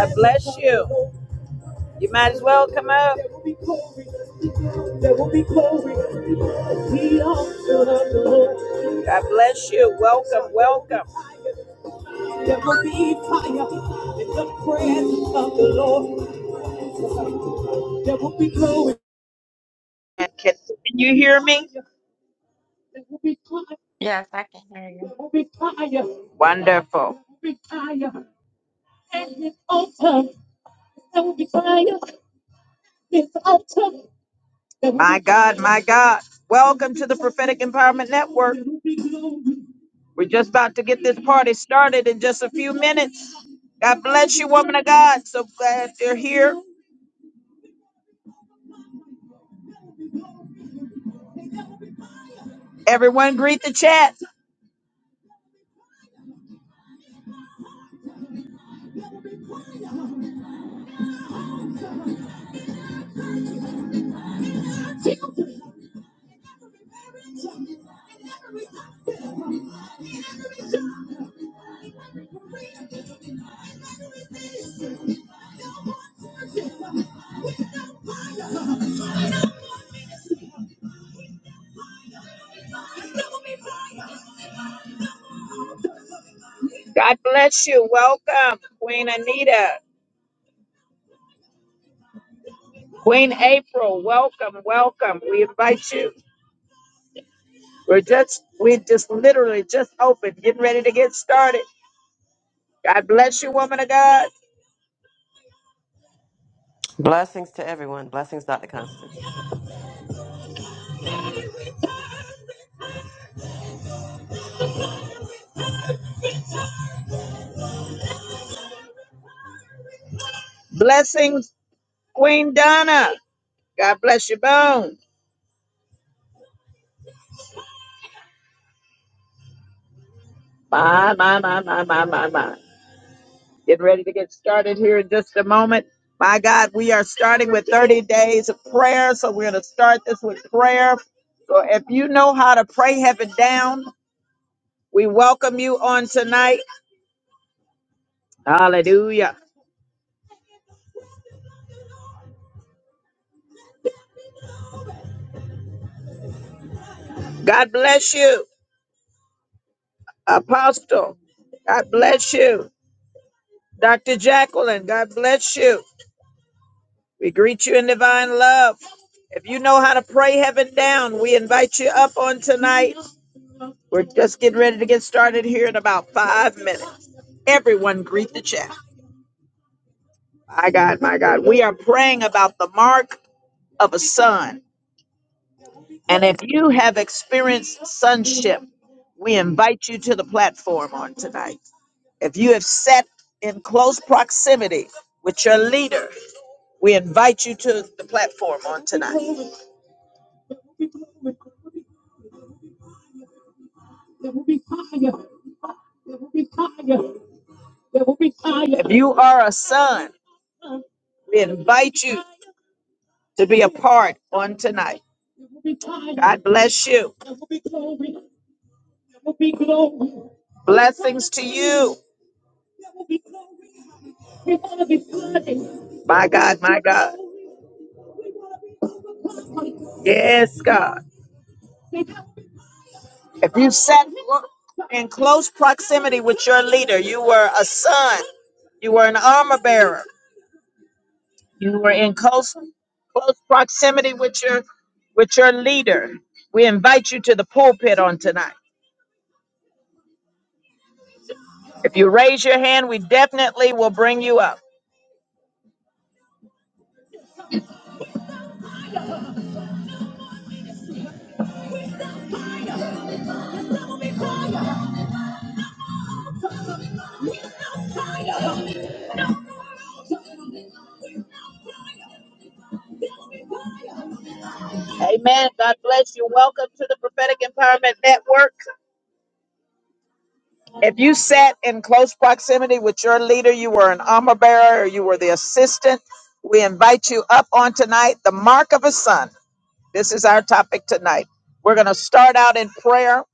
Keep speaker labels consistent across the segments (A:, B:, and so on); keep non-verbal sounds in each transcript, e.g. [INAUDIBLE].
A: God bless you. You might as well come up. God bless you. Welcome, welcome. And Can, can you hear me?
B: Yes, I can hear
A: Wonderful. My God, my God. Welcome to the Prophetic Empowerment Network. We're just about to get this party started in just a few minutes. God bless you, woman of God. So glad you're here. Everyone, greet the chat. God bless you. Welcome, Queen Anita. Queen April, welcome, welcome. We invite you. We're just, we just literally just opened, getting ready to get started. God bless you, woman of God.
C: Blessings to everyone. Blessings, Dr. Constance.
A: Blessings, Queen Donna. God bless you, bones. My, my, my, my, my, my, my. Get ready to get started here in just a moment. My God, we are starting with 30 days of prayer. So we're going to start this with prayer. So if you know how to pray heaven down, we welcome you on tonight. Hallelujah. God bless you, Apostle. God bless you, Dr. Jacqueline. God bless you. We greet you in divine love. If you know how to pray heaven down, we invite you up on tonight. We're just getting ready to get started here in about five minutes. Everyone, greet the chat. My God, my God. We are praying about the mark of a son. And if you have experienced sonship, we invite you to the platform on tonight. If you have sat in close proximity with your leader, we invite you to the platform on tonight. If you are a son, we invite you. to be a part on tonight. Bless you. Bless you. My God. Yes, God. If you sat in close proximity with your leader, you were a son, you were an armor bearer, you were in close, close proximity with your with your leader. We invite you to the pulpit on tonight. If you raise your hand, we definitely will bring you up. Amen. God bless you. Welcome to the Prophetic Empowerment Network. If you sat in close proximity with your leader, you were an armor bearer or you were the assistant, we invite you up on tonight, the mark of a son. This is our topic tonight. We're going to start out in prayer.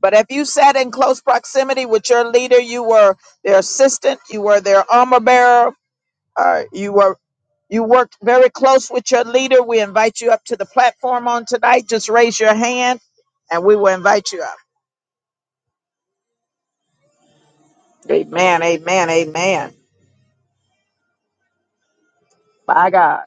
A: But if you sat in close proximity with your leader, you were their assistant, you were their armor bearer, uh, you were you worked very close with your leader. We invite you up to the platform on tonight. Just raise your hand and we will invite you up. Amen, amen, amen. By God.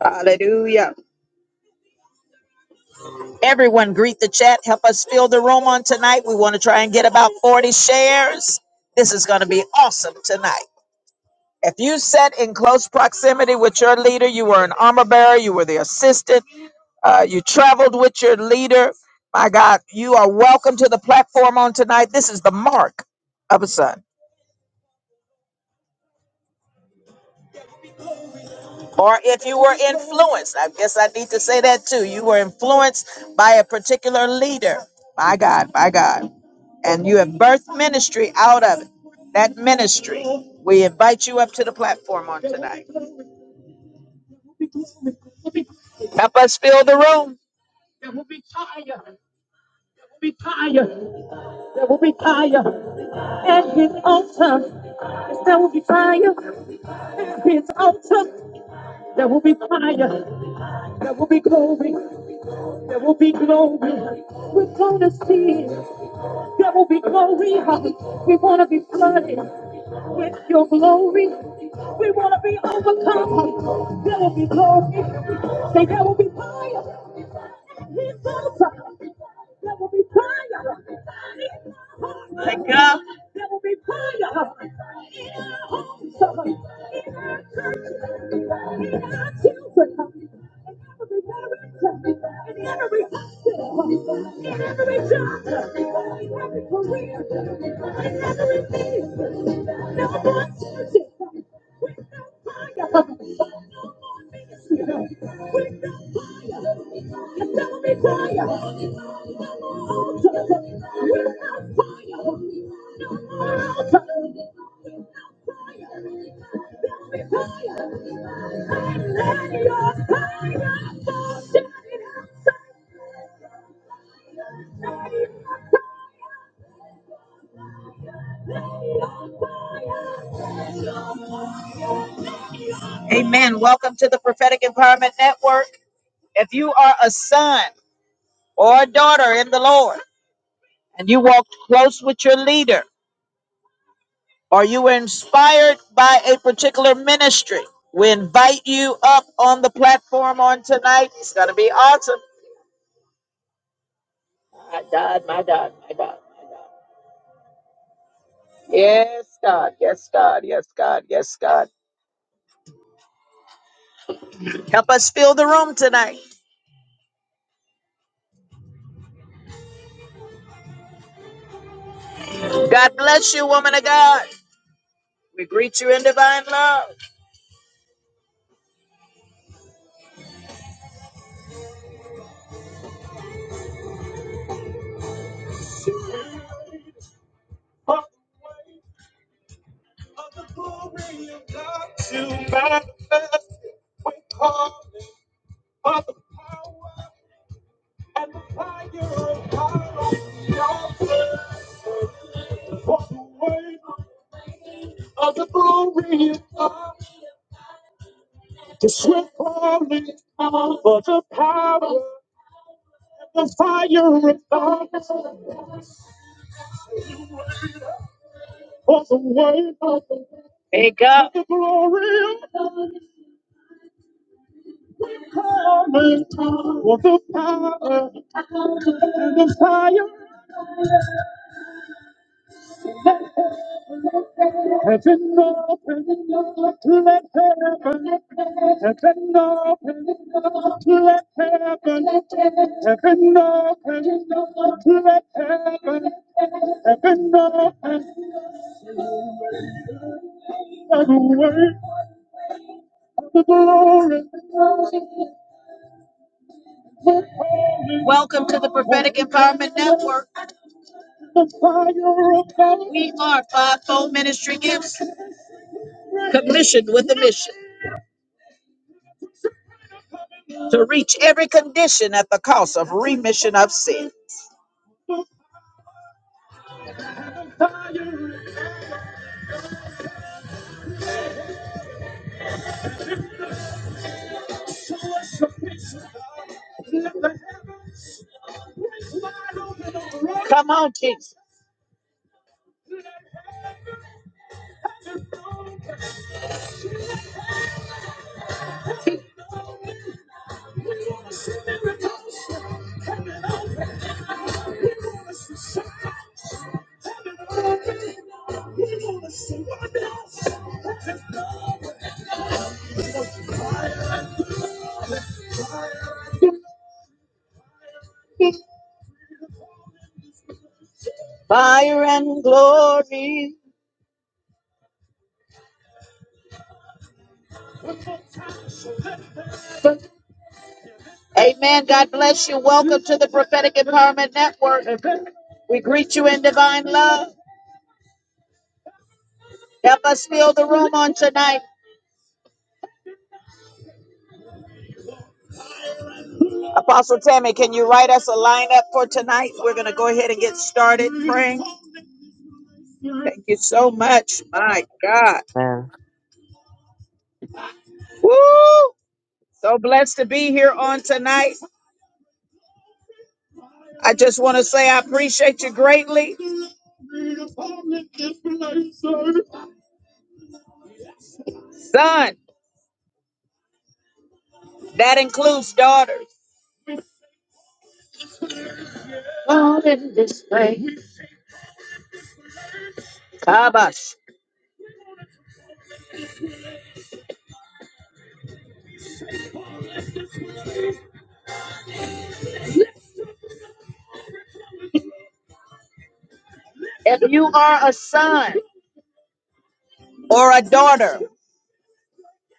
A: Hallelujah. Everyone greet the chat. Help us fill the room on tonight. We want to try and get about 40 shares. This is going to be awesome tonight. If you sat in close proximity with your leader, you were an armor bearer, you were the assistant, uh, you traveled with your leader. My God, you are welcome to the platform on tonight. This is the mark of a son. Or if you were influenced, I guess I need to say that too. You were influenced by a particular leader. My God, my God. and you have birthed ministry out of it. That ministry, we invite you up to the platform on. Help us fill the room. Thank God. Amen. Welcome to the Prophetic Empowerment Network. If you are a son or a daughter in the Lord and you walked close with your leader or you were inspired by a particular ministry, we invite you up on the platform on tonight. It's going to be awesome. Yes, God. Yes, God. Yes, God. Yes, God. Help us fill the room tonight. God bless you, woman of God. We greet you in divine love. Wake up. Welcome to the Prophetic Empowerment Network. We are Fivefold Ministry Gifts, commissioned with a mission to reach every condition at the cost of remission of sin. Come on, Jesus. Fire and glory. Amen. God bless you. Welcome to the Prophetic Empowerment Network. We greet you in divine love. Help us fill the room on tonight. Apostle Tammy, can you write us a lineup for tonight? We're going to go ahead and get started praying. Thank you so much. My God.
C: Man.
A: Woo! So blessed to be here on tonight. I just want to say I appreciate you greatly. Son, that includes daughters. Kabash. If you are a son or a daughter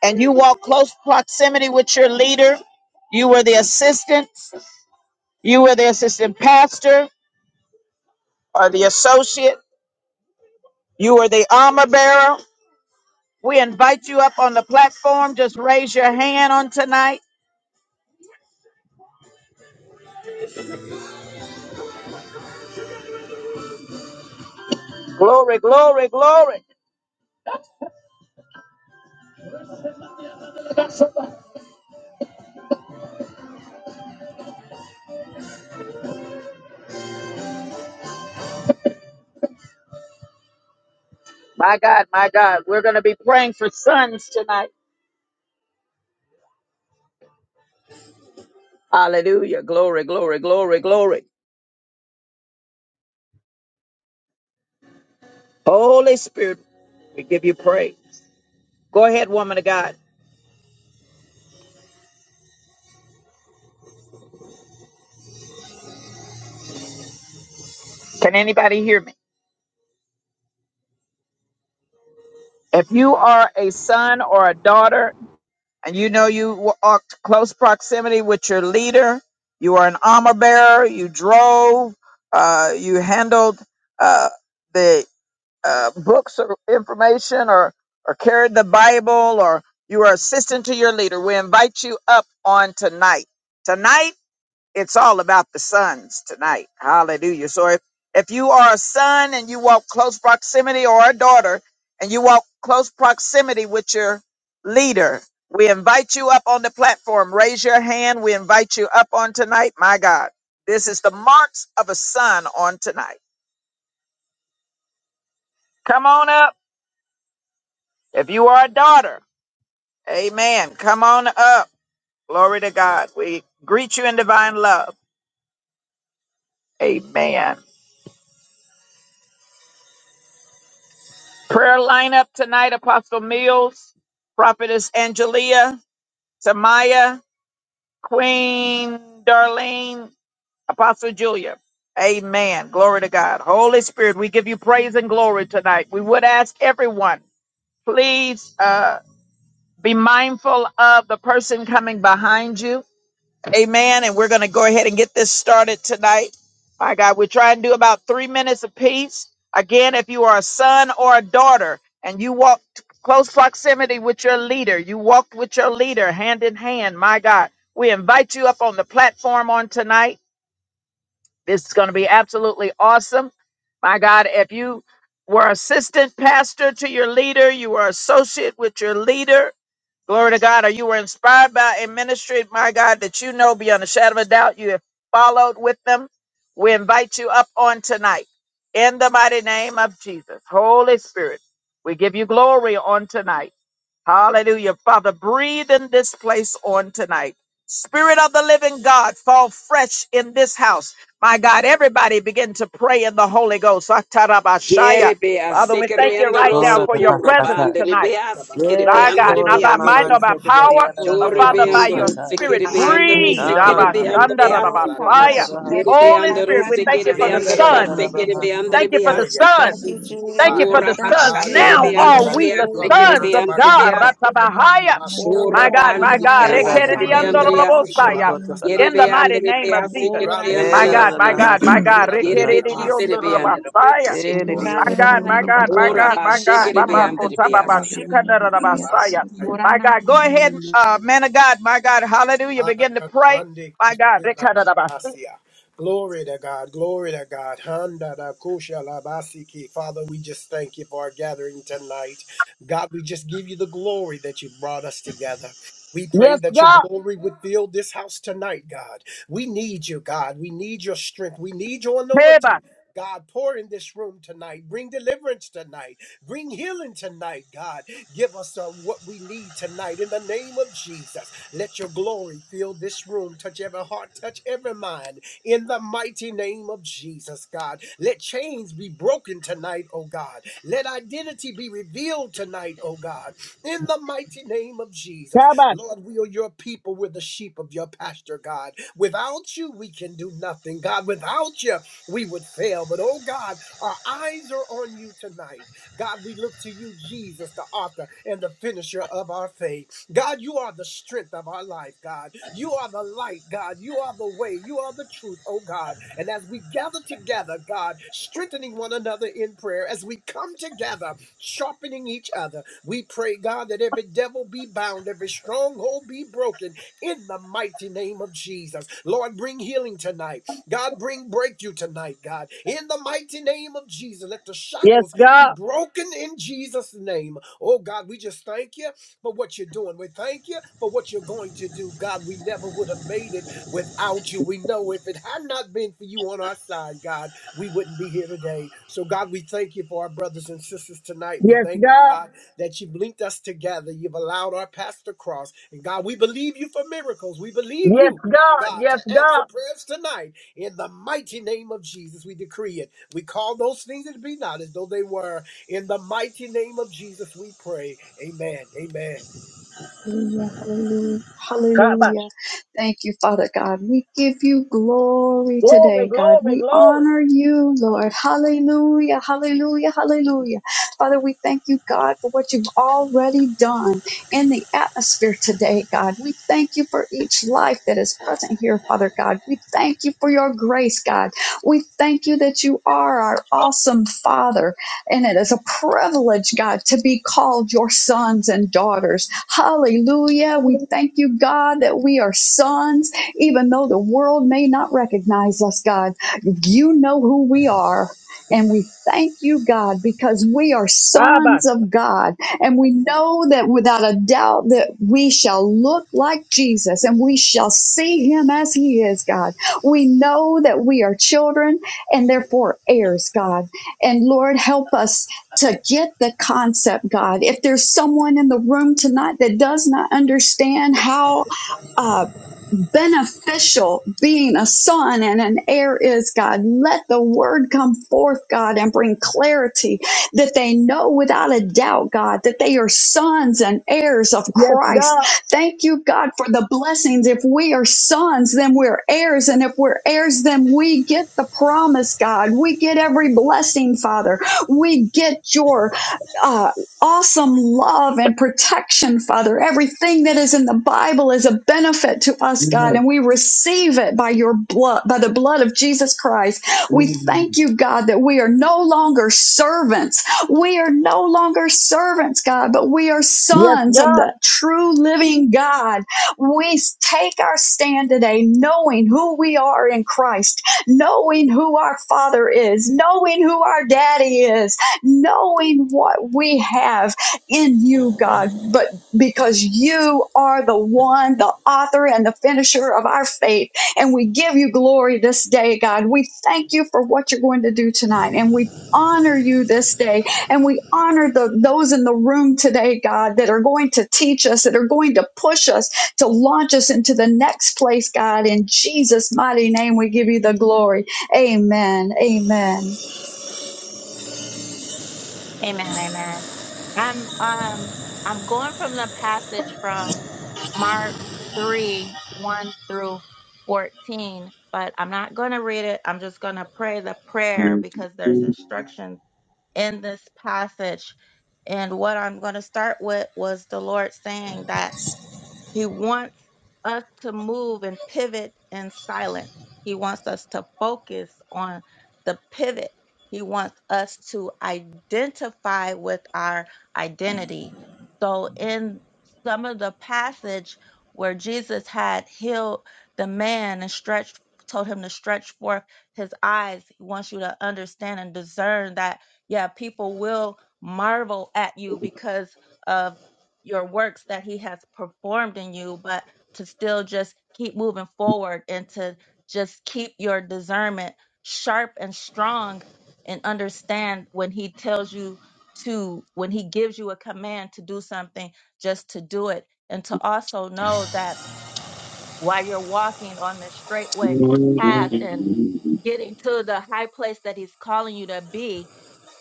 A: and you walk close proximity with your leader, you were the assistant, you were the assistant pastor or the associate, you were the armor bearer. We invite you up on the platform. Just raise your hand on tonight. Glory, glory, glory. My God, my God, we're going to be praying for sons tonight. Hallelujah. Glory, glory, glory, glory. Holy Spirit, we give you praise. Go ahead, woman of God. Can anybody hear me? If you are a son or a daughter and you know you wa- are close proximity with your leader, you are an armor bearer, you drove, uh, you handled uh, the uh, books or information or or carried the Bible or you are assistant to your leader, we invite you up on tonight. Tonight, it's all about the sons tonight. Hallelujah. So if, if you are a son and you walk close proximity or a daughter and you walk close proximity with your leader, we invite you up on the platform. Raise your hand. We invite you up on tonight. My God, this is the marks of a son on tonight. Come on up. If you are a daughter, Amen. Come on up. Glory to God. We greet you in divine love. Amen. Prayer lineup tonight Apostle Mills, Prophetess Angelia, Samaya, Queen Darlene, Apostle Julia. Amen. Glory to God. Holy Spirit, we give you praise and glory tonight. We would ask everyone, please uh, be mindful of the person coming behind you Amen. And we're going to go ahead and get this started tonight. My God, we are trying to do about three minutes apiece. Again, if you are a son or a daughter and you walk t- close proximity with your leader, you walked with your leader hand in hand. My God, we invite you up on the platform on tonight. This is going to be absolutely awesome. My God, if you were assistant pastor to your leader, you were associate with your leader, Glory to God. Or you were inspired by a ministry, my God, that you know beyond a shadow of a doubt you have followed with them. We invite you up on tonight in the mighty name of Jesus. Holy Spirit, we give you glory on tonight. Hallelujah. Father, breathe in this place on tonight. Spirit of the living God, fall fresh in this house. My God, everybody begin to pray in the Holy Ghost.
D: Yere
A: Atarabashaya.
D: be a
A: Father, we thank
D: sekere
A: you right
D: andro
A: now
D: so
C: Ora
A: for
C: da
A: your
C: ba
D: kura
A: presence
C: shakai.
D: bande de
A: tonight.
D: be a sekere be
A: By
C: Yes,
D: ande
A: God,
D: de
C: Kora
A: not
D: be
E: Kiana
D: a
A: by might
D: si.
C: Ramaman
A: nor
E: Korea
A: by power,
C: Sekeleria
E: Mantia
A: but
D: Jore
A: Father,
D: be
E: Kiana
A: by your
D: andro
E: Sina
C: Shataya.
A: spirit,
D: sekere be
B: Baba.
D: andro
E: Hallelujah
A: breathe.
D: sekere
E: Korea
C: Raman
A: Abba,
D: be ande be
A: Shanda, da, da,
B: Oh,
C: Sekelerio
A: ba,
D: si.
E: Hallelujah
C: Sokota
B: Baba,
A: fire.
E: Sina
D: Yere
C: Bahasa.
D: be
B: Shepsek,
A: Holy
E: Kiana
D: andro
A: Spirit,
B: Hasta,
A: we
E: Hallelujah
A: thank you
D: sekere be
A: for the
B: Tamanama.
C: Eda
D: andro ba
A: Son.
D: sekere be
C: Bahasa.
E: Hallelujah
A: Thank
D: ande
A: you
D: be
A: for
D: a
A: the
D: si.
A: Son.
B: Thank you,
E: Hallelujah
A: Thank you for
B: Jesus.
D: Kura
A: the
B: Thank you,
A: sons.
C: Eda
A: Now
D: be
B: Jesus.
E: Hallelujah
D: ande
A: are we
D: be
A: the
D: under the
C: Bakasur
B: Hallelujah.
D: sekere
A: sons
E: Hallelujah
D: be
C: Raman
A: of
D: ande be
A: God.
E: Hallelujah
D: a
C: Bakasura.
D: si.
A: Ratabahaya.
E: Hallelujah
A: My
D: Shura
B: Oh,
A: God,
D: bande
A: my
B: Rama,
D: be
A: God.
D: a
C: Eba
D: sekere be
C: Baba
D: ande
B: Shataki,
D: be
C: Shata.
D: a si.
B: Asaba.
A: Rekerediandorobosaya.
C: Bokota
D: Yere
E: Hallelujah
A: In the
D: be ande
A: mighty
C: Bahasa.
D: de be
A: name
D: a
A: of Jesus.
B: Oh,
D: be
F: Branda
D: ande
B: Rama,
A: My
D: be
C: Eda
F: kai
D: a
A: God, my
D: si.
B: Maya,
A: God, my
C: Mahasa
B: Shepsek,
A: God.
F: shekila
D: Yere
C: Bahasa.
D: be
B: Osaba.
F: labase
D: kisere be
A: Rekerediondorobosaya.
F: kalamdeke.
D: andro.
C: Eda
E: Hallelujah
A: My
C: Dios
B: Turana,
E: Korea
A: God,
F: In
A: my
F: the
B: Maya,
A: God,
F: name
A: my
F: of
C: Baba
D: Ora
A: God,
B: Shepsek,
A: my
E: Hallelujah
A: God.
F: Jesus,
D: bashekere
A: Baba
B: Osataba,
E: Sina
D: beandere
A: kota
B: Yasa.
A: baba
F: Baba
E: Korea
D: beasi.
E: Hallelujah
A: shikandarabasaya.
F: said,
E: Sina
A: My
B: Turana,
A: God, go ahead,
B: Maya,
A: uh, man of God, my God, hallelujah. Begin to pray.
F: Mande
A: My God,
F: Christe la
A: rekandarabasi.
F: Glory to God, glory to God. Handa da kusha la Father, we just thank you for our gathering tonight. God, we just give you the glory that you brought us together. We pray
A: yes,
F: that your
A: God.
F: glory would fill this house tonight, God. We need you, God. We need your strength. We need your
A: Heba,
F: anointing. God, pour in this room tonight. Bring deliverance tonight. Bring healing tonight, God. Give us uh, what we need tonight in the name of Jesus. Let your glory fill this room. Touch every heart, touch every mind. In the mighty name of Jesus, God. Let chains be broken tonight, oh God. Let identity be revealed tonight, oh God. In the mighty name of Jesus.
A: kabash.
F: Lord, we are your people. We're the sheep of your pasture, God. Without you, we can do nothing, God. Without you, we would fail. But oh God, our eyes are on you tonight. God, we look to you, Jesus, the author and the finisher of our faith. God, you are the strength of our life, God. You are the light, God. You are the way. You are the truth, oh God. And as we gather together, God, strengthening one another in prayer, as we come together, sharpening each other, we pray, God, that every devil be bound, every stronghold be broken in the mighty name of Jesus. Lord, bring healing tonight. God, bring breakthrough tonight, God. In the mighty name of Jesus, let the
A: Yes,
F: shackles be
A: God.
F: broken in Jesus' name. Oh God, we just thank you but what you're doing. We thank you for what you're going to do. God, we never would have made it without you. We know if it had not been for you on our side, God, we wouldn't be here today. So, God, we thank you for our brothers and sisters tonight. We
A: Yes,
F: thank
A: God.
F: God, that you've linked us together. You've allowed our paths to cross. And God, we believe you for miracles. We believe
A: Yes,
F: you,
A: God.
F: God, to
A: Yes,
F: answer
A: God.
F: prayers tonight. In the mighty name of Jesus, we decree it. We call those things that be not as though they were. In the mighty name of Jesus, we pray. Amen. Amen.
E: Hallelujah, hallelujah,
A: Kabash.
E: hallelujah. Thank you, Father God. We give you glory
A: Glory,
E: today, God.
A: glory,
E: We
A: glory.
E: honor you, Lord. Hallelujah, hallelujah, hallelujah. Father, we thank you, God, for what you've already done in the atmosphere today, God. We thank you for each life that is present here, Father God. We thank you for your grace, God. We thank you that you are our awesome Father. And it is a privilege, God, to be called your sons and daughters. Hallelujah. We thank you, God, that we are sons, even though the world may not recognize us, God. You know who we are. And we thank you, God, because we are
A: Kabash.
E: sons of God. And we know that without a doubt that we shall look like Jesus and we shall see him as he is, God. We know that we are children and therefore heirs, God. And Lord, help us to get the concept, God. If there's someone in the room tonight that does not understand how uh, beneficial being a son and an heir is, God. Let the word come forth, God, and bring clarity that they know without a doubt, God, that they are sons and heirs of
A: Yes,
E: Christ.
A: God.
E: Thank you, God, for the blessings. If we are sons, then we're heirs. And if we're heirs, then we get the promise, God. We get every blessing, Father. We get your uh, awesome love and protection, Father. Everything that is in the Bible is a benefit to us, God, and we receive it by your blood, by the blood of Jesus Christ. We thank you, God, that we are no longer servants we are no longer servants, God, but we are
A: Yes,
E: sons of
A: God.
E: the true living God. We take our stand today knowing who we are in Christ, knowing who our Father is, knowing who our Daddy is, knowing what we have in you, God, but because you are the one, the author and the finisher of our faith. And we give you glory this day, God. We thank you for what you're going to do tonight. And we honor you this day and we honor the, those in the room today, God, that are going to teach us, that are going to push us, to launch us into the next place, God. In Jesus' mighty name, we give you the glory. Amen. Amen.
B: Amen. Amen. I'm um I'm going from the passage from Mark three one through fourteen, but I'm not going to read it. I'm just going to pray the prayer because there's instructions in this passage. And what I'm going to start with was the Lord saying that he wants us to move and pivot in silence. He wants us to focus on the pivot. He wants us to identify with our identity. So, in some of the passage where Jesus had healed the man and stretched, told him to stretch forth his eyes, he wants you to understand and discern that, yeah, people will marvel at you because of your works that he has performed in you, but to still just keep moving forward and to just keep your discernment sharp and strong and understand when he tells you to, when he gives you a command to do something, just to do it. And to also know that while you're walking on the straightway path and getting to the high place that he's calling you to be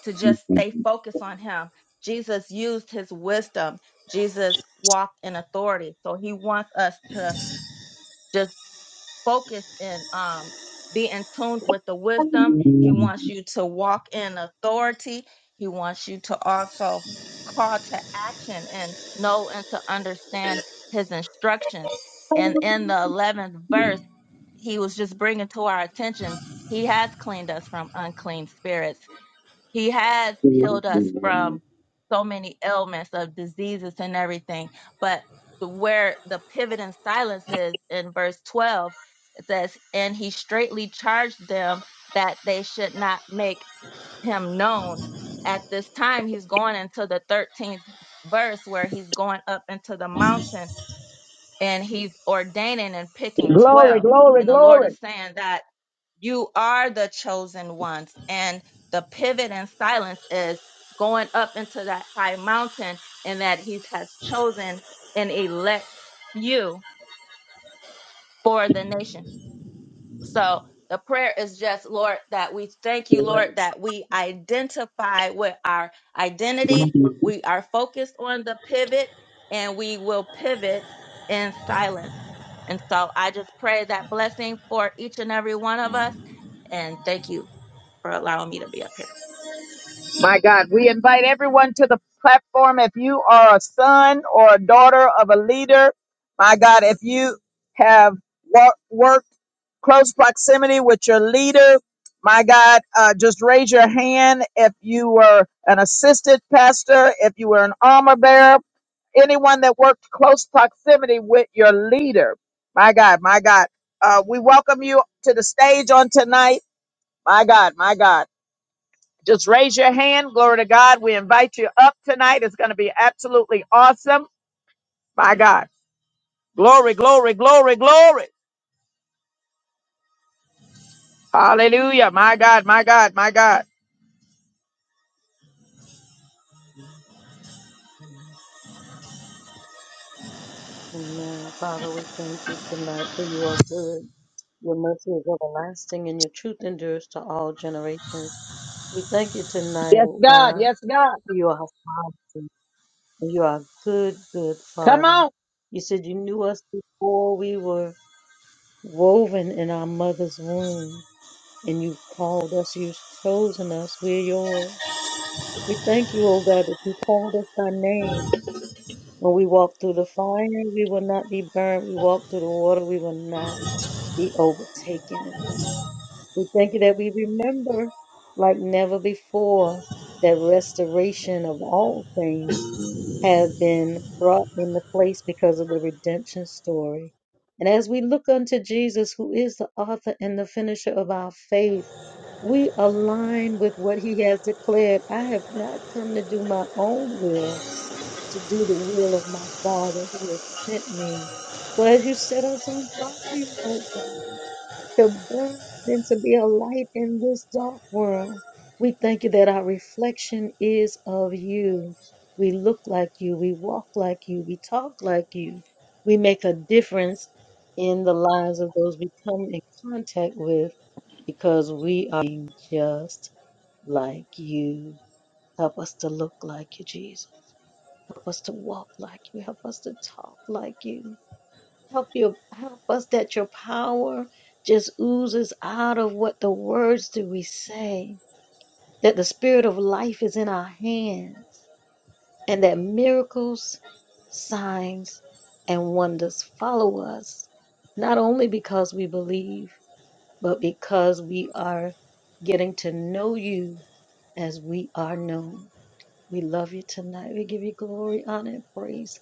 B: to just stay focused on him. Jesus used his wisdom. Jesus walked in authority. So he wants us to just focus and um be in tune with the wisdom. He wants you to walk in authority. He wants you to also call to action and know and to understand his instructions. And in the 11th verse, he was just bringing to our attention he has cleaned us from unclean spirits he has healed us from so many ailments of diseases and everything but the, where the pivot in silence is in verse 12 it says and he straightly charged them that they should not make him known at this time he's going into the 13th verse where he's going up into the mountain and he's ordaining and picking
A: Glory,
B: 12
A: glory,
B: and the lord
A: glory.
B: is saying that you are the chosen ones. And the pivot in silence is going up into that high mountain and that he has chosen and elect you for the nation. So the prayer is just, Lord, that we thank you, Lord, that we identify with our identity. We are focused on the pivot and we will pivot in silence. And so I just pray that blessing for each and every one of us. And thank you for allowing me to be up here.
A: My God, we invite everyone to the platform. If you are a son or a daughter of a leader, my God, if you have wor- worked close proximity with your leader, my God, uh, just raise your hand. If you were an assistant pastor, if you were an armor bearer, anyone that worked close proximity with your leader, my God, my God, uh, we welcome you to the stage on tonight. My God, my God. Just raise your hand. Glory to God. We invite you up tonight. It's going to be absolutely awesome. My God. Glory, glory, glory, glory. Hallelujah. My God, my God, my God.
G: Amen. Father, we thank you tonight for you are good. Your mercy is everlasting and your truth endures to all generations. We thank you tonight,
A: Yes,
G: O
A: God.
G: God,
A: Yes, God.
G: for you are sovereignty. You are good, good
A: Come
G: Father.
A: on.
G: You said you knew us before we were woven in our mother's womb, and you called us, you've chosen us, we're yours. We thank you, O God, that you called us by name when we walk through the fire, we will not be burned. We walk through the water, we will not be overtaken, oh God. We thank you that we remember like never before that restoration of all things have been brought into place because of the redemption story. And as we look unto Jesus, who is the author and the finisher of our faith, we align with what he has declared. I have not come to do my own will, but to do the will of my Father who has sent me. So as you set us on fire, oh God, to burn and to be a light in this dark world, we thank you that our reflection is of you. We look like you, we walk like you, we talk like you. We make a difference in the lives of those we come in contact with because we are just like you. Help us to look like you, Jesus. Help us to walk like you. Help us to talk like you. Help your help us that your power just oozes out of what the words that we say. That the spirit of life is in our hands and that miracles, signs, and wonders follow us, not only because we believe, but because we are getting to know you as we are known. We love you tonight. We give you glory, honor, and praise.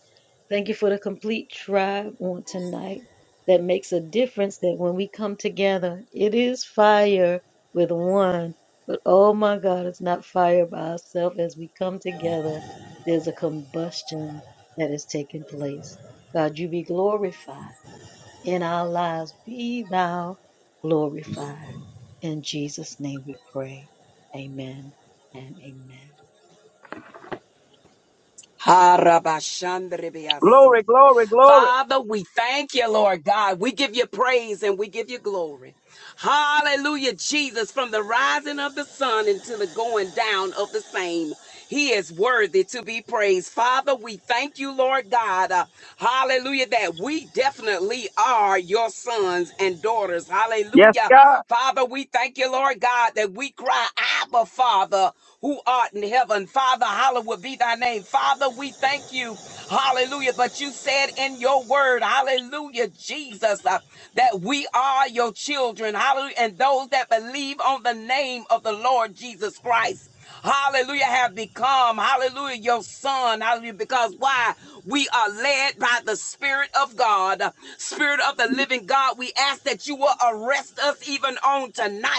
G: Thank you for the complete tribe on tonight that makes a difference that when we come together, it is fire with one. But oh my God, it's not fire by itself. As we come together, there's a combustion that is taking place. God, you be glorified in our lives. Be thou glorified. In Jesus' name we pray. Amen and amen.
D: Harabashandere beasi.
A: Glory, glory, glory.
D: Father, we thank you, Lord God. We give you praise and we give you glory. Hallelujah, Jesus, from the rising of the sun until the going down of the same. He is worthy to be praised. Father, we thank you, Lord God. Uh, hallelujah, that we definitely are your sons and daughters.
A: Yes,
D: Hallelujah.
A: God.
D: Father, we thank you, Lord God, that we cry, Abba, Father, who art in heaven. Father, hallowed be thy name. Father, we thank you with you. Hallelujah. But you said in your word, hallelujah, Jesus, uh, that we are your children. Hallelujah. And those that believe on the name of the Lord Jesus Christ, hallelujah, have become, hallelujah, your son. Hallelujah. Because why? We are led by the Spirit of God, Spirit of the living God. We ask that you will arrest us even on tonight.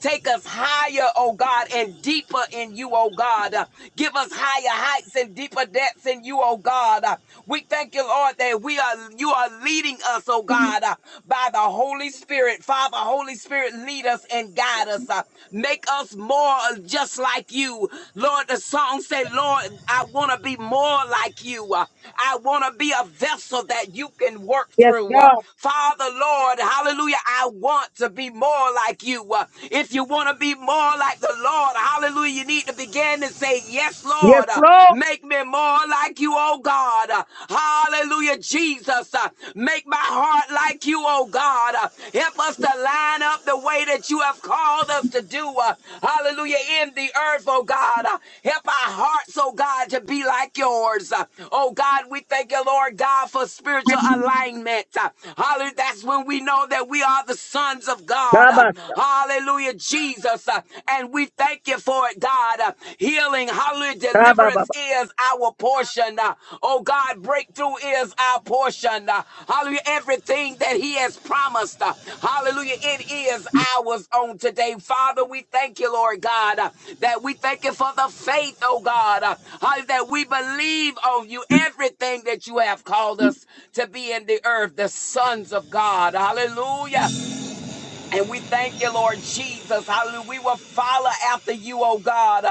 D: Take us higher, oh God, and deeper in you, oh God. Give us higher heights and deeper depths in you, oh God. Uh, We thank you, Lord, that we are you are leading us, oh God, uh, by the Holy Spirit. Father, Holy Spirit, lead us and guide us. uh, Make us more just like you. Lord, the song said, Lord, I want to be more like you. Uh, I want to be a vessel that you can work
A: Yes,
D: through. Uh,
A: God.
D: Father, Lord, hallelujah, I want to be more like you. Uh, If you want to be more like the Lord, Lord. Hallelujah. You need to begin to say, Yes,
A: Yes,
D: Lord. Uh,
A: Lord.
D: Make me more like you, oh God. Uh, Hallelujah, Jesus. Uh, Make my heart like you, oh God. Uh, Help us to line up the way that you have called us to do. uh, Hallelujah. In the earth, oh God. Uh, Help our hearts, oh God, to be like yours. Uh, Oh God, we thank you, Lord God, for spiritual alignment. Uh, Hallelujah. That's when we know that we are the sons of God. Uh,
A: Kabasha.
D: Hallelujah. Hallelujah, Jesus. Uh, And we thank you for it, God. Uh, Healing, hallelujah,
A: Kabababa.
D: deliverance is our portion. Uh, Oh, God, breakthrough is our portion. Uh, Hallelujah, everything that He has promised. uh, Hallelujah, it is ours on today. Father, we thank you, Lord God, uh, that we thank you for the faith, oh God, uh, hallelujah, that we believe on you, everything that you have called us to be in the earth, the sons of God. Hallelujah. And we thank you, Lord Jesus. Hallelujah. We will follow after you, oh God.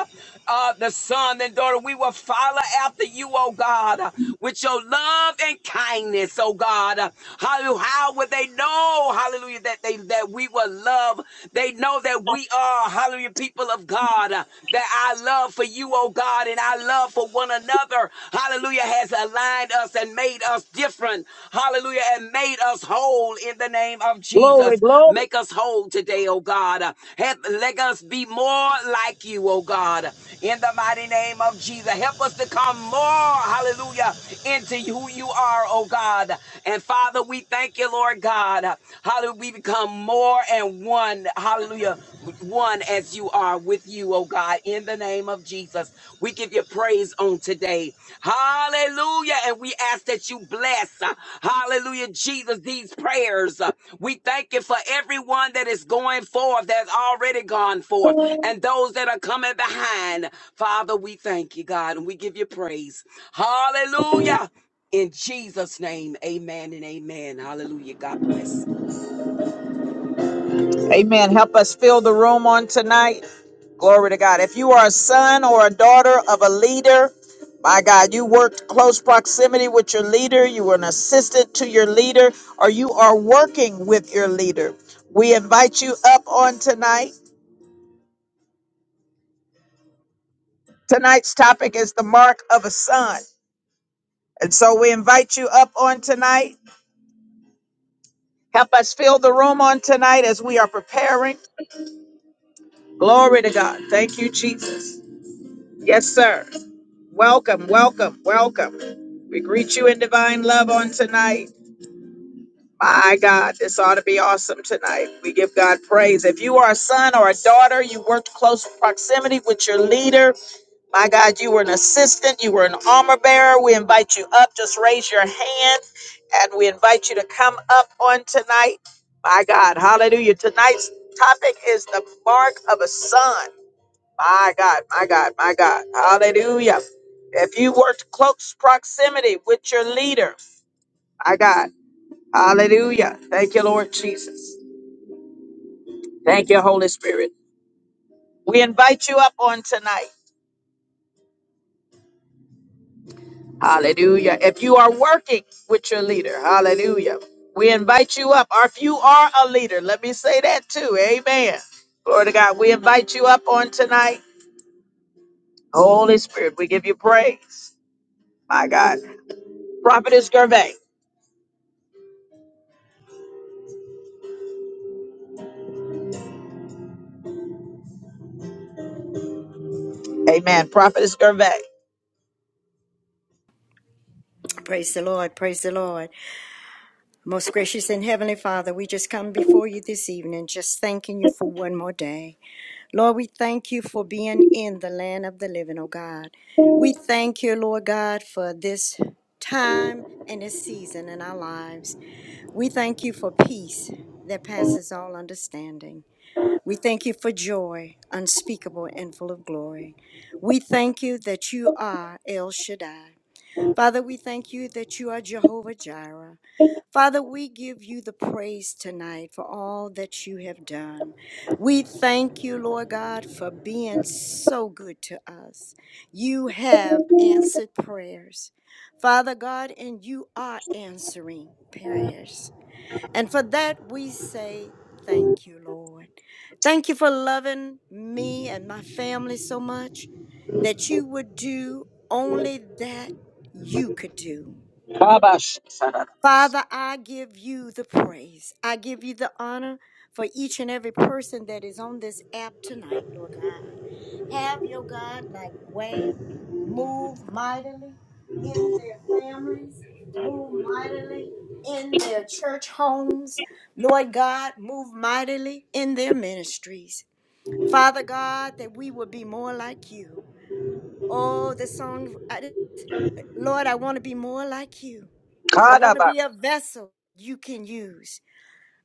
D: Uh, the son and daughter, we will follow after you, oh God, uh, with your love and kindness, oh God. Uh, Hallelujah. How would they know, hallelujah, that they that we will love? They know that we are, hallelujah, people of God. uh, That I love for you, oh God. God, and our love for one another, hallelujah, has aligned us and made us different, hallelujah, and made us whole in the name of
A: Glory,
D: Jesus.
A: glory.
D: Make us whole today, oh God. Help, let us be more like you, oh God, in the mighty name of Jesus. Help us to come more, hallelujah, into who you are, oh God. And Father, Father, we thank you, Lord God. Hallelujah. We become more and one. Hallelujah. One as you are with you, oh God, in the name of Jesus. We give you praise on today. Hallelujah. And we ask that you bless, uh, hallelujah, Jesus, these prayers. Uh, We thank you for everyone that is going forth, that's already gone forth, and those that are coming behind. Father, we thank you, God, and we give you praise. Hallelujah. In Jesus' name, amen and amen. Hallelujah. God bless.
A: Amen. Help us fill the room on tonight. Glory to God. If you are a son or a daughter of a leader, my God, you worked close proximity with your leader, you were an assistant to your leader, or you are working with your leader. We invite you up on tonight. Tonight's topic is the mark of a son. And so we invite you up on tonight. Help us fill the room on tonight as we are preparing. Glory to God. Thank you, Jesus. Yes, sir. Welcome, welcome, welcome. We greet you in divine love on tonight. My God, this ought to be awesome tonight. We give God praise. If you are a son or a daughter, you worked close proximity with your leader. My God, you were an assistant, you were an armor bearer. We invite you up. Just raise your hand and we invite you to come up on tonight. My God, hallelujah. Tonight's topic is the mark of a son. My God, my God, my God, hallelujah. If you worked close proximity with your leader, my God. Hallelujah. Thank you, Lord Jesus. Thank you, Holy Spirit. We invite you up on tonight. Hallelujah. If you are working with your leader, hallelujah. We invite you up. Or if you are a leader, let me say that too. Amen. Glory to God. We invite you up on tonight. Holy Spirit, we give you praise. My God. Prophetess Gervais. Amen. Prophetess Gervais.
H: Praise the Lord. Praise the Lord. Most gracious and heavenly Father, we just come before you this evening, just thanking you for one more day. Lord, we thank you for being in the land of the living, oh God. We thank you, Lord God, for this time and this season in our lives. We thank you for peace that passes all understanding. We thank you for joy unspeakable and full of glory. We thank you that you are El Shaddai. Father, we thank you that you are Jehovah Jireh. Father, we give you the praise tonight for all that you have done. We thank you, Lord God, for being so good to us. You have answered prayers, Father God, and you are answering prayers. And for that, we say, Thank you, Lord. Thank you for loving me and my family so much that you would do only that you could do.
A: Kabash.
H: Father, I give you the praise. I give you the honor for each and every person that is on this app tonight, Lord God. Have your God like way, move mightily in their families, move mightily in their church homes, Lord God, move mightily in their ministries. Father God, that we would be more like you. Oh, the song, I- Lord, I want to be more like you. I want to be
A: Kadabash.
H: a vessel you can use.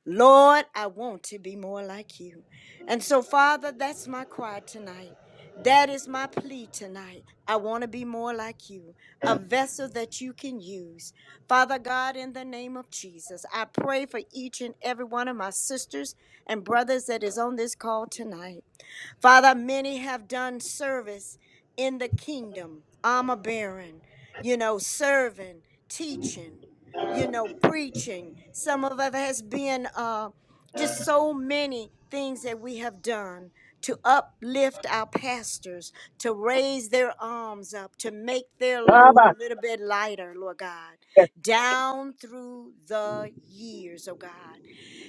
H: Lord, I want to be more like you. And so, Father, that's my cry tonight. That is my plea tonight. I want to be more like you, a vessel that you can use. Father God, in the name of Jesus, I pray for each and every one of my sisters and brothers that is on this call tonight. Father, many have done service in the kingdom. I'm a baron, you know, serving, teaching, you know, preaching. Some of us has been uh, just so many things that we have done to uplift our pastors, to raise their arms up, to make their load a
A: Kabash.
H: little bit lighter, Lord God,
A: Yes,
H: down through the years, oh God.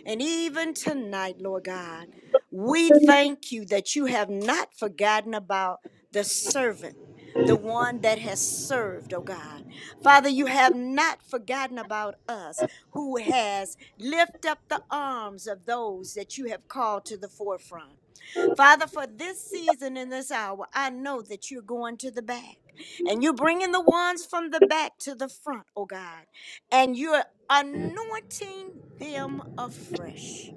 H: And even tonight, Lord God. We thank you that you have not forgotten about the servant, the one that has served, oh God. Father, you have not forgotten about us who has lifted up the arms of those that you have called to the forefront. Father, for this season and this hour, I know that you're going to the back. And you're bringing the ones from the back to the front, oh God. And you're anointing them afresh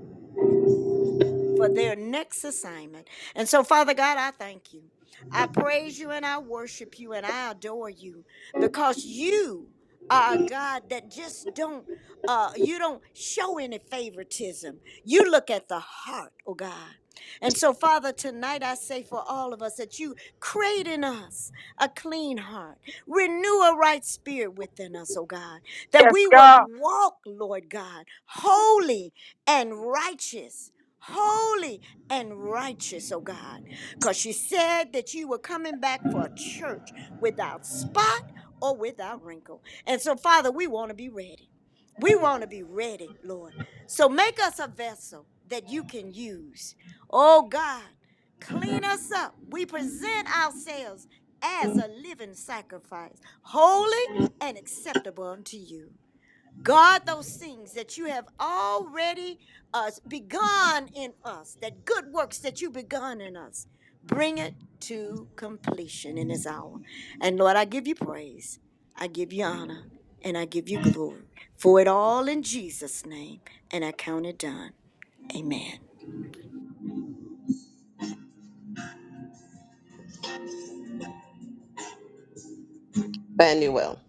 H: for their next assignment. And so, Father God, I thank you. I praise you and I worship you and I adore you because you are a God that just don't. Uh, you don't show any favoritism. You look at the heart, oh God. And so, Father, tonight I say for all of us that you create in us a clean heart, renew a right spirit within us, oh God, that
A: yes,
H: we would
A: God.
H: walk, Lord God, holy and righteous holy and righteous, oh God, because you said that you were coming back for a church without spot or without wrinkle. And so, Father, we want to be ready. We want to be ready, Lord. So make us a vessel that you can use. Oh God, clean us up. We present ourselves as a living sacrifice, holy and acceptable unto you. Guard those things that you have already uh, begun in us, that good works that you begun in us. Bring it to completion in this hour. And Lord, I give you praise, I give you honor, and I give you glory for it all in Jesus' name. And I count it done. Amen.
C: Banuel.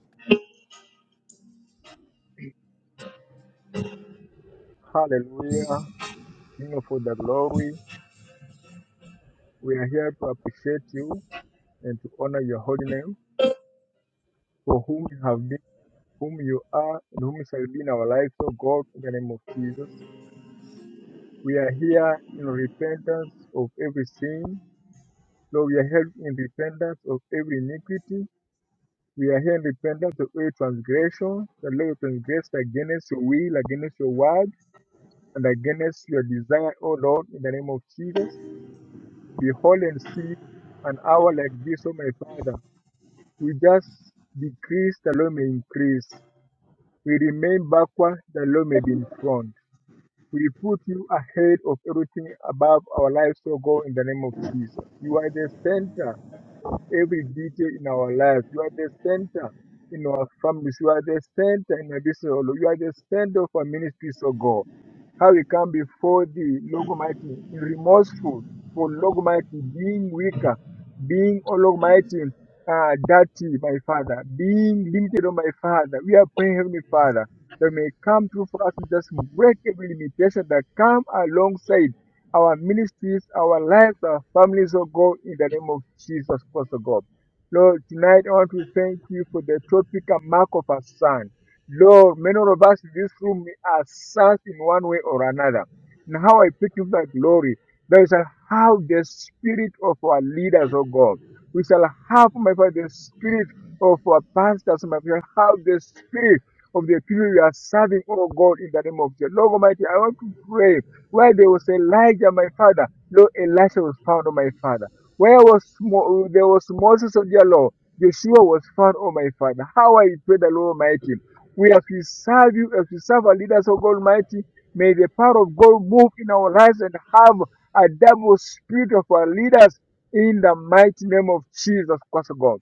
I: Hallelujah. King of all the glory, we are here to appreciate you and to honor your holy name for whom you have been, whom you are, and whom you shall be in our lives, O God, in the name of Jesus. We are here in repentance of every sin. Lord, we are here in repentance of every iniquity. We are here in repentance of every transgression. The Lord transgressed against your will, against your word, and against your desire, O Lord, in the name of Jesus. Behold and see an hour like this, O my Father. We just decrease that Lord may increase. We remain backward that Lord may be in front. We put you ahead of everything above our lives, O God, in the name of Jesus. You are the center of every detail in our life. You are the center in our families. You are the center in our business. O Lord. You are the center of our ministries, O God. How we come before thee, Lord Almighty, remorseful for Lord Almighty being weaker, being, O Lord Almighty, uh, dirty, my Father, being limited, O my Father. We are praying, Heavenly Father, that may come through for us and just break every limitation that come alongside our ministries, our lives, our families, oh God, in the name of Jesus Christ, oh God. Lord, tonight I want to thank you for the topic and mark of our son. Lord, many of us in this room we are sons in one way or another. And how I pick up that glory, that is how the spirit of our leaders, oh God, we shall have, my Father, the spirit of our pastors, my Father, have the spirit of the people we are serving, oh God, in the name of the Lord Almighty. I want to pray where there was Elijah, my father, no Elisha was found, On my father. Where was Mo- there was Moses of your law, Yeshua was found, On my father. How I pray the Lord Almighty. We as we serve you, as we serve our leaders, oh God Almighty, may the power of God move in our lives and have a double spirit of our leaders in the mighty name of Jesus Christ, oh God.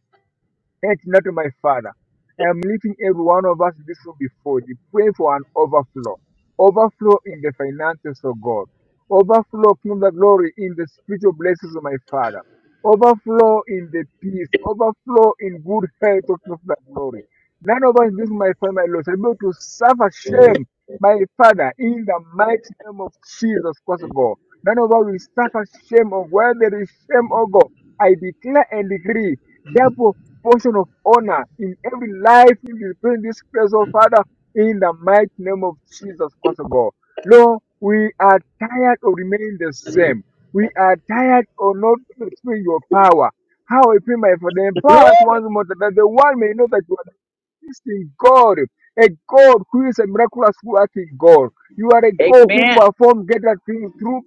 I: Yet not to my Father. I am lifting every one of us in this room before you, praying for an overflow. Overflow in the finances of God. Overflow from the glory in the spiritual blessings of my Father. Overflow in the peace. Overflow in good health of the glory. None of us in this room, my Father, my Lord, shall be able to suffer shame, my Father, in the mighty name of Jesus Christ, O God. None of us will suffer shame, of where there is shame, O God. I declare and decree double portion of honor in every life in this in this place, oh Father, in the mighty name of Jesus Christ, oh God. Lord, we are tired of remaining the same. We are tired of not experiencing your power. How I pray, my Father, empower us
A: Glory.
I: once more that the world may know that you are the existing God, a God who is a miraculous working God. You are a God who
A: Amen.
I: performs greater things through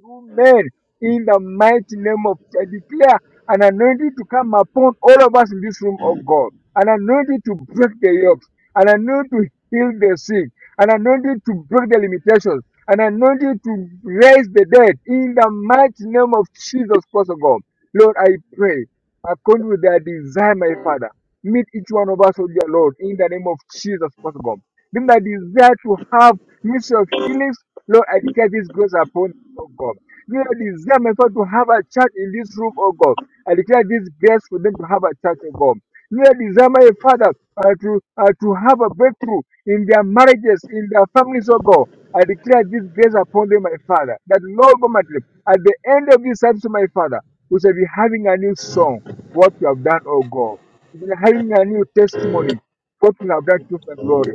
I: through men in the mighty name of I declare an anointing to come upon all of us in this room, oh God. An anointing to break the yokes, an anointing to heal the sick, an anointing to break the limitations, an anointing to raise the dead in the mighty name of Jesus Christ, oh God. Lord, I pray, according to their desire, my Father, meet each one of us, oh dear Lord, in the name of Jesus Christ, oh God. Them that desire to have mystery of healings, Lord, I declare this grace upon oh God. You know, the desire, my God, to have a church in this room, oh God. I declare this grace for them to have a church, oh God. You know, desire, my Father, uh, to, uh, to have a breakthrough in their marriages, in their families, oh God. I declare this grace upon them, my Father, that Lord Almighty, at the end of this service, my Father, we shall be having a new song, what you have done, oh God. We shall be having a new testimony, what you have done to the glory.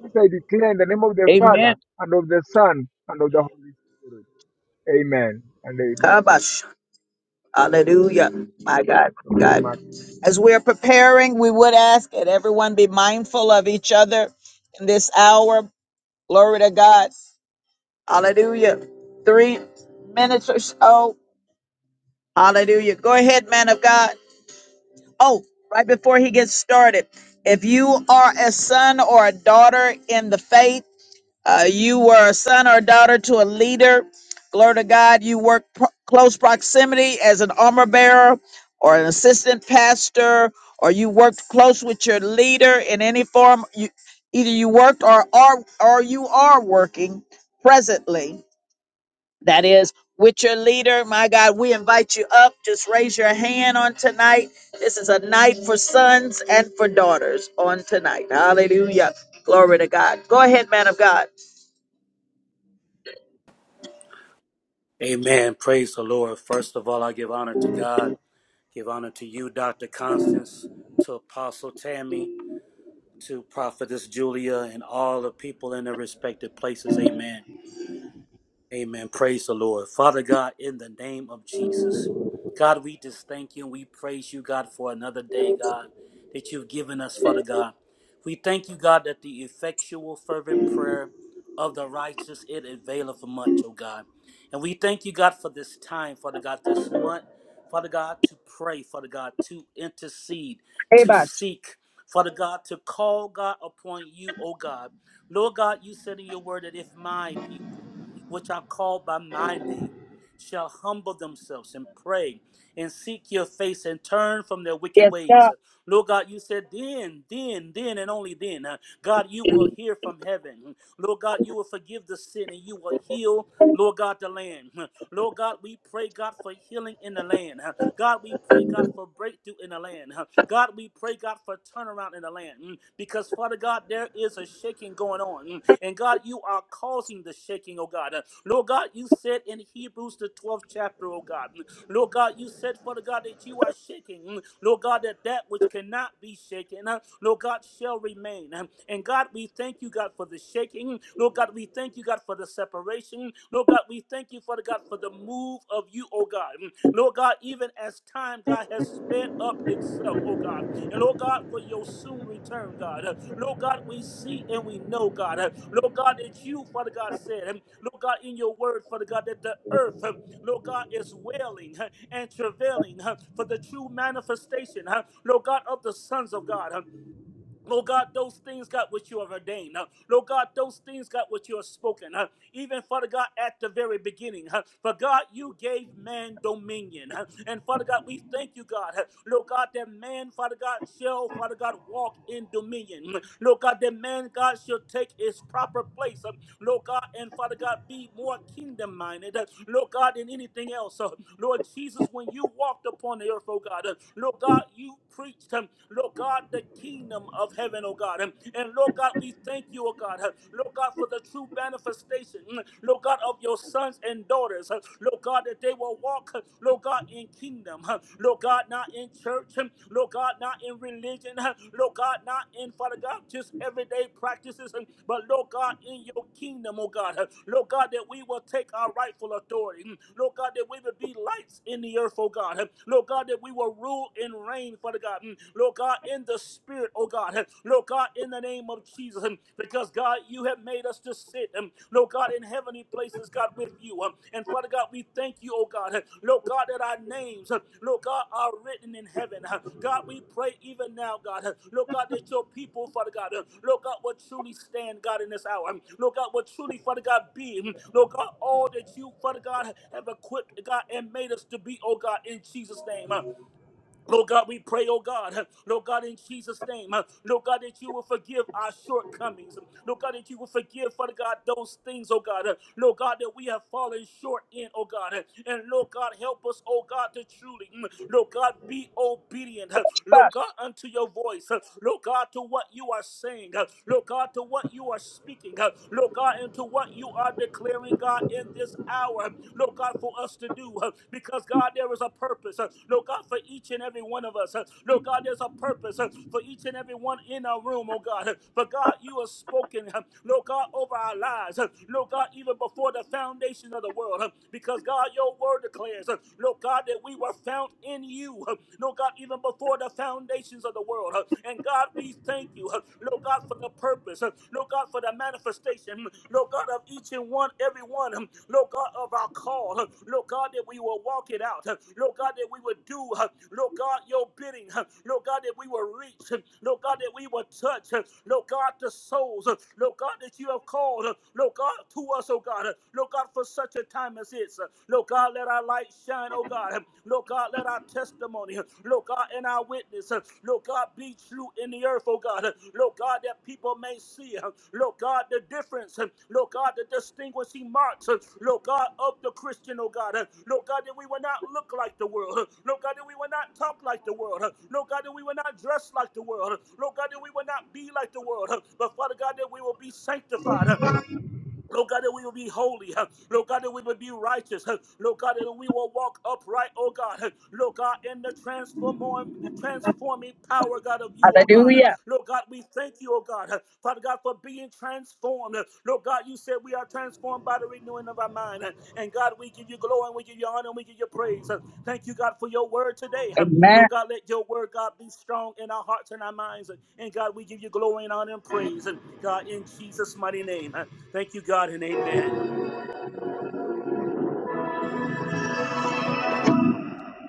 I: This I declare in the name of the Father,
A: Amen.
I: and of the Son, and of the Holy Spirit. Amen and
A: Hallelujah. My God, my
I: amen.
A: God. As we are preparing, we would ask that everyone be mindful of each other in this hour. Glory to God. Hallelujah. Three minutes or so. Hallelujah. Go ahead, man of God. Oh, right before he gets started, if you are a son or a daughter in the faith, Uh, you were a son or daughter to a leader. Glory to God. You work pro- close proximity as an armor bearer or an assistant pastor, or you worked close with your leader in any form. You, either you worked or are or you are working presently. That is with your leader. My God, we invite you up. Just raise your hand on tonight. This is a night for sons and for daughters on tonight. Hallelujah. Glory to God. Go ahead, man of God.
J: Amen. Praise the Lord. First of all, I give honor to God, give honor to you, Dr. Constance, to Apostle Tammy, to Prophetess Julia, and all the people in their respective places. Amen. Amen. Praise the Lord. Father God, in the name of Jesus, God, we just thank you and we praise you, God, for another day, God, that you've given us, Father God. We thank you, God, that the effectual, fervent prayer of the righteous, it availeth much, oh God. And we thank you, God, for this time, Father God, this month, Father God, to pray, Father God, to intercede, to
A: Rebus.
J: seek, Father God, to call, God, upon you, oh God. Lord God, you said in your word that if my people, which are called by my name, shall humble themselves and pray and seek your face and turn from their wicked
A: Yes,
J: ways.
A: God.
J: Lord God, you said then, then, then, and only then, uh, God, you will hear from heaven. Lord God, you will forgive the sin and you will heal, Lord God, the land. Lord God, we pray, God, for healing in the land. God, we pray, God, for breakthrough in the land. huh. God, we pray, God, for turnaround in the land. mm, Because, Father God, there is a shaking going on. mm, And, God, you are causing the shaking, oh God. Uh, Lord God, you said in Hebrews, the 12th chapter, oh God. mm, Lord God, you said, Father God, that you are shaking. mm, Lord God, that that which cannot be shaken, uh, Lord God, shall remain. Um, And God, we thank you, God, for the shaking. Mm. Lord God, we thank you, God, for the separation. Mm. Lord God, we thank you, Father God, for the move of you, oh God. Mm. Lord God, even as time, God, has sped up itself, oh God. And Lord God, for your soon return, God. Uh, Lord God, we see and we know, God. Uh, Lord God, that you, Father God, said, um, Lord God, in your word, Father God, that the earth, um, Lord God, is wailing uh, and travailing uh, for the true manifestation, uh, Lord God, of the sons of God. Lord God, those things, God, which you have ordained. Uh, Lord God, those things, God, which you have spoken. Uh, even, Father God, at the very beginning. Uh, for God, you gave man dominion. Uh, and, Father God, we thank you, God. Uh, Lord God, that man, Father God, shall, Father God, walk in dominion. Mm. Lord God, that man, God, shall take his proper place. Um, Lord God, and Father God, be more kingdom minded, Lord God, than anything else. Uh, Lord Jesus, when you walked upon the earth, oh God, uh, Lord God, you preached, um, Lord God, the kingdom of heaven, oh God. Um, And Lord God, we thank you, oh God, uh, Lord God, for the true manifestation, mm, Lord God, of your sons and daughters, uh, Lord God, that they will walk, uh, Lord God, in kingdom, uh, Lord God, not not in church, um, Lord God, not in religion, uh, Lord God, not in, Father God, just everyday practices, um, but Lord God, in your kingdom, oh God, uh, Lord God, that we will take our rightful authority, mm, Lord God, that we will be lights in the earth, oh God, uh, Lord God, that we will rule and reign, Father God, mm, Lord God, in the spirit, oh God, uh, Lord God, in the name of Jesus, um, because God, you have made us to sit, um, Lord God, in heavenly places, God, with you. Um, and Father God, we thank you, oh God, uh, Lord God, that our names, uh, Lord God, are written in heaven. Uh, God, we pray even now, God, uh, Lord God, that your people, Father God, uh, Lord God, will truly stand, God, in this hour. Um, Lord God, will truly, Father God, be, um, Lord God, all that you, Father God, have equipped, God, and made us to be, oh God, in Jesus' name. Uh, Lord God, we pray, oh God, Lord God, in Jesus' name, uh, Lord God, that you will forgive our shortcomings. Lord God, that you will forgive, Father God, those things, oh God, uh, Lord God, that we have fallen short in, oh God. uh, And Lord God, help us, oh God, to truly, mm, Lord God, be obedient, uh, Lord God,
A: Bus.
J: unto your voice, uh, Lord God, to what you are saying, uh, Lord God, to what you are speaking, uh, Lord God, and to what you are declaring, God. God, in this hour, Lord God, for us to do. uh, Because, God, there is a purpose, uh, Lord God, for each and every one of us. uh, Lord God, there's a purpose uh, for each and every one in our room, oh God. uh, For, God, you have spoken, uh, Lord God, over our lives. uh, Lord God, even before the foundation of the world, uh, because, God, your word declares, uh, Lord God, that we were found in you. uh, Lord God, even before the foundations of the world. uh, And, God, we thank thank you, huh, Lord God, for the purpose, huh, Lord God, for the manifestation, hmm, Lord God, of each and one, every one, hmm, Lord God, of our call, huh, Lord God, that we will walk it out, huh, Lord God, that we will do, huh, Lord God, your bidding, huh, Lord God, that we will reach, hmm, Lord God, that we will touch, huh, Lord God, the souls, huh, Lord God, that you have called, huh, Lord God, to us, oh God, huh, Lord God, for such a time as this, huh, Lord God, let our light shine, oh God. God. Lord God, let our testimony, Lord God, and our witness, Lord God, be true in the earth, oh God. Lord God, that people may see, Lord God, the difference, Lord God, the distinguishing marks, Lord God, of the Christian, oh God. Lord God, that we will not look like the world. Lord God, that we will not talk like the world. Lord God, that we will not dress like the world. Lord God, that we will not be like the world. But Father God, that we will be sanctified. Lord God, that we will be holy. huh. Lord God, that we will be righteous. huh. Lord God, that we will walk upright, oh God. huh. Lord God, in the transform- transforming power, God, of you, oh God. huh.
A: Hallelujah.
J: Lord God, we thank you, oh God. huh. Father God, for being transformed. huh. Lord God, you said we are transformed by the renewing of our mind. huh. And God, we give you glory and we give you honor and we give you praise. huh. Thank you, God, for your word today. huh.
A: Amen.
J: Lord God, let your word, God, be strong in our hearts and our minds. huh. And God, we give you glory and honor and praise. huh. God, in Jesus' mighty name. Huh. Thank you, God, and amen.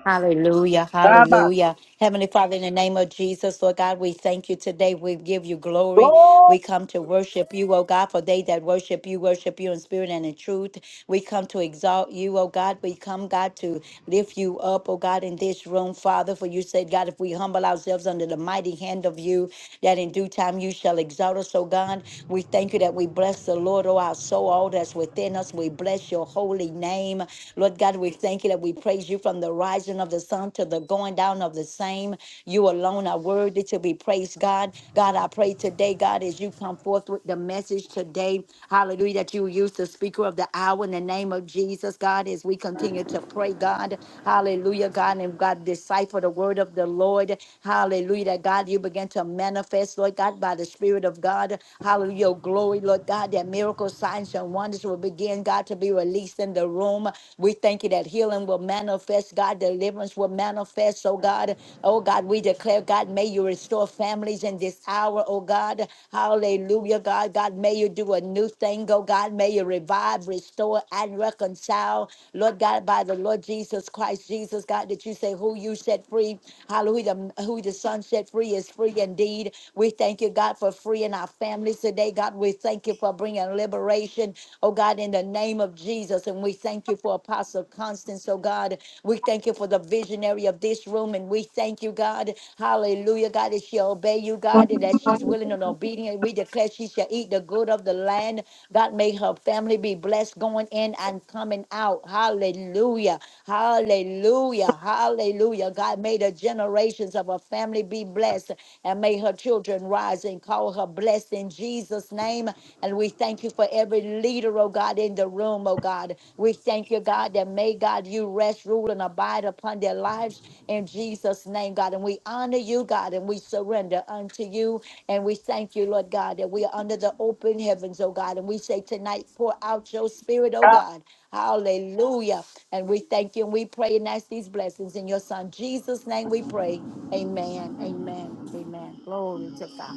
K: Hallelujah,
A: Rabba.
K: hallelujah. Heavenly Father, in the name of Jesus, Lord God, we thank you today. We give you glory.
A: Glory.
K: We come to worship you, oh God, for they that worship you, worship you in spirit and in truth. We come to exalt you, oh God. We come, God, to lift you up, oh God, in this room, Father. For you said, God, if we humble ourselves under the mighty hand of you, that in due time you shall exalt us, oh God. We thank you that we bless the Lord, oh our soul, all that's within us. We bless your holy name. Lord God, we thank you that we praise you from the rising of the sun to the going down of the same. You alone are worthy to be praised, God. God, I pray today, God, as you come forth with the message today, hallelujah, that you use the speaker of the hour in the name of Jesus, God, as we continue to pray, God, hallelujah, God, and God, decipher the word of the Lord, hallelujah, that God, you begin to manifest, Lord God, by the Spirit of God, hallelujah, your glory, Lord God, that miracles, signs, and wonders will begin, God, to be released in the room. We thank you that healing will manifest, God, deliverance will manifest, oh God, Oh God, we declare, God, may you restore families in this hour, oh God. Hallelujah, God. God, may you do a new thing, oh God. May you revive, restore, and reconcile. Lord God, by the Lord Jesus Christ, Jesus, God, that you say who you set free. Hallelujah. The- Who the Son set free is free indeed. We thank you, God, for freeing our families today. God, we thank you for bringing liberation, oh God, in the name of Jesus. And we thank you for Apostle Constance, oh God. We thank you for the visionary of this room, and we thank you, God. Hallelujah, God, that she obey you, God, and that she's willing and obedient. We declare she shall eat the good of the land. God, may her family be blessed going in and coming out. Hallelujah. Hallelujah. Hallelujah. God, may the generations of her family be blessed, and may her children rise and call her blessed in Jesus' name. And we thank you for every leader, oh God, in the room, oh God. We thank you, God, that may God you rest, rule, and abide upon their lives in Jesus' name, God. And we honor you, God, and we surrender unto you. And we thank you, Lord God, that we are under the open heavens, oh God. And we say tonight, pour out your spirit, oh
A: God.
K: God. Hallelujah. And we thank you and we pray and ask these blessings in your son Jesus' name we pray. Amen. Amen. Amen. Glory to God.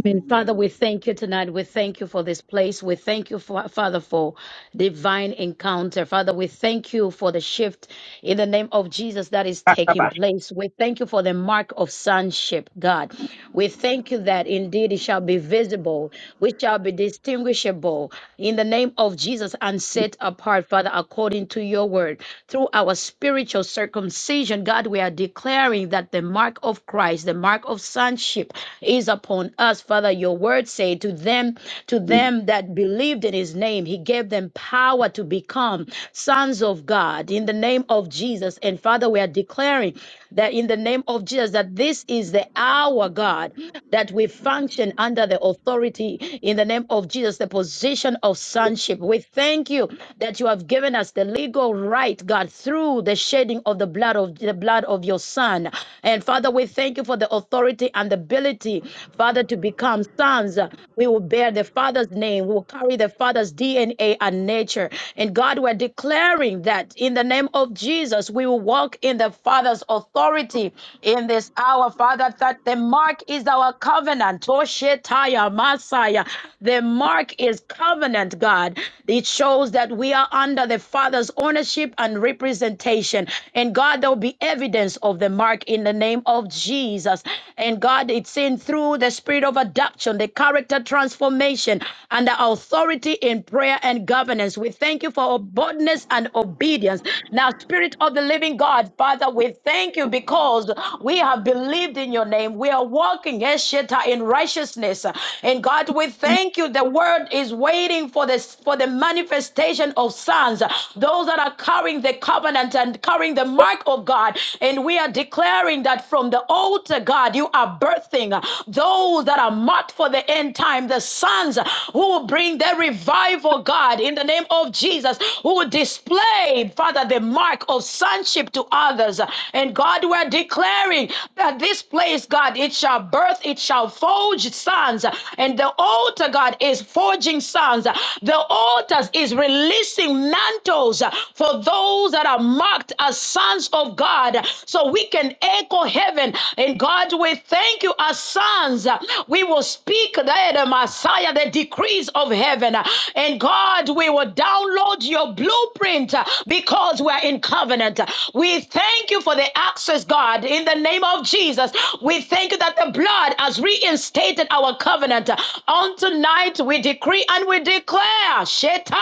L: Amen. Father, we thank you tonight. We thank you for this place. We thank you, for, Father, for divine encounter. Father, we thank you for the shift in the name of Jesus that is taking
A: Rabba.
L: place. We thank you for the mark of sonship, God. We thank you that indeed it shall be visible, we shall be distinguishable in the name of Jesus and set apart, Father, according to your word. Through our spiritual circumcision, God, we are declaring that the mark of Christ, the mark of sonship, is upon us. Father, your word say to them, to them that believed in his name, he gave them power to become sons of God in the name of Jesus. And Father, we are declaring that in the name of Jesus, that this is the hour, God, that we function under the authority in the name of Jesus, the position of sonship. We thank you that you have given us the legal right, God, through the shedding of the blood of the blood of your son. And Father, we thank you for the authority and the ability, Father, to become sons. We will bear the Father's name. We will carry the Father's DNA and nature. And God, we're declaring that in the name of Jesus, we will walk in the Father's authority in this hour, Father, that the mark is our covenant. Toshetaya Messiah. The mark is covenant, God. It shows that we are under the Father's ownership and representation. And God, there will be evidence of the mark in the name of Jesus. And God, it's seen through through the spirit of adoption, the character transformation, and the authority in prayer and governance. We thank you for boldness and obedience. Now, Spirit of the Living God, Father, we thank you because we have believed in your name. We are walking Esheta, in righteousness. And God, we thank you. The word is waiting for this for the manifestation of sons, those that are carrying the covenant and carrying the mark of God. And we are declaring that from the altar to God, you are birthing uh, those that are marked for the end time, the sons uh, who will bring their revival, God, in the name of Jesus, who will display, Father, the mark of sonship to others. And God, we're declaring that this place, God, it shall birth, it shall forge sons. And the altar, God, is forging sons. The altars is releasing mantles for those that are marked as sons of God. So so we can echo heaven. And God, we thank you as sons. We will speak there, the Messiah, the decrees of heaven. And God, we will download your blueprint because we're in covenant. We thank you for the access, God, in the name of Jesus. We thank you that the blood has reinstated our covenant. On tonight, we decree and we declare, Sheta,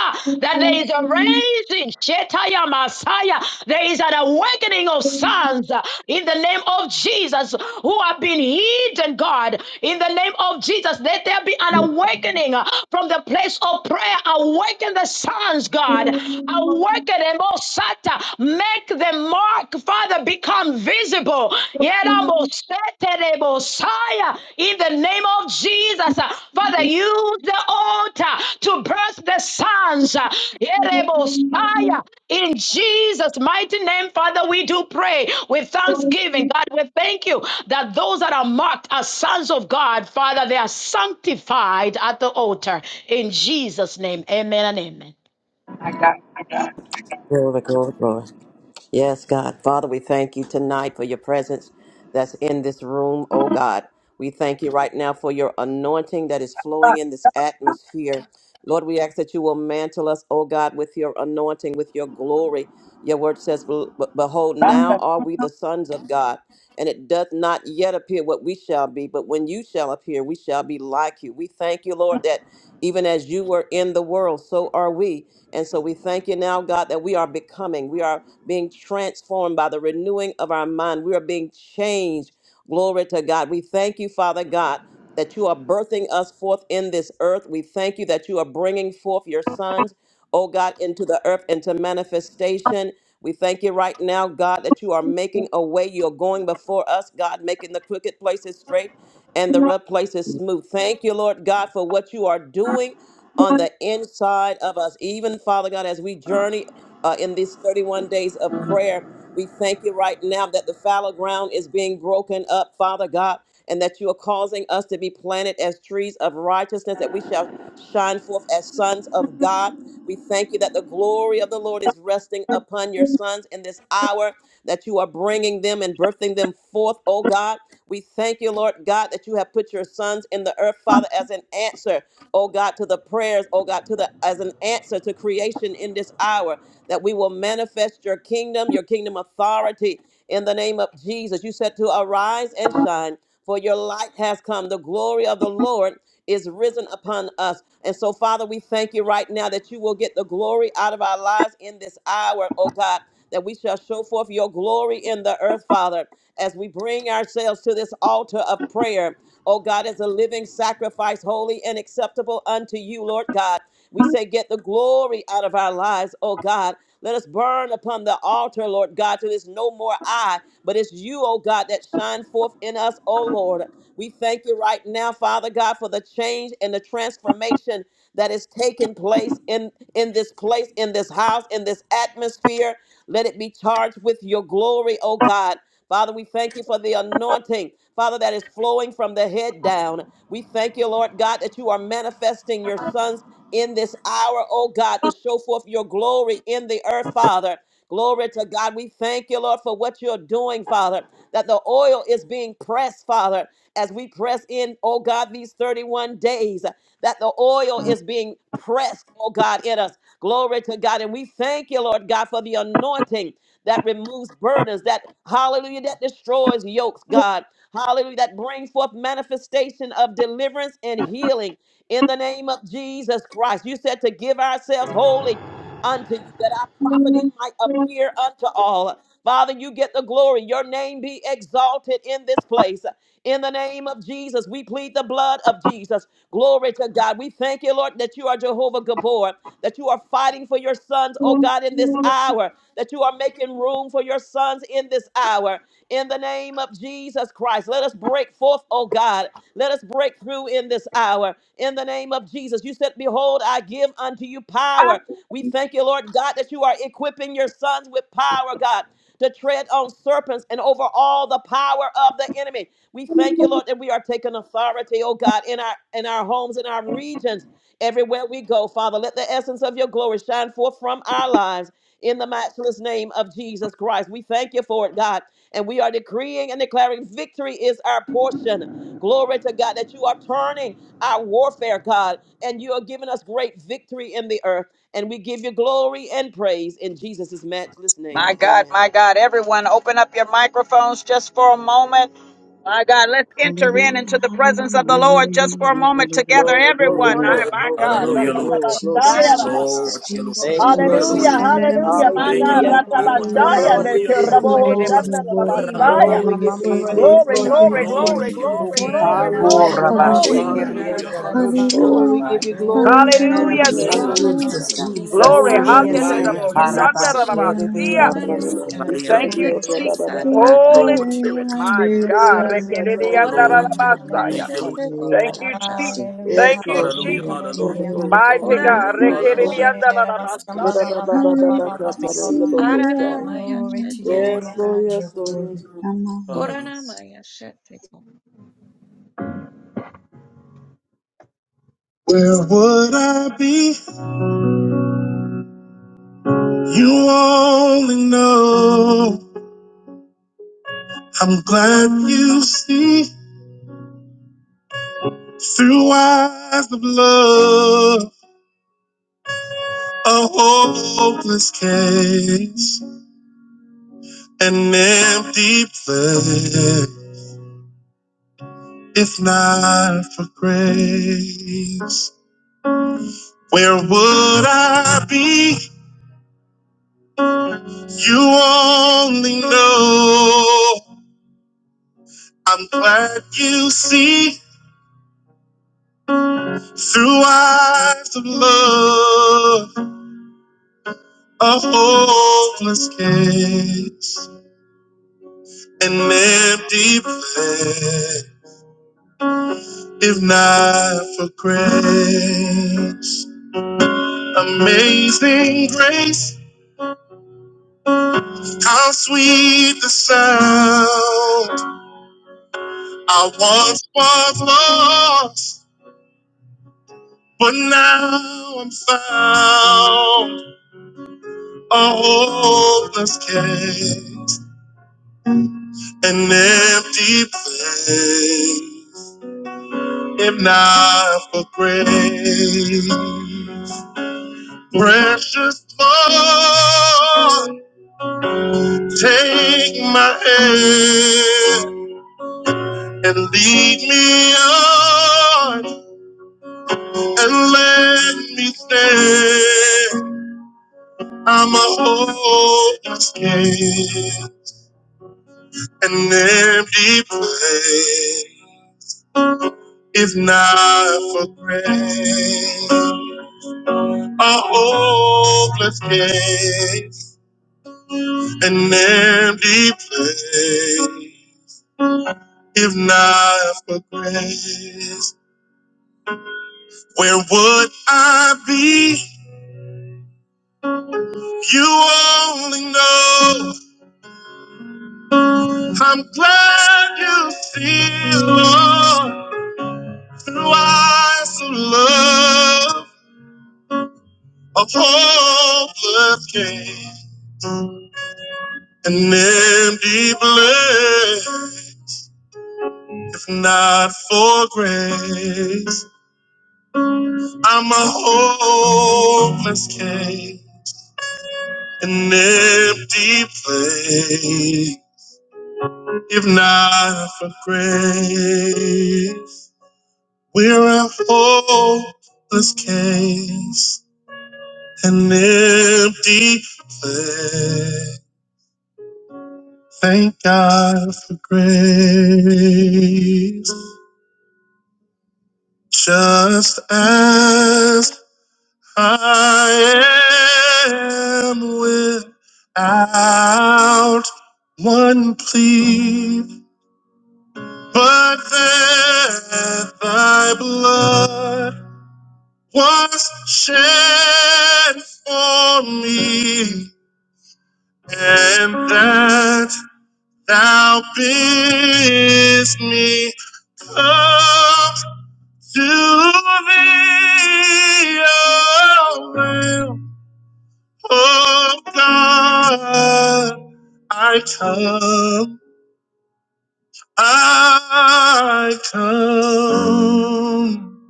L: that there is a raising, Sheta, your Messiah. There is is an awakening of sons uh, in the name of Jesus who have been hidden, God. In the name of Jesus, let there be an awakening uh, from the place of prayer. Awaken the sons, God. Awaken them, oh Sata. Make the mark, Father, become visible. Yeramosheterebosaya. In the name of Jesus, uh, Father, use the altar to birth the sons. uh, Yerebosaya. In Jesus' mighty name, Father, we do pray with thanksgiving. God, we thank you that those that are marked as sons of God, Father, they are sanctified at the altar. In Jesus' name, amen and amen.
A: My God.
C: Glory, glory, glory. Yes, God. Father, we thank you tonight for your presence that's in this room, oh God. We thank you right now for your anointing that is flowing in this atmosphere. Lord, we ask that you will mantle us, oh God, with your anointing, with your glory. Your word says, "Be- Behold,
A: My
C: now
A: God.
C: are we the sons of God, and it doth not yet appear what we shall be, but when you shall appear, we shall be like you. We thank you, Lord, that even as you were in the world, so are we. And so we thank you now, God, that we are becoming, we are being transformed by the renewing of our mind. We are being changed. Glory to God. We thank you, Father God, that you are birthing us forth in this earth. We thank you that you are bringing forth your sons, oh God, into the earth, into manifestation. We thank you right now, God, that you are making a way. You're going before us, God, making the crooked places straight and the rough places smooth. Thank you, Lord God, for what you are doing on the inside of us. Even, Father God, as we journey uh, in these 31 days of prayer, we thank you right now that the fallow ground is being broken up, Father God, and that you are causing us to be planted as trees of righteousness, that we shall shine forth as sons of God. We thank you that the glory of the Lord is resting upon your sons in this hour, that you are bringing them and birthing them forth, oh God. We thank you, Lord God, that you have put your sons in the earth, Father, as an answer oh God, to the prayers, oh God, to the as an answer to creation in this hour, that we will manifest your kingdom, your kingdom authority in the name of Jesus. You said to arise and shine, for your light has come. The glory of the Lord is risen upon us. And so, Father, we thank you right now that you will get the glory out of our lives in this hour, oh God, that we shall show forth your glory in the earth, Father, as we bring ourselves to this altar of prayer oh God, as a living sacrifice, holy and acceptable unto you, Lord God. We say, get the glory out of our lives, oh God. Let us burn upon the altar, Lord God, till there's no more I, but it's you, oh God, that shine forth in us, oh Lord. We thank you right now, Father God, for the change and the transformation that is taking place in, in this place, in this house, in this atmosphere. Let it be charged with your glory, oh God. Father, we thank you for the anointing, Father, that is flowing from the head down. We thank you, Lord God, that you are manifesting your sons in this hour, oh God, to show forth your glory in the earth, Father. Glory to God. We thank you, Lord, for what you're doing, Father, that the oil is being pressed, Father, as we press in, oh God, these 31 days, that the oil is being pressed, oh God, in us. Glory to God. And we thank you, Lord God, for the anointing that removes burdens, that hallelujah, that destroys yokes, God. Hallelujah, that brings forth manifestation of deliverance and healing in the name of Jesus Christ. You said to give ourselves wholly unto you that our profiting might appear unto all. Father, you get the glory. Your name be exalted in this place. In the name of Jesus, we plead the blood of Jesus. Glory to God. We thank you, Lord, that you are Jehovah Gabor that you are fighting for your sons, oh God, in this hour, that you are making room for your sons in this hour. In the name of Jesus Christ, let us break forth, oh God. Let us break through in this hour. In the name of Jesus, you said, Behold, I give unto you power. We thank you, Lord God, that you are equipping your sons with power, God. To tread on serpents and over all the power of the enemy. We thank you, Lord, that we are taking authority, oh God, in our in our homes, in our regions everywhere we go, Father. Let the essence of your glory shine forth from our lives in the matchless name of Jesus Christ. We thank you for it, God. And we are decreeing and declaring victory is our portion. Glory to God that you are turning our warfare, God, and you are giving us great victory in the earth. And we give you glory and praise in Jesus' matchless name.
A: My God.
C: Amen.
A: My God. Everyone, open up your microphones just for a moment. My God, let's enter in
E: Hallelujah,
A: into the presence of the
E: hallelujah,
A: Lord just for a
E: hallelujah,
A: moment together,
E: hallelujah,
C: Glory, glory,
A: everyone.
B: Ora
A: My,
C: glory,
E: hallelujah.
A: my
C: glory,
B: nama,
A: God.
C: glory,
J: Hallelujah,
E: Lord
J: Lord
C: glory,
J: God.
C: glory,
A: Rakabashaya,
B: nara
E: Jesus,
C: glory.
B: ma,
J: Glory
E: Jesus,
J: to
B: chete
J: you, Lord God.
B: ko
C: Thank
E: Jesus,
C: you,
J: Hallelujah,
C: Lord
B: saraba.
J: Lord
E: Jesus.
A: Hallelujah,
J: God.
C: Jesus.
E: Hallelujah,
A: hallelujah, my
J: Thank you,
A: God.
C: Hallelujah.
J: Lord
E: hallelujah,
J: God.
B: Ora
A: Rakabashaya,
C: Lord,
E: hallelujah.
B: nama,
C: we
J: Hallelujah,
C: give
J: Lord
B: ya
C: you
E: You're
B: chete
E: worthy,
C: glory.
E: you're
B: ko
A: Nekirabohoshanda,
J: God.
E: worthy, you're
B: saraba.
C: Oh,
J: Oramandia.
E: worthy,
C: we
E: you're
C: give you
E: worthy, you're
C: praise,
A: Glory,
C: Lord
E: worthy,
A: glory,
E: you're
C: Jesus.
J: Glory
A: glory,
J: to
E: worthy,
J: you, Lord
A: glory,
J: God.
E: you're
B: Ora
E: worthy.
A: glory,
E: Lord.
B: nama,
A: glory,
B: ya
C: Hallelujah,
D: Koraba,
B: chete
A: glory.
C: hallelujah.
B: ko
E: Hallelujah,
B: ria
J: Hallelujah,
D: shekeriando,
B: saraba.
J: hallelujah,
C: Oh, we
E: Hallelujah,
J: hallelujah,
C: give
D: sokoraba.
C: you
J: Lord God.
H: Oh,
C: glory, we
H: da da
C: give
H: da
C: you
E: hallelujah,
H: ba
A: Hallelujah. Jesus.
H: sum
D: Yes,
H: ba
C: praise.
H: ba
B: Glory,
J: Glory to you,
H: ba.
D: Jesus,
E: yes,
B: glory
J: Lord
E: God.
B: to your
D: Jesus.
B: name,
A: Glory.
C: Glory,
B: Jesus.
C: glory,
H: Yes,
A: Hallelujah.
E: hallelujah,
C: glory.
H: God.
J: God.
H: Yes, God.
C: glory.
J: Glory
D: Araba,
E: yes,
J: to you, Lord
D: sherebeando,
H: Yes,
E: hallelujah.
D: se.
B: Gloranamaya
J: God.
H: God. Da
A: Thank
H: da
J: Ariandi.
H: da
A: you,
H: da da ba
B: sheteko
A: Jesus.
H: sum ba ba
E: Hallelujah,
H: ba ba
A: Holy
J: Glory
H: ba.
J: to
B: satadayata.
J: you,
E: hallelujah,
A: Spirit.
J: Lord God.
A: My
E: yes,
A: God.
E: hallelujah,
H: Hallelujah,
J: Glory
E: hallelujah,
J: to
H: hallelujah,
J: you, Lord God.
B: Gloranamaya
A: Rekerediandarabasaya.
J: Thank
H: hallelujah.
J: you, Lord.
B: sheteko
A: Thank
J: Thank
A: you,
B: saranam.
E: yes,
A: Jesus.
H: Hallelujah,
A: Thank
C: Yes,
J: you.
A: you,
C: Lord
H: hallelujah,
J: Hallelujah,
C: Jesus.
E: hallelujah, hallelujah,
A: Jesus.
J: hallelujah,
C: Glory,
H: hallelujah,
C: glory,
E: hallelujah.
C: glory,
A: Mighty
H: hallelujah.
C: glory,
A: God.
C: glory,
B: Gloranamaya
H: Oh,
J: hallelujah.
C: glory.
H: da da da da
B: sheteko
H: ba sum
B: rabam.
A: Rekerediandarabasaya.
H: ba ba ba ba ba
E: Hallelujah,
H: ba ba ba ba
J: Oramandia.
E: yes,
H: ba ba.
B: Aranamaya
H: Glory to your
B: sheteko
J: Glory,
H: name, O
C: Yes,
B: sa.
C: Lord,
H: God. You're
C: yes, Lord, yes,
H: worthy.
E: hallelujah,
C: Lord.
E: hallelujah.
J: hallelujah.
B: Gloranamaya sheteko.
A: Where would I be? You only know. I'm glad you see through eyes of love a hopeless case. an empty place. If not for grace, where would I be? You only know. I'm glad you see through eyes of love a hopeless case, an empty place. If not for grace, amazing grace. How sweet the sound I once was lost, but now I'm found. A hopeless case, an empty place. If not for grace, precious Lord, take my hand and lead me on and let me stay. I'm a hopeless case, an empty place. If not for grace, a hopeless case, an empty place. If not for grace, where would I be? You only know. I'm glad you feel Lord, through eyes of love, a hopeless case, an empty blade, if not for grace. I'm a hopeless case, an empty place, if not for grace. We're a hopeless case an empty place. Thank God for grace. Just as I am without one plea, but that thy blood was shed for me, and that Thou bidst me up to thee, O Lamb of God. I come, I come,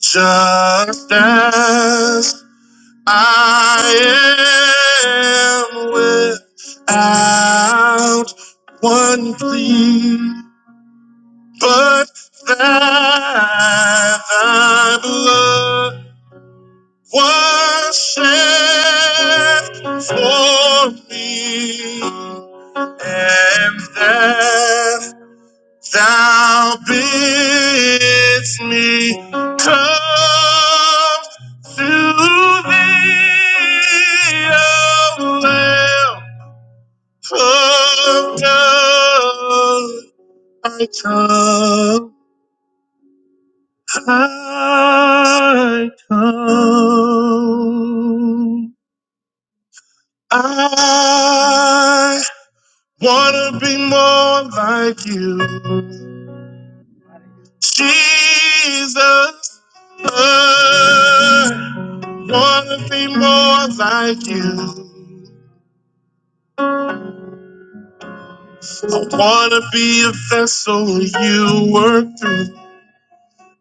A: just as I am without one plea. but that thy blood was shed for me and that thou bidst me come to thee, O Lamb of God. I come. I come. I wanna be more like you, Jesus. I wanna be more like you. I wanna be a vessel you work through.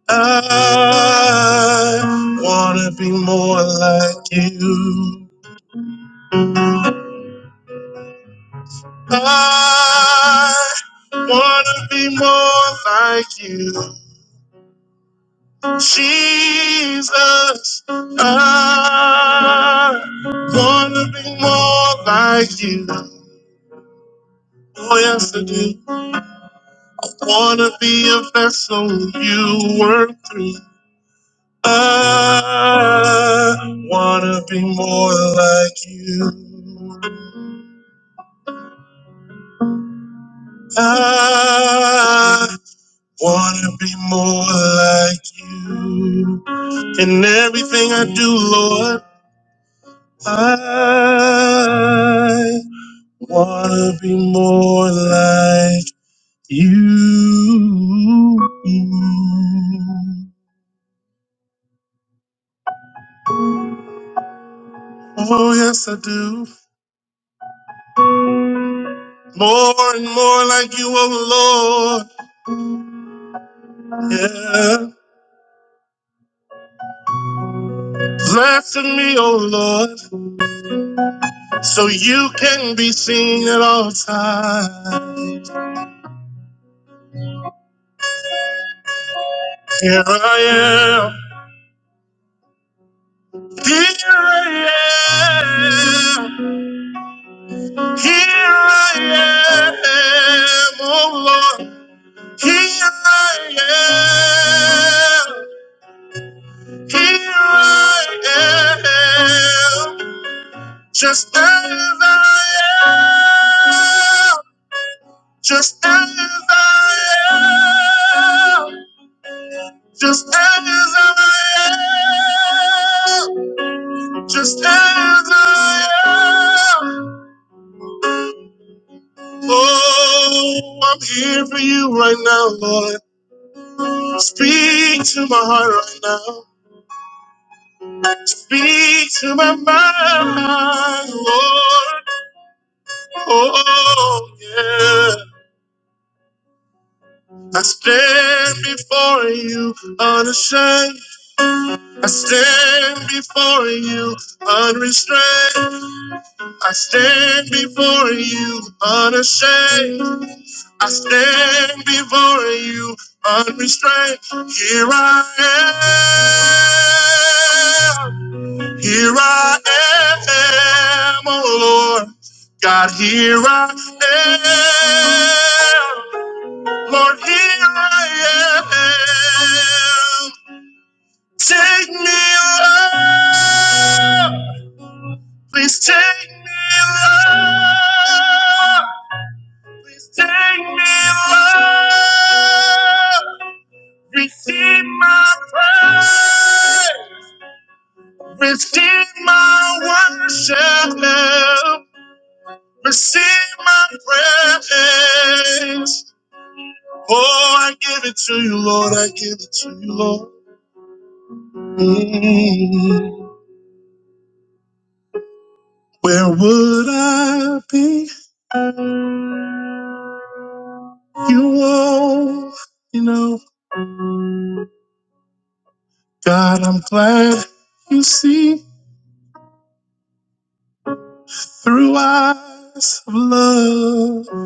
A: I wanna be more like you. I wanna be more like you, Jesus. I wanna be more like you. Oh yes, I do. Wanna be a vessel you work through. I wanna be more like you. I. Wanna be more like you in everything I do, Lord. I wanna be more like you. Oh yes, I do. More and more like you, oh Lord. Yeah. Blasting me, oh Lord, so you can be seen at all times. Here I am. Here I am. Here I am. Oh Lord. Here I am. Here I am. Just as I am. Just as I am. Just as I am. Just as I am. Oh, I'm here for you right now, Lord. Speak to my heart right now. Speak to my mind, Lord. Oh, yeah. I stand before you unashamed. I stand before you unrestrained. I stand before you unashamed. I stand before you unrestrained. Here I am. Here I am, oh Lord. God, here I am. Lord, here I am. Take me, Lord. Please take me, Lord. Please Take me, Lord. Receive my praise. Receive my worship. Receive my praise. Oh, I give it to you, Lord. I give it to you, Lord. Mm. Where would I be? You will you know. God, I'm glad you see. Through eyes of love,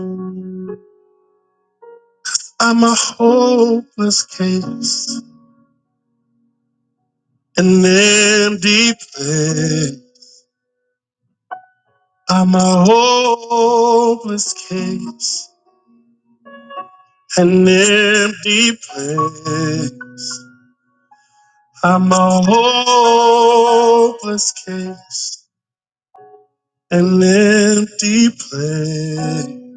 A: I'm a hopeless case, an empty place. I'm a hopeless case, an empty place. I'm a hopeless case, an empty place.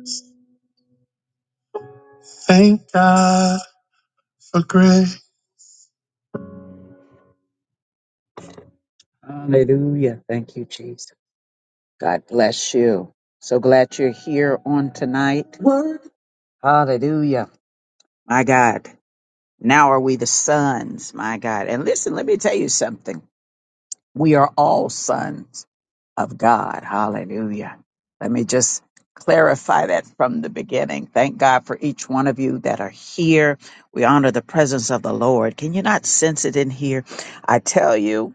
A: Thank God for grace. Hallelujah. Thank you, Jesus. God bless you. So glad you're here on tonight. Hallelujah. My God. Now are we the sons, my God. And listen, let me tell you something. We are all sons of God. Hallelujah. Let me just clarify that from the beginning. Thank God for each one of you that are here. We honor the presence of the Lord. Can you not sense it in here? I tell you.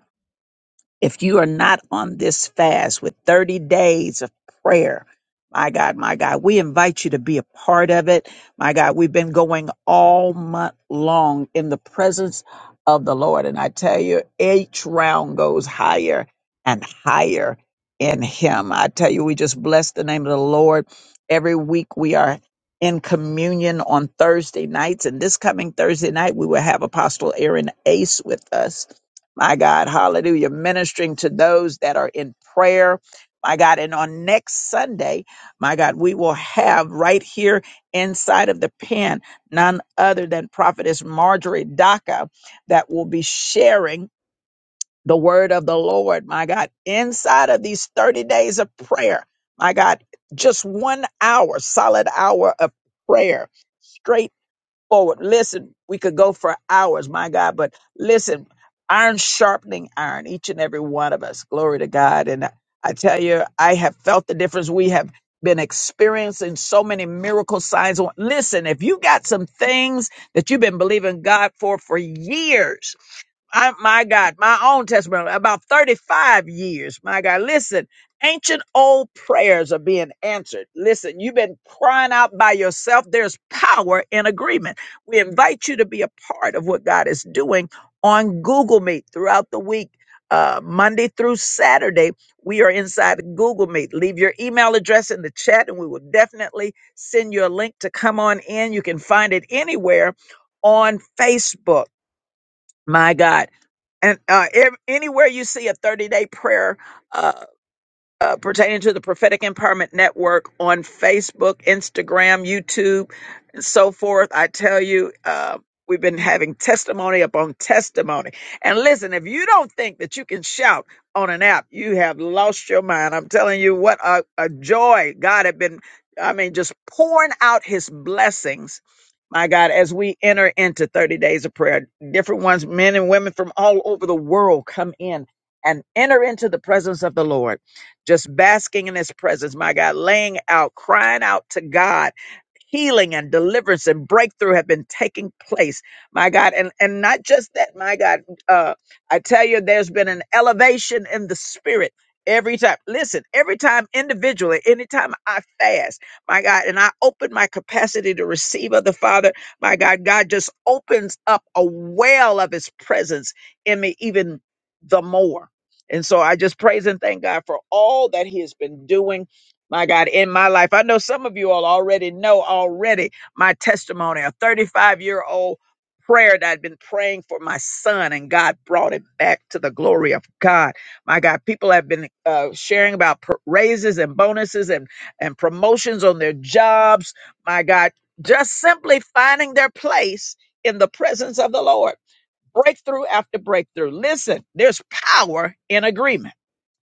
A: If you are not on this fast with 30 days of prayer, my God, my God, we invite you to be a part of it. My God, we've been going all month long in the presence of the Lord. And I tell you, each round goes higher and higher in Him. I tell you, we just bless the name of the Lord. Every week we are in communion on Thursday nights. And this coming Thursday night, we will have Apostle Aaron Ace with us my God, hallelujah, ministering to those that are in prayer. My God, and on next Sunday, my God, we will have right here inside of the pen none other than Prophetess Marjorie Daca that will be sharing the word of the Lord, my God, inside of these 30 days of prayer. My God, just one hour, solid hour of prayer straight forward. Listen, we could go for hours, my God, but listen, iron sharpening iron, each and every one of us. Glory to God. And I tell you, I have felt the difference. We have been experiencing so many miracle signs. Listen, if you got some things that you've been believing God for for years, I, my God, my own testimony, about 35 years. My God, listen, ancient old prayers are being answered. Listen, you've been crying out by yourself. There's power in agreement. We invite you to be a part of what God is doing on Google Meet throughout the week. Uh, Monday through Saturday, we are inside Google Meet. Leave your email address in the chat, and we will definitely send you a link to come on in. You can find it anywhere on Facebook. My God. And uh, ev- anywhere you see a 30 day prayer, uh, uh, pertaining to the Prophetic Empowerment Network on Facebook, Instagram, YouTube, and so forth. I tell you, uh, we've been having testimony upon testimony. And listen, if you don't think that you can shout on an app, you have lost your mind. I'm telling you, what a, a joy God had been, I mean, just pouring out his blessings. My God, as we enter into 30 days of prayer, different ones, men and women from all over the world come in and enter into the presence of the Lord just basking in his presence, my God, laying out, crying out to God. Healing and deliverance and breakthrough have been taking place, my God, and and not just that, my God. Uh, I tell you, there's been an elevation in the spirit every time. Listen, every time individually, anytime I fast, my God, and I open my capacity to receive of the Father, my God, God just opens up a well of His presence in me even the more. And so I just praise and thank God for all that He has been doing, my God, in my life. I know some of you all already know already my testimony, a 35 year old prayer that I'd been praying for my son, and God brought it back to the glory of God. My God, people have been uh, sharing about pr- raises and bonuses and, and promotions on their jobs. My God, just simply finding their place in the presence of the Lord breakthrough after breakthrough. Listen, there's power in agreement.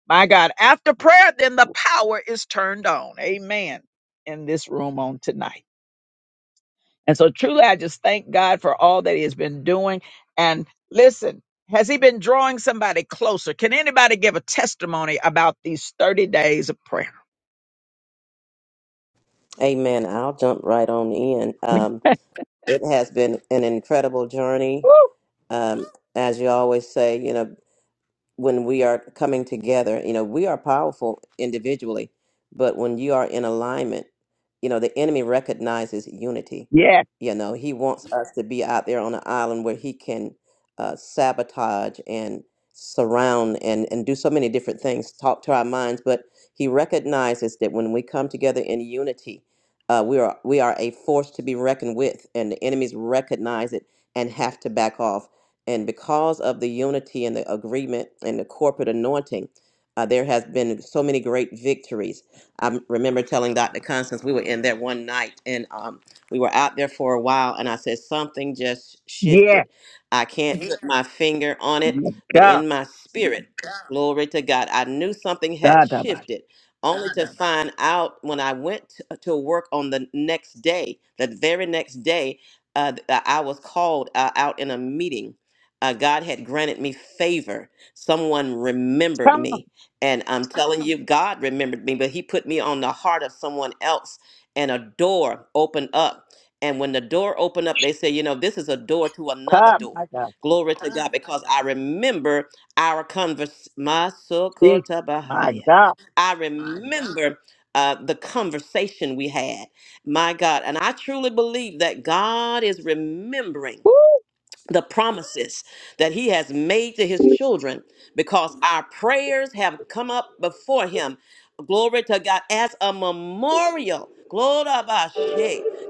A: My God, after prayer, then the power is turned on. Amen. In this room on tonight. And so truly, I just thank God for all that He has been doing. And listen, has He been drawing somebody closer? Can anybody give a testimony about these 30 days of prayer?
C: Amen. I'll jump right on in. Um, it has been an incredible journey. um, as you always say, you know, when we are coming together, you know, we are powerful individually, but when you are in alignment, you know, the enemy recognizes unity.
A: Yes,
C: You know, he wants us to be out there on an island where he can uh, sabotage and surround and, and do so many different things, talk to our minds. But he recognizes that when we come together in unity, uh, we are we are a force to be reckoned with, and the enemies recognize it and have to back off and because of the unity and the agreement and the corporate anointing, uh, there has been so many great victories. I remember telling Dr. Constance we were in there one night and um, we were out there for a while, and I said something just shifted.
A: yes,
C: I can't put my finger on it,
A: my
C: but
A: God.
C: in my spirit, glory to God, I knew something had
A: Da, da, ba.
C: shifted. Only to find out when I went t- uh, to work on the next day, the very next day, uh, th- I was called uh, out in a meeting uh, God had granted me favor. Someone remembered
A: Come on,
C: me. And I'm telling you, God remembered me, but He put me on the heart of someone else, and a door opened up. And when the door opened up, they said, You know, this is a door to another
A: God, my
C: door.
A: God.
C: Glory to God, because I remember our converse. My
A: Jesus,
C: Sokota
A: my
C: Bahaya.
A: God.
C: I remember uh, the conversation we had. My God. And I truly believe that God is remembering the promises that he has made to his children because our prayers have come up before him. Glory to God as a memorial. Glory to God.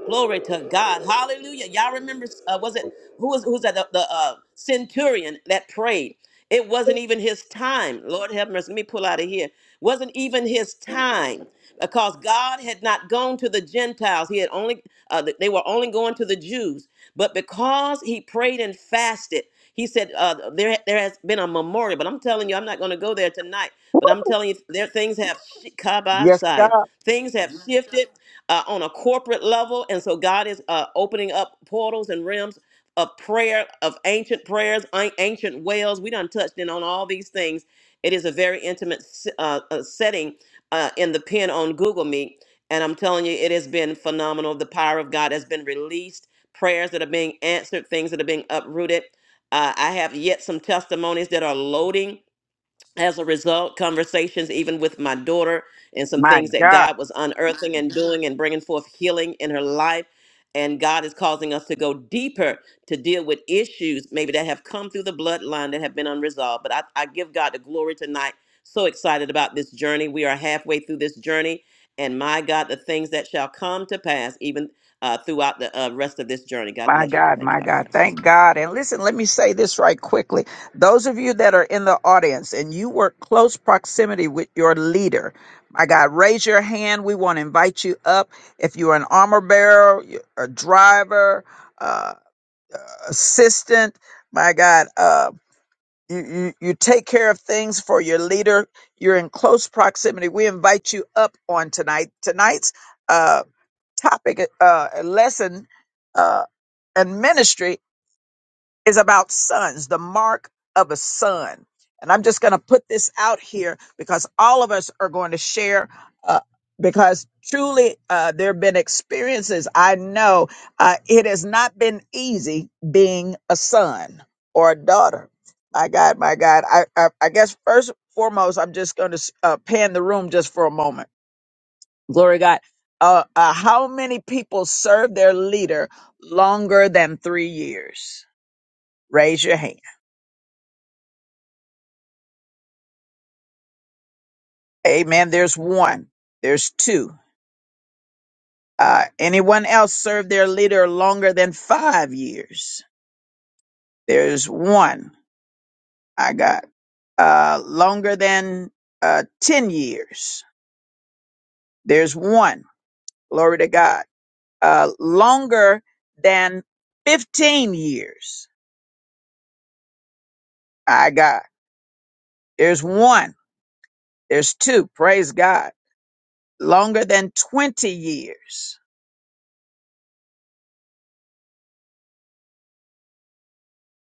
C: Glory to God. Hallelujah. Y'all remember, uh, was it, who was, who's that, the, the uh, centurion that prayed? It wasn't even his time. Lord have mercy. Let me pull out of here. Wasn't even his time because God had not gone to the Gentiles. He had only, uh, they were only going to the Jews. But because he prayed and fasted, he said, uh, there, there has been a memorial. But I'm telling you, I'm not going to go there tonight. But I'm telling you, there things have shi-
A: Yes,
C: kabasaya.
A: God,
C: Things have Mhm. shifted uh, on a corporate level, and so God is uh, opening up portals and realms of prayer, of ancient prayers, an- ancient wells. We done touched in on all these things. It is a very intimate s- uh, uh, setting uh, in the pen on Google Meet, and I'm telling you, it has been phenomenal. The power of God has been released prayers that are being answered, things that are being uprooted. Uh, I have yet some testimonies that are loading as a result, conversations even with my daughter and some
A: my
C: things that
A: God.
C: God was unearthing and doing and bringing forth healing in her life. And God is causing us to go deeper to deal with issues maybe that have come through the bloodline that have been unresolved. But I, I give God the glory tonight. So excited about this journey. We are halfway through this journey. And my God, the things that shall come to pass even uh, throughout the uh, rest of this journey. God
A: My
C: bless you.
A: God,
C: Thank you,
A: my
C: Dr.
A: God.
C: Constance.
A: Thank God. And listen, let me say this right quickly. Those of you that are in the audience and you work close proximity with your leader, my God, raise your hand. We want to invite you up. If you're an armor bearer, you're a driver, uh, uh, assistant, my God. uh, you, you, you take care of things for your leader. You're in close proximity. We invite you up on tonight. Tonight's uh, topic, uh, lesson, uh, and ministry is about sons, the mark of a son. And I'm just going to put this out here because all of us are going to share. Uh, because truly, uh, there have been experiences. I know uh, it has not been easy being a son or a daughter. My God, my God. I, I, I guess first and foremost, I'm just going to uh, pan the room just for a moment. Glory to God. Uh, uh, how many people serve their leader longer than three years? Raise your hand. Amen. There's one. There's two. Uh, anyone else served their leader longer than five years? There's one. I got uh, longer than uh, ten years. There's one. Glory to God. Uh, longer than fifteen years. I got. There's one. There's two. Praise God. Longer than twenty years.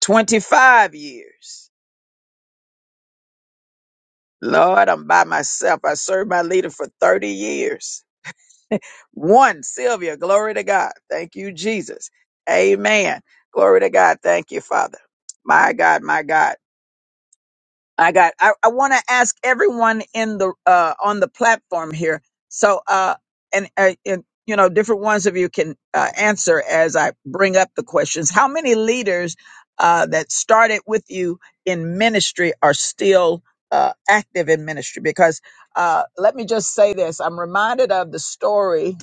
A: Twenty-five years. Lord, I'm by myself. I served my leader for 30 years. [LAUGHS] One, Sylvia, glory to God. Thank you, Jesus. Amen. Glory to God. Thank you, Father. My God, my God. I got. I, I want to ask everyone in the uh, on the platform here. So, uh, and, uh, and you know, different ones of you can uh, answer as I bring up the questions. How many leaders uh, that started with you in ministry are still uh, active in ministry? Because uh, let me just say this: I'm reminded of the story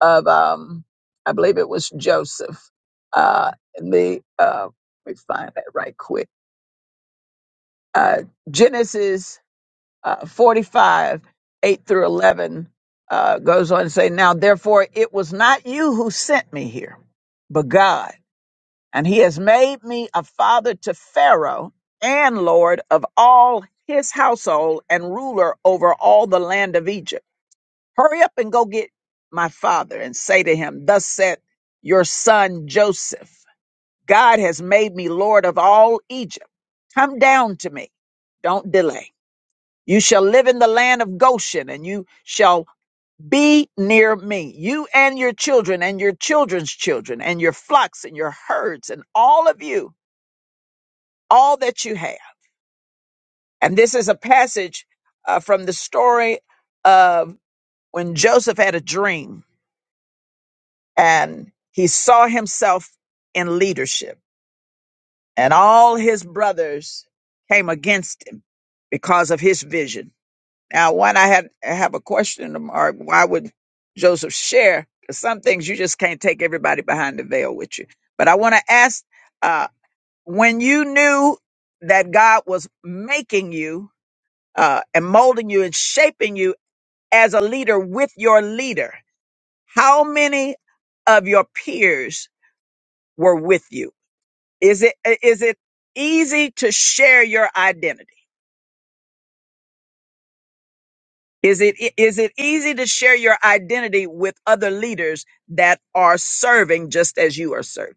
A: of, um, I believe it was Joseph. Uh, the uh, let me find that right quick. Uh, Genesis uh, 45, 8 through 11, uh, goes on to say, Now therefore it was not you who sent me here, but God. And he has made me a father to Pharaoh and Lord of all his household and ruler over all the land of Egypt. Hurry up and go get my father and say to him, Thus said your son Joseph, God has made me Lord of all Egypt. Come down to me. Don't delay. You shall live in the land of Goshen, and you shall be near me, you and your children, and your children's children, and your flocks, and your herds, and all of you, all that you have. And this is a passage uh, from the story of when Joseph had a dream and he saw himself in leadership, and all his brothers came against him because of his vision. Now, one I had have a question mark. Why would Joseph share? 'Cause Some things you just can't take everybody behind the veil with you. But I want to ask, uh, when you knew that God was making you uh, and molding you and shaping you as a leader with your leader, how many of your peers were with you? Is it is it easy to share your identity? Is it is it easy to share your identity with other leaders that are serving just as you are serving?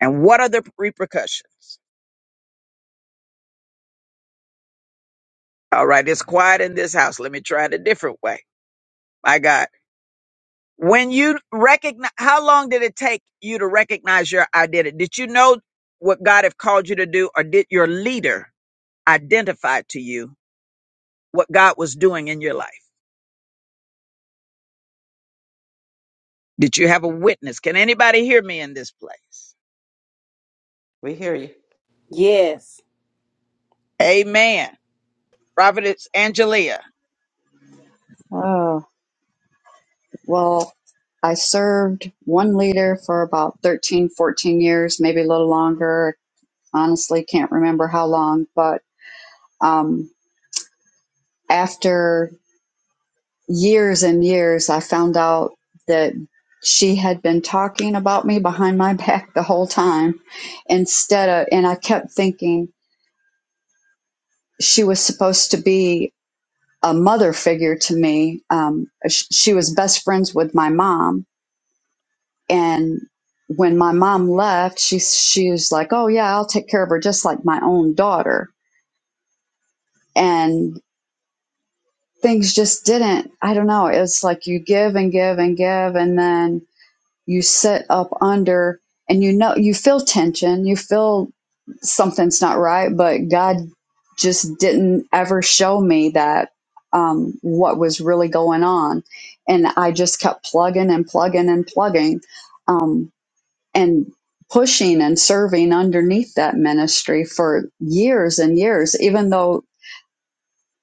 A: And what are the repercussions? All right, it's quiet in this house. Let me try it a different way. My God. When you recognize how long did it take you to recognize your identity? Did you know what God have called you to do or did your leader identify to you what God was doing in your life? Did you have a witness? Can anybody hear me in this place?
C: We hear you.
D: Yes.
A: Amen. Prophetess Angelia.
E: Oh, well, I served one leader for about 13, 14 years, maybe a little longer. honestly can't remember how long, but um, after years and years, I found out that she had been talking about me behind my back the whole time instead of, and I kept thinking she was supposed to be a mother figure to me. Um, sh- she was best friends with my mom. And when my mom left, she, she was like, Oh yeah, I'll take care of her just like my own daughter. And things just didn't i don't know it's like you give and give and give and then you sit up under and you know you feel tension you feel something's not right but god just didn't ever show me that um, what was really going on and i just kept plugging and plugging and plugging um, and pushing and serving underneath that ministry for years and years even though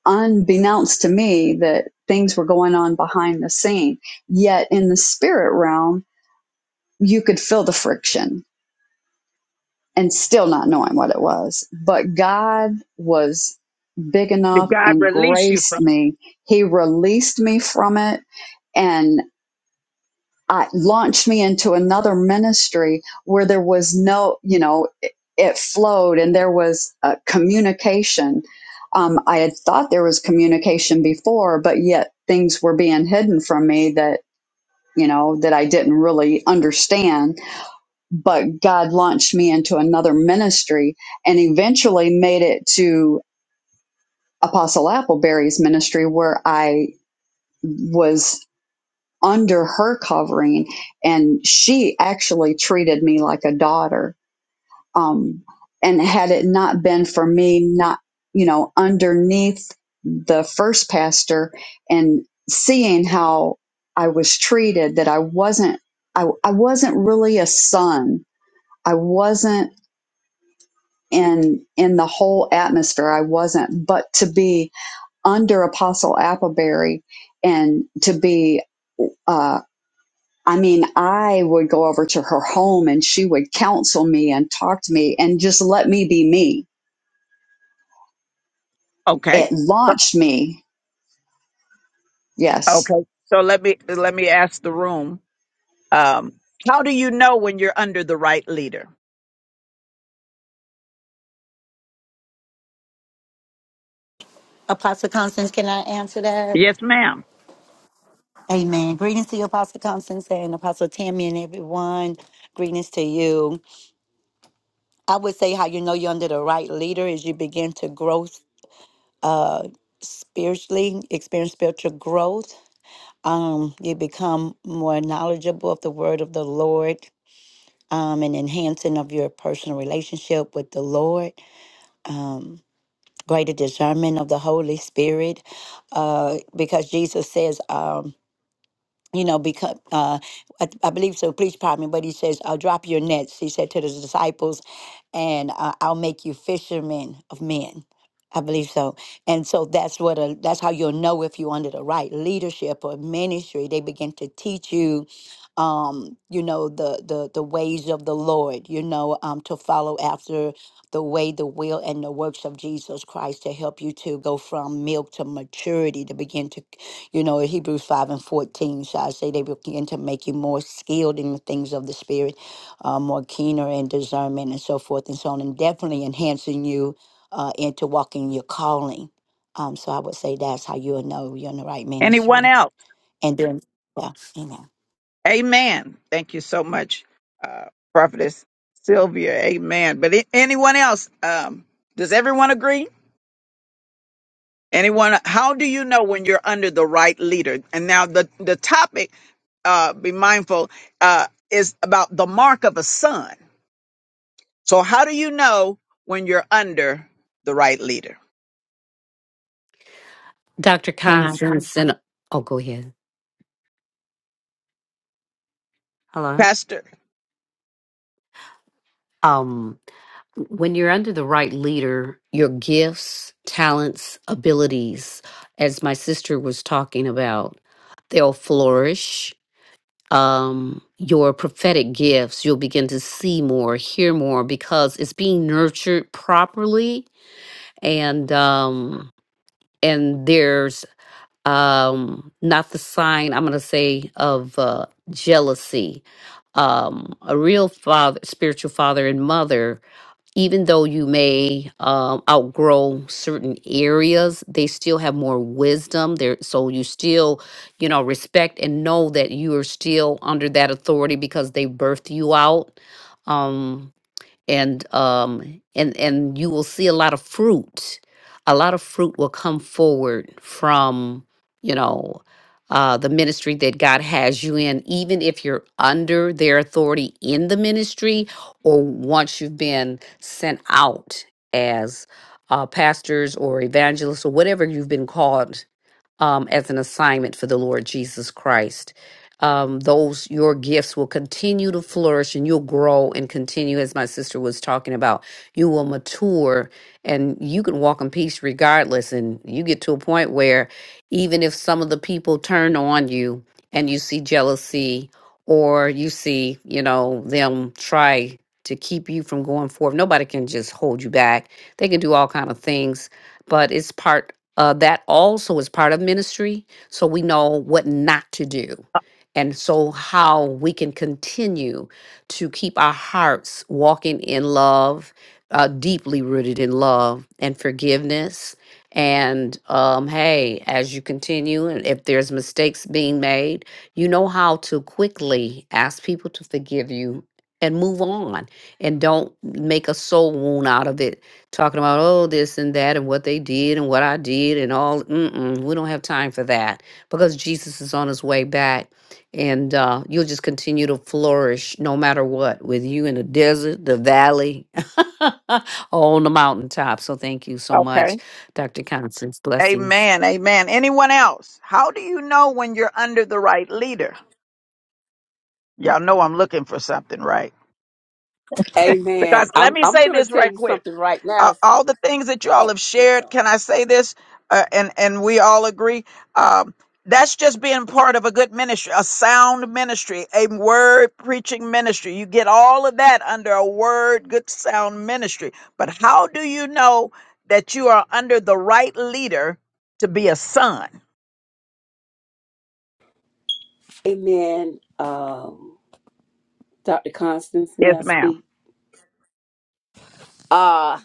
E: unbeknownst to me that things were going on behind the scene. Yet in the spirit realm, you could feel the friction and still not knowing what it was. But God was big
A: Did
E: enough
A: God
E: and
A: release you
E: graced
A: from?
E: me. He released me from it and. uh, launched me into another ministry where there was no, you know, it, it flowed and there was uh, communication. Um, I had thought there was communication before, but yet things were being hidden from me that, you know, that I didn't really understand. But God launched me into another ministry and eventually made it to Apostle Appleberry's ministry where I was under her covering and she actually treated me like a daughter um and had it not been for me not you know underneath the first pastor and seeing how I was treated that I wasn't I, I wasn't really a son I wasn't in in the whole atmosphere I wasn't but to be under apostle appleberry and to be uh, I mean, I would go over to her home and she would counsel me and talk to me and just let me be me.
A: Okay,
E: It launched me. Yes.
A: okay. So let me let me ask the room. Um, how do you know when you're under the right leader?
K: Apostle Constance, can I answer that?
A: Yes, ma'am.
K: Amen. Greetings to you, Apostle Constance and Apostle Tammy and everyone. Greetings to you. I would say how you know you're under the right leader is you begin to grow uh, spiritually, experience spiritual growth. Um, you become more knowledgeable of the word of the Lord um, and enhancing of your personal relationship with the Lord. Um, greater discernment of the Holy Spirit uh, because Jesus says, um, you know, because uh, I, I believe so. Please pardon me, but he says, "I'll drop your nets." He said to the disciples, "And uh, I'll make you fishermen of men." I believe so, and so that's what a, that's how you'll know if you're under the right leadership or ministry. They begin to teach you, um, you know, the the the ways of the Lord. You know, um, to follow after the way, the will, and the works of Jesus Christ to help you to go from milk to maturity to begin to you know, in Hebrews 5 and 14, so I say they begin to make you more skilled in the things of the Spirit, uh, more keener in discernment and so forth and so on, and definitely enhancing you uh, into walking your calling. Um, so I would say that's how you'll know you're in the right
A: Anyone
K: ministry.
A: else?
K: And then, yeah, amen.
A: Amen. Thank you so much, uh, Prophetess Sylvia. Amen. But a- anyone else? Um, does everyone agree? Anyone, how do you know when you're under the right leader? And now the, the topic, uh, be mindful, uh, is about the mark of a son. So how do you know when you're under the right leader?
M: Dr.
L: Can I?
M: Constance, and oh, go ahead. Hello.
A: Pastor.
M: Um, when you're under the right leader, your gifts, talents, abilities, as my sister was talking about, they'll flourish. Um, your prophetic gifts, you'll begin to see more, hear more, because it's being nurtured properly, and um, and there's um not the sign i'm going to say of uh jealousy um a real father spiritual father and mother even though you may um outgrow certain areas they still have more wisdom there so you still you know respect and know that you are still under that authority because they birthed you out um and um and and you will see a lot of fruit a lot of fruit will come forward from you know uh the ministry that god has you in even if you're under their authority in the ministry or once you've been sent out as uh pastors or evangelists or whatever you've been called um, as an assignment for the Lord Jesus Christ. Um, those your gifts will continue to flourish and you'll grow and continue as my sister was talking about you will mature and you can walk in peace regardless and you get to a point where even if some of the people turn on you and you see jealousy or you see you know them try to keep you from going forward nobody can just hold you back they can do all kind of things but it's part uh, that also is part of ministry, so we know what not to do. And so, how we can continue to keep our hearts walking in love, uh, deeply rooted in love and forgiveness. And um, hey, as you continue, and if there's mistakes being made, you know how to quickly ask people to forgive you and move on and don't make a soul wound out of it talking about oh this and that and what they did and what I did and all. Mm-mm, we don't have time for that because Jesus is on his way back, and uh, you'll just continue to flourish no matter what, with you in the desert, the valley, [LAUGHS] or on the mountaintop. So thank you so much,
A: Okay.
M: Dr. Constance. Blessings.
A: Amen. Amen. Anyone else? How do you know when you're under the right leader? Y'all know I'm looking for something, right?
D: Amen.
A: Because let
D: I'm
A: me
D: I'm
A: say
D: gonna
A: this
D: tell
A: right
D: you
A: quick.
D: something right
A: uh,
D: now.
A: all the things that you all
D: Oh,
A: have
D: I'm
A: shared.
D: sorry.
A: Can I say this? Uh, and and we all agree. Um, that's just being part of a good ministry, a sound ministry, a word preaching ministry. You get all of that under a word, good sound ministry. But how do you know that you are under the right leader to be a son?
D: Amen. Um, Dr. Constance, may
A: Yes,
D: I
A: ma'am.
D: speak? Uh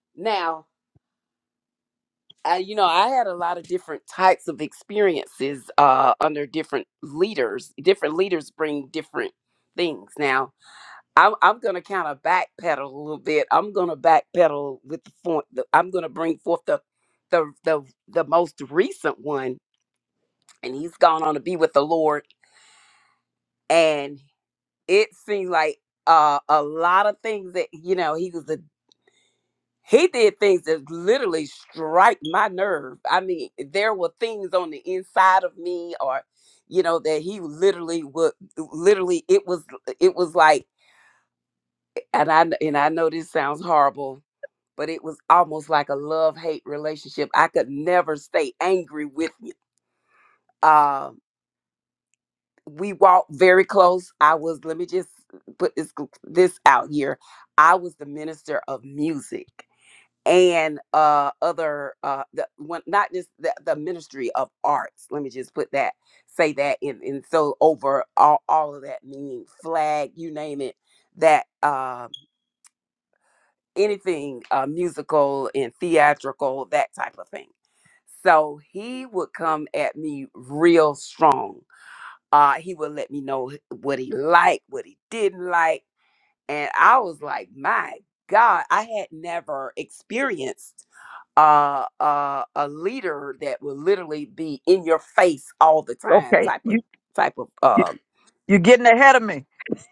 D: [LAUGHS] now. I, you know, I had a lot of different types of experiences uh, under different leaders. Different leaders bring different things. Now, I'm, I'm going to kind of backpedal a little bit. I'm going to backpedal with the, for, the I'm going to bring forth the, the the the most recent one, and he's gone on to be with the Lord. And it seems like uh, a lot of things that you know he was. a. he did things that literally strike my nerve. I mean, there were things on the inside of me or you know that he literally would literally it was it was like and I kn- and I know this sounds horrible, but it was almost like a love-hate relationship. I could never stay angry with him. Um we walked very close. I was let me just put this this out here. I was the minister of music and uh other uh the one not just the, the ministry of arts let me just put that say that in and so over all, all of that meaning flag you name it that uh anything uh musical and theatrical that type of thing so he would come at me real strong uh he would let me know what he liked what he didn't like and I was like, my God, I had never experienced uh, uh, a leader that would literally be in your face all the time
A: Okay,
D: type of
A: you,
D: type of.
A: you
D: Uh,
A: you're getting ahead of me.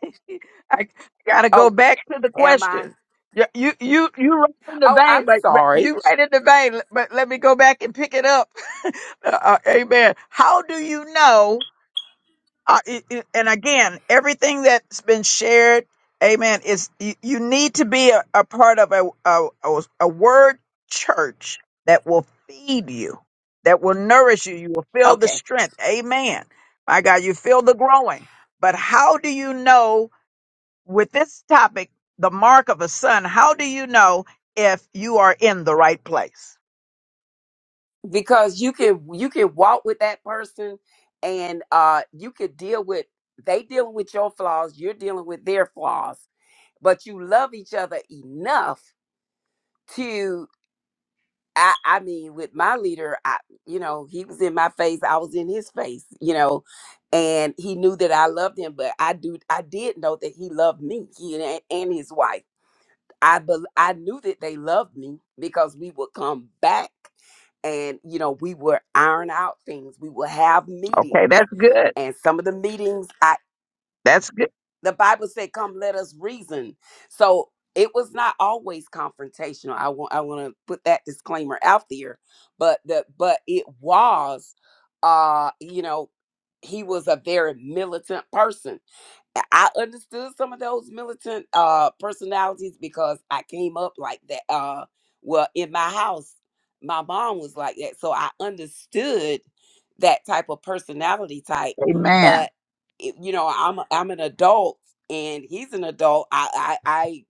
A: [LAUGHS] I gotta go
D: oh,
A: back to the
D: am I?
A: question. You you you, you right in the
D: Oh,
A: vein,
D: I'm
A: but, but
D: sorry.
A: you right in the vein. But let me go back and pick it up. [LAUGHS] uh, uh, amen. How do you know? Uh, it, it- and again, everything that's been shared, amen. Is you, you need to be a, a part of a, a a a word church that will feed you, that will nourish you. You will feel the
D: Okay,
A: strength. Amen. My God, you feel the growing. But how do you know? with this topic, the mark of a son, how do you know if you are in the right place?
D: because you can you can walk with that person, and uh, you could deal with they dealing with your flaws, you're dealing with their flaws, but you love each other enough I, I mean, with my leader, I, you know, he was in my face, I was in his face, you know, and he knew that I loved him, but I do, I did know that he loved me, he and, and his wife. I, bel I knew that they loved me because we would come back, and you know, we would iron out things, we would have
A: Okay,
D: meetings,
A: that's good.
D: and some of the meetings, I
A: That's good.
D: the Bible said, "Come, let us reason." So it was not always confrontational. I want I want to put that disclaimer out there, but the but it was, uh, you know, he was a very militant person. I understood some of those militant uh personalities because I came up like that. Uh well in my house, my mom was like that. So I understood that type of personality type.
A: Amen.
D: But it- you know, I'm a- I'm an adult and he's an adult. I I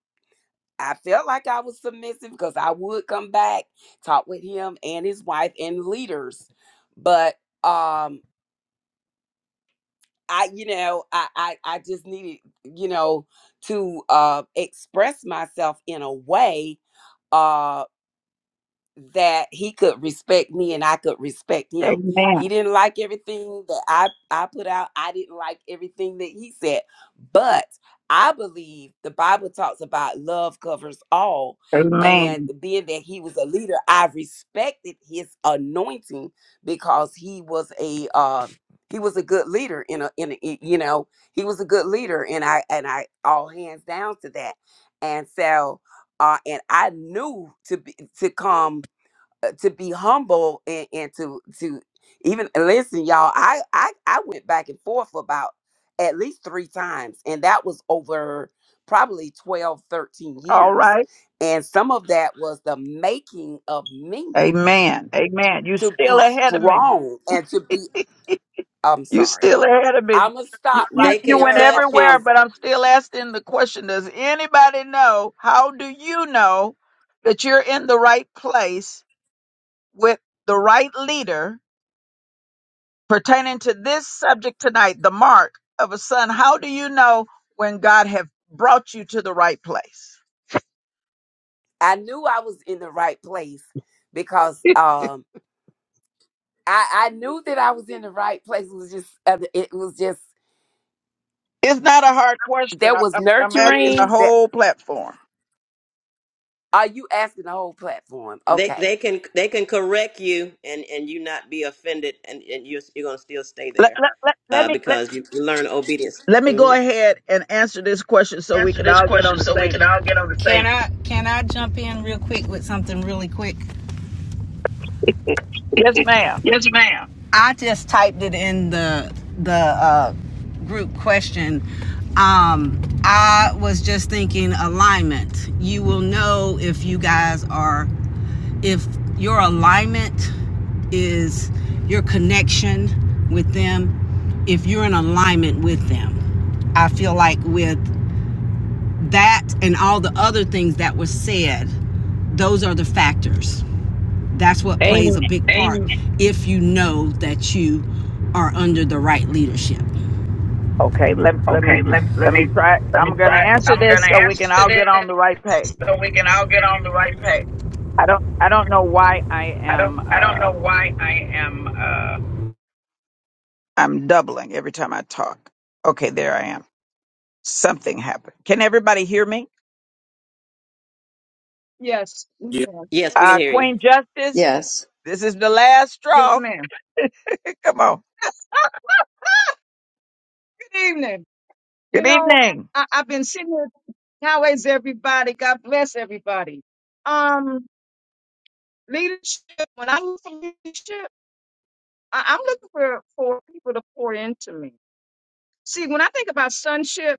D: I, I felt like I was submissive because I would come back, talk with him and his wife and leaders. But um I, you know, I, I, I just needed, you know, to uh, express myself in a way uh, that he could respect me and I could respect him.
A: Amen.
D: He didn't like everything that I I put out. I didn't like everything that he said. But I believe the Bible talks about love covers all and
A: Amen.
D: being that he was a leader, I respected his anointing because he was a uh he was a good leader in a in a, i- you know, he was a good leader and I and I all hands down to that. And so uh, and I knew to be, to come uh, to be humble and, and to to even listen y'all I, I i went back and forth about at least three times and that was over probably 12, 13
A: All
D: years
A: right.
D: and some of that was the making of me
A: Amen. Amen. You
D: to
A: still
D: be
A: ahead of me.
D: strong and to be i'm
A: You
D: sorry
A: still ahead of me.
D: i'm gonna
A: You,
D: stop
A: you
C: They
D: right
A: you
C: can
A: went
D: there
C: cut you.
A: everywhere, but
D: apostle
A: I'm still asking the question. Does anybody know? How do you know that you're in the right place with the right leader pertaining to this subject tonight, the mark of a son. How do you know when God have brought you to the right place?
D: i knew i was in the right place because um I, I knew that I was in the right place. It was just, uh, it was just
A: It's not a hard question.
D: There
A: I,
D: was
A: I'm, I'm asking the
D: nurturing. That
A: whole platform.
D: are you asking the whole platform?
C: They
D: Okay.
C: they can they can correct you and and you not be offended and and you're you're gonna still stay
A: Let,
C: there,
A: let, let, let
C: uh,
A: me let,
C: because you learn obedience.
A: let me go
C: hmm
A: ahead and answer this question so we
N: answer
A: can
N: this
A: all get on
N: question
A: the
N: so we
A: same.
N: can all get on the same. Can I can I jump in real quick with something really quick?
A: Yes, ma'am.
N: Yes, ma'am. I just typed it in the the uh, group question. Um, I was just thinking alignment. You will know if you guys are if your alignment is your connection with them. If you're in alignment with them, I feel like with that and all the other things that were said, those are the factors. That's what plays
A: Amen.
N: a big part if you know that you are under the right leadership.
A: Okay. Let let me
N: Okay, let, let
A: let me
N: me
A: try.
N: let me
A: I'm going to
N: try.
A: answer
N: I'm gonna
A: this so we
N: answer
A: can all
N: this
A: get on the right page.
N: so we can all get on the right page.
A: I don't I don't know why I
N: I
A: am
N: don't I don't
A: uh
N: know why I am. Uh,
A: I'm doubling every time I talk. Okay, there I am. Something happened. Can everybody hear me?
O: Yes, we
J: Yes,
O: can.
C: Yes, we can
A: Uh,
C: hear you.
A: Queen Justice,
E: Yes.
A: this is the last
O: Yes,
A: straw.
O: ma'am.
A: [LAUGHS] Come on.
O: [LAUGHS] Good evening. You
A: Good
O: know,
A: evening.
O: I, I've been sitting here. How is everybody? God bless everybody. Um, leadership. When I look for leadership, I, I'm looking for for people to pour into me. See, when I think about sonship,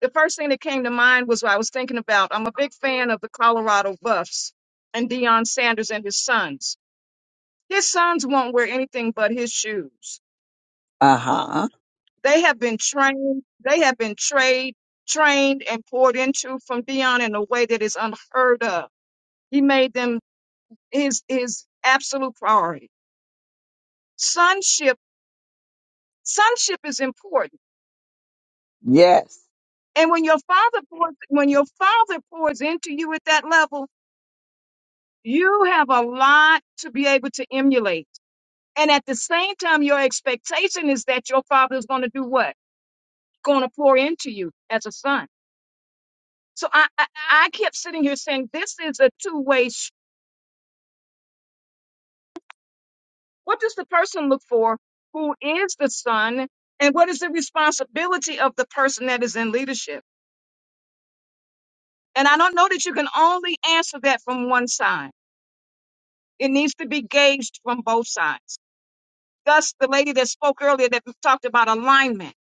O: the first thing that came to mind was what I was thinking about. I'm a big fan of the Colorado Buffs and Deion Sanders and his sons. His sons won't wear anything but his shoes.
A: Uh huh.
O: They have been trained, they have been trained, trained and poured into from Dion in a way that is unheard of. He made them his his absolute priority. Sonship, sonship is important.
A: Yes.
O: And when your father pours, when your father pours into you at that level, you have a lot to be able to emulate. And at the same time, your expectation is that your father is going to do what? Going to pour into you as a son. So I, I, I kept sitting here saying, this is a two way What does the person look for who is the son? And what is the responsibility of the person that is in leadership? And I don't know that you can only answer that from one side. It needs to be gauged from both sides. Thus, the lady that spoke earlier that talked about alignment.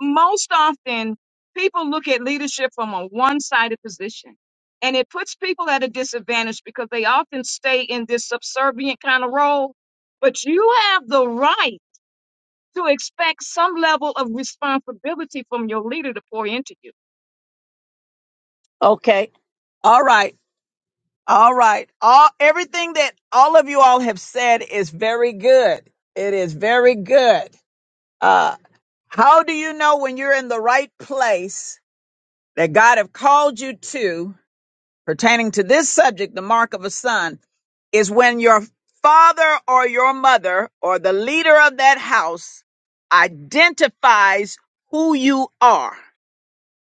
O: Most often, people look at leadership from a one sided position, and it puts people at a disadvantage because they often stay in this subservient kind of role. But you have the right to expect some level of responsibility from your leader to pour into you.
A: Okay. All right. All right. All everything that all of you all have said is very good. It is very good. Uh, how do you know when you're in the right place that God have called you to? Pertaining to this subject, the mark of a son is when your father or your mother or the leader of that house identifies who you are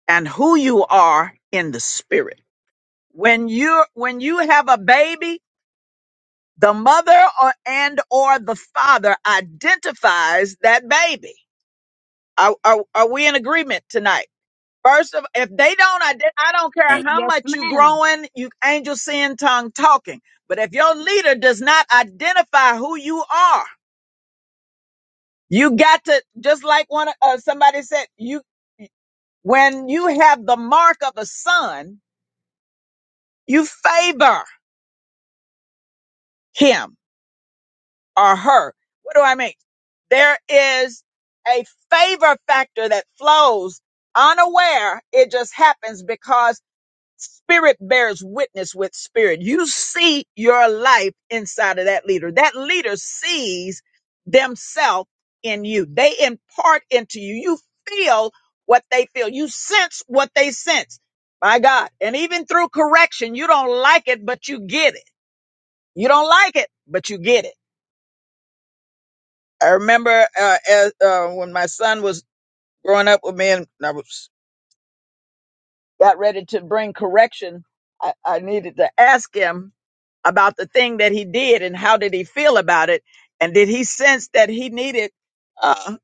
A: and who you are in the spirit. When you when you have a baby, the mother or and or the father identifies that baby. Are, are, are we in agreement tonight? First of, if they don't, ident- I don't
J: yes.
A: care how
O: Yes,
A: much you
O: ma'am.
A: growing, you angel sin tongue talking. But if your leader does not identify who you are, you got to just like one of- uh, somebody said, you when you have the mark of the son, you favor him or her. What do I mean? There is a favor factor that flows unaware. It just happens because Spirit bears witness with spirit. You see your life inside of that leader. That leader sees themselves in you. They impart into you. You feel what they feel. You sense what they sense. My God. And even through correction, you don't like it, but you get it. You don't like it, but you get it. I remember uh, as, uh, when my son was growing up with me and I was got ready to bring correction. I, I needed to ask him about the thing that he did and how did he feel about it and did he sense that he needed uh,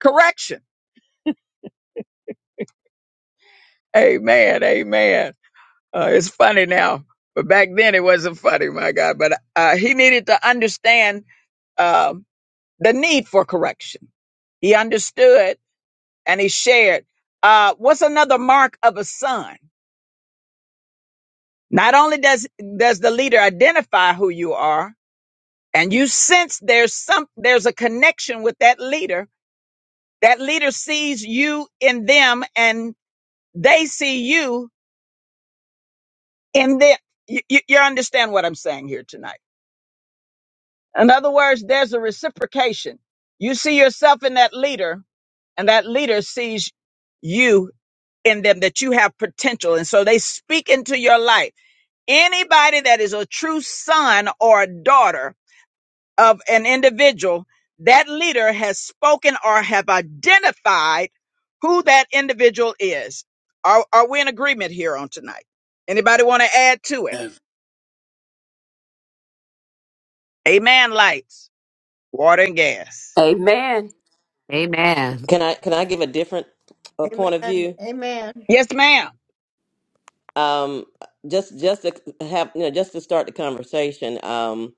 A: correction amen amen uh, it's funny now but back then it wasn't funny my god but uh, he needed to understand um, the need for correction he understood and he shared uh, what's another mark of a son not only does does the leader identify who you are and you sense there's some there's a connection with that leader That leader sees you in them and they see you in them. You, you, you understand what I'm saying here tonight. In other words, there's a reciprocation. You see yourself in that leader and that leader sees you in them that you have potential. And so they speak into your life. Anybody that is a true son or a daughter of an individual, that leader has spoken or have identified who that individual is. Are, are we in agreement here on tonight? Anybody want to add to it? Amen. Lights, water, and gas.
D: Amen.
M: Amen.
C: Can I can I give a different uh, point of
H: Amen.
C: view?
H: Amen.
A: Yes, ma'am.
C: Um, just just to have you know just to start the conversation. Um,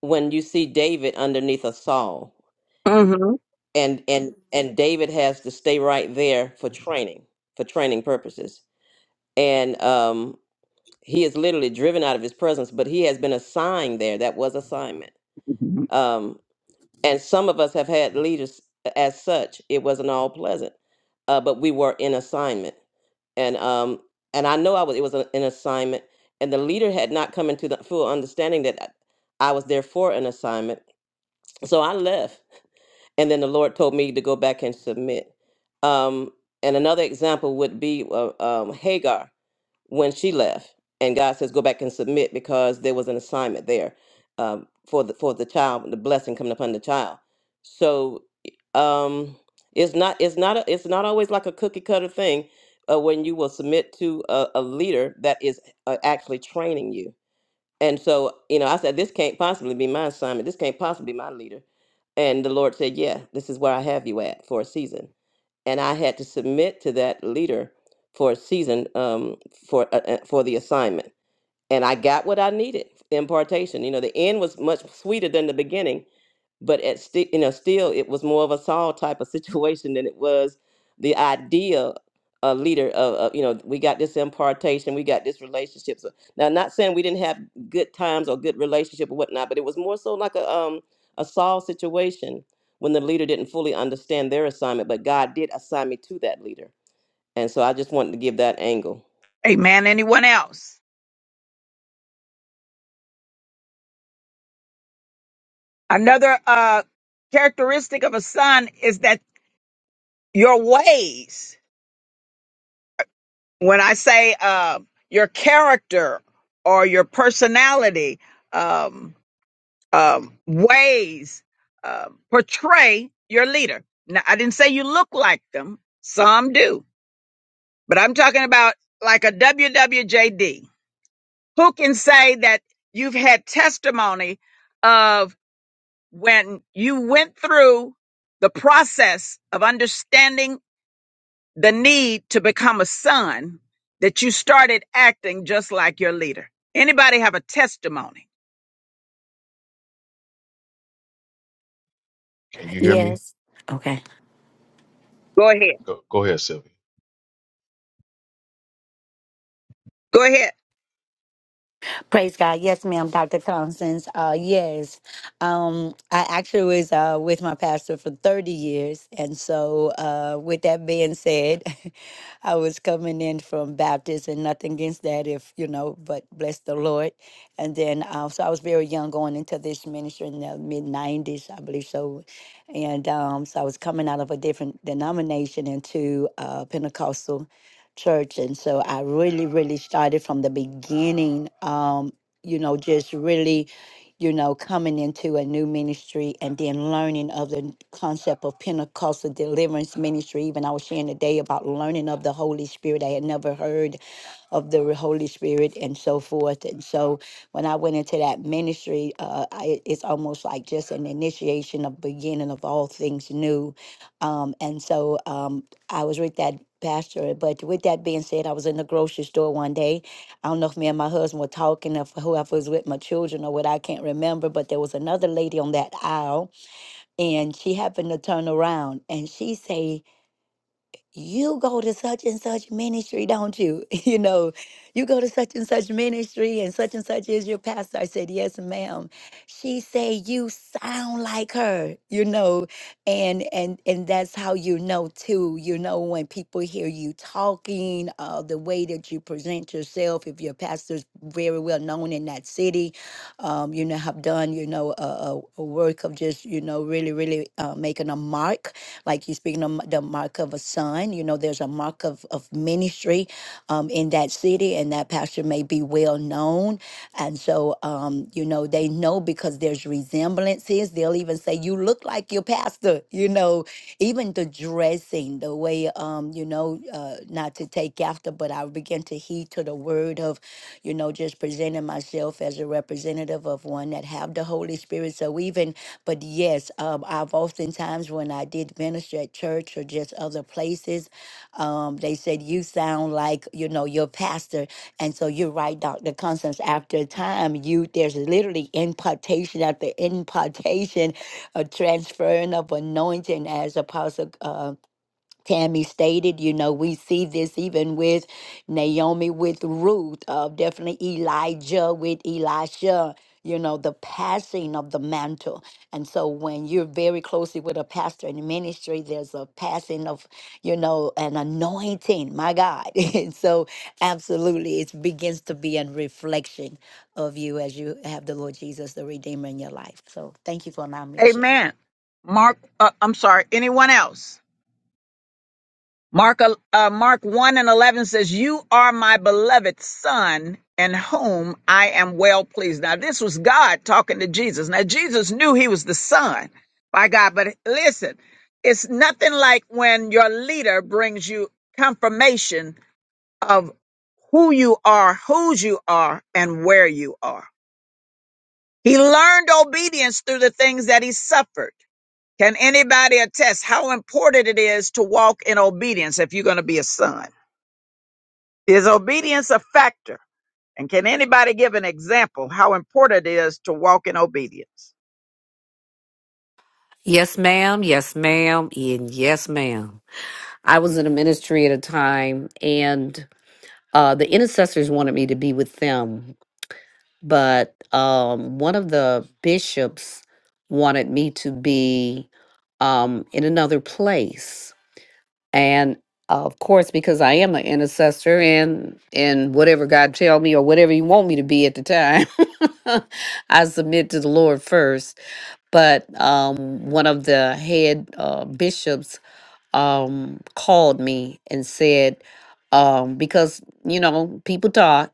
C: when you see David underneath a Saul,
A: Mm-hmm.
C: and and and David has to stay right there for training for training purposes, and um he is literally driven out of his presence, but he has been assigned there. That was assignment. Um, and some of us have had leaders as such. It wasn't all pleasant, uh, but we were in assignment. And um, and I know I was. It was a, an assignment, and the leader had not come into the full understanding that I I was there for an assignment. So I left, and then the Lord told me to go back and submit. Um, and another example would be uh, um, Hagar when she left and god says go back and submit because there was an assignment there um, for the for the child the blessing coming upon the child so um it's not it's not a, it's not always like a cookie cutter thing uh, when you will submit to a, a leader that is uh, actually training you and so you know i said this can't possibly be my assignment this can't possibly be my leader and the lord said yeah this is where i have you at for a season and I had to submit to that leader for a season um, for uh, uh, for the assignment. And I got what I needed, the impartation. You know, the end was much sweeter than the beginning but at still you know still it was more of a Saul type of situation than it was the idea a leader of, of you know we got this impartation we got this relationship so now not saying we didn't have good times or good relationship or whatnot but it was more so like a um a Saul situation when the leader didn't fully understand their assignment but God did assign me to that leader and so I just wanted to give that angle
A: Amen. Anyone else? Another uh, characteristic of a son is that your ways, when I say uh, your character or your personality, um. um, ways uh, portray your leader. Now, I didn't say you look like them. Some do, but I'm talking about like a WWJD. Who can say that you've had testimony of when you went through the process of understanding the need to become a son that you started acting just like your leader? Anybody have a testimony?
P: Can you hear me?
K: Yes. Okay.
A: Go ahead.
P: Go, go ahead, Sylvia.
A: Go ahead.
K: Praise God. Yes, ma'am, Dr. Constance. Uh, yes. Um, I actually was uh, with my pastor for 30 years. And so, uh, with that being said, [LAUGHS] I was coming in from Baptist and nothing against that, if you know, but bless the Lord. And then, uh, so I was very young going into this ministry in the mid 90s, I believe so. And um, so I was coming out of a different denomination into uh, Pentecostal church. And so I really, really started from the beginning, um, you know, just really, you know, coming into a new ministry and then learning of the concept of Pentecostal deliverance ministry. Even I was sharing today about learning of the Holy Spirit. I had never heard of the Holy Spirit and so forth. And so when I went into that ministry, uh, I, it's almost like just an initiation of beginning of all things new. Um, and so um, I was with that pastor. But with that being said, I was in the grocery store one day. I don't know if me and my husband were talking, if whoever was with my children or what, I can't remember. But there was another lady on that aisle, and she happened to turn around and she say you go to such and such ministry, don't you? [LAUGHS] You know, you go to such and such ministry, and such and such is your pastor. I said, yes, ma'am. She said, you sound like her, you know, and and and that's how you know too. You know, when people hear you talking, uh, the way that you present yourself, if your pastor's very well known in that city, um, you know, have done, you know, a, a a work of just, you know, really, really uh, making a mark like he's speaking of the mark of a son. You know, there's a mark of, of ministry um, in that city, and that pastor may be well known. And so, um, you know, they know because there's resemblances. They'll even say, You look like your pastor, you know, even the dressing, the way, um, you know, uh, not to take after, but I begin to heed to the word of, you know, just presenting myself as a representative of one that have the Holy Spirit. So even but yes, um, I've oftentimes, when I did minister at church or just other places, um, they said, You sound like, you know, your pastor. And so you're right, Dr. Constance. After a time, you there's literally impartation after impartation, a transferring of anointing, as Apostle. uh, Tammy stated, you know, we see this even with Naomi, with Ruth, uh, definitely Elijah, with Elisha, you know, the passing of the mantle. And so when you're very closely with a pastor in ministry, there's a passing of, you know, an anointing, my God. [LAUGHS] and so absolutely, it begins to be a reflection of you as you have the Lord Jesus, the Redeemer in your life. So thank you for allowing me to share.
A: Amen. Mark, uh, I'm sorry, anyone else? Mark, el- uh, Mark 1 and 11 says, You are my beloved son in whom I am well pleased. Now, this was God talking to Jesus. Now, Jesus knew he was the son by God, but listen, it's nothing like when your leader brings you confirmation of who you are, whose you are, and where you are. He learned obedience through the things that he suffered. Can anybody attest how important it is to walk in obedience if you're going to be a son? Is obedience a factor? And can anybody give an example how important it is to walk in obedience?
M: Yes, ma'am. Yes, ma'am. And yes, ma'am. I was in a ministry at a time, and uh, the intercessors wanted me to be with them but um, one of the bishops wanted me to be um, in another place. And of course, because I am an intercessor and and whatever God tell me or whatever you want me to be at the time, [LAUGHS] I submit to the Lord first. But um, one of the head uh, bishops um, called me and said, um, because you know people talk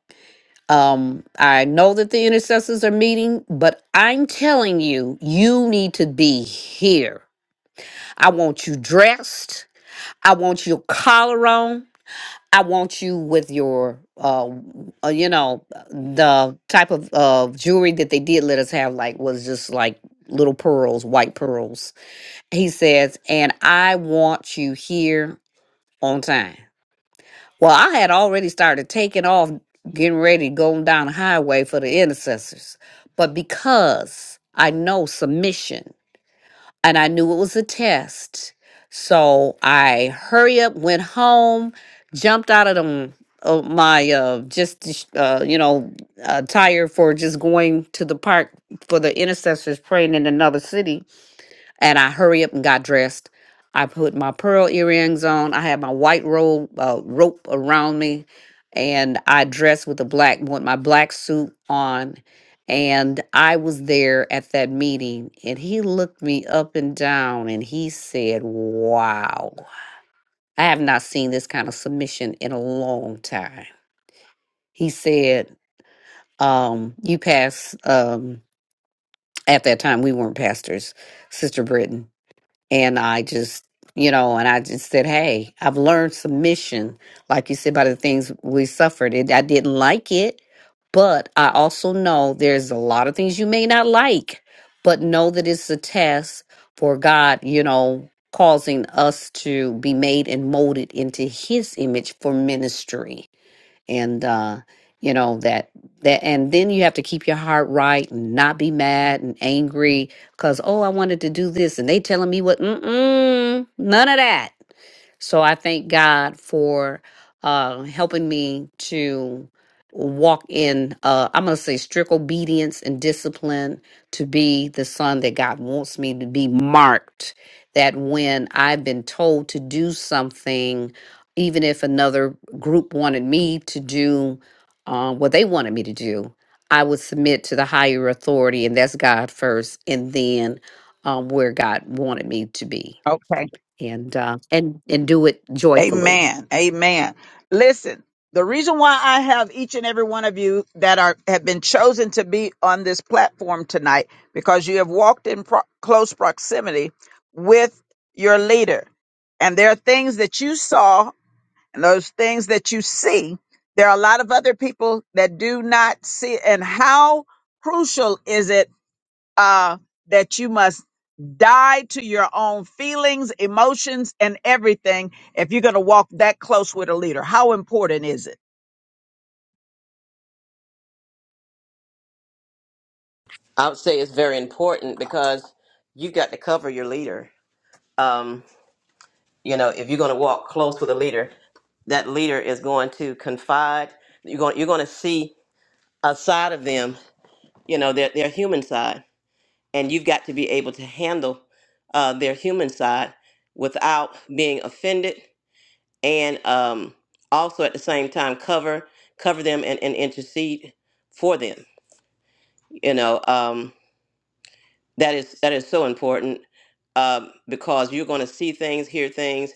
M: um, I know that the intercessors are meeting, but I'm telling you, you need to be here. I want you dressed. I want your collar on. I want you with your, uh, uh, you know, the type of uh, jewelry that they did let us have, like, was just like little pearls, white pearls. He says, and I want you here on time. Well, I had already started taking off, getting ready, going down the highway for the intercessors. But because I know submission and I knew it was a test, so I hurry up, went home, jumped out of them. Of my uh just uh you know uh, tire for just going to the park for the intercessors praying in another city and I hurry up and got dressed. I put my pearl earrings on. I had my white robe uh, rope around me, and I dressed with a black with my black suit on. And I was there at that meeting, and he looked me up and down, and he said, "Wow, I have not seen this kind of submission in a long time." He said, um, "You pass." Um, at that time, we weren't pastors, Sister Britton. and I just, you know, and I just said, "Hey, I've learned submission, like you said, by the things we suffered. It, I didn't like it, but I also know there's a lot of things you may not like, but know that it's a test for God, you know, causing us to be made and molded into His image for ministry." and uh you know that that and then you have to keep your heart right and not be mad and angry because oh i wanted to do this and they telling me what mm-mm, none of that so I thank God for uh, helping me to walk in, uh, I'm going to say, strict obedience and discipline to be the son that God wants me to be marked. That when I've been told to do something, even if another group wanted me to do uh, what they wanted me to do, I would submit to the higher authority, and that's God first, and then um, where God wanted me to be
A: Okay.
M: and uh, and and do it joyfully.
A: Amen. Amen. Listen, the reason why I have each and every one of you that are have been chosen to be on this platform tonight because you have walked in pro- close proximity with your leader. And there are things that you saw And those things that you see, there are a lot of other people that do not see. it. And how crucial is it uh, that you must die to your own feelings, emotions, and everything if you're going to walk that close with a leader? How important is it?
C: I would say it's very important because you got to cover your leader Um. You know, if you're going to walk close with a leader, that leader is going to confide. You're going, you're going to see a side of them, you know, their, their human side. And you've got to be able to handle uh, their human side without being offended and um, also at the same time cover cover them and, and intercede for them. You know, um, that is that is so important um, because you're going to see things, hear things,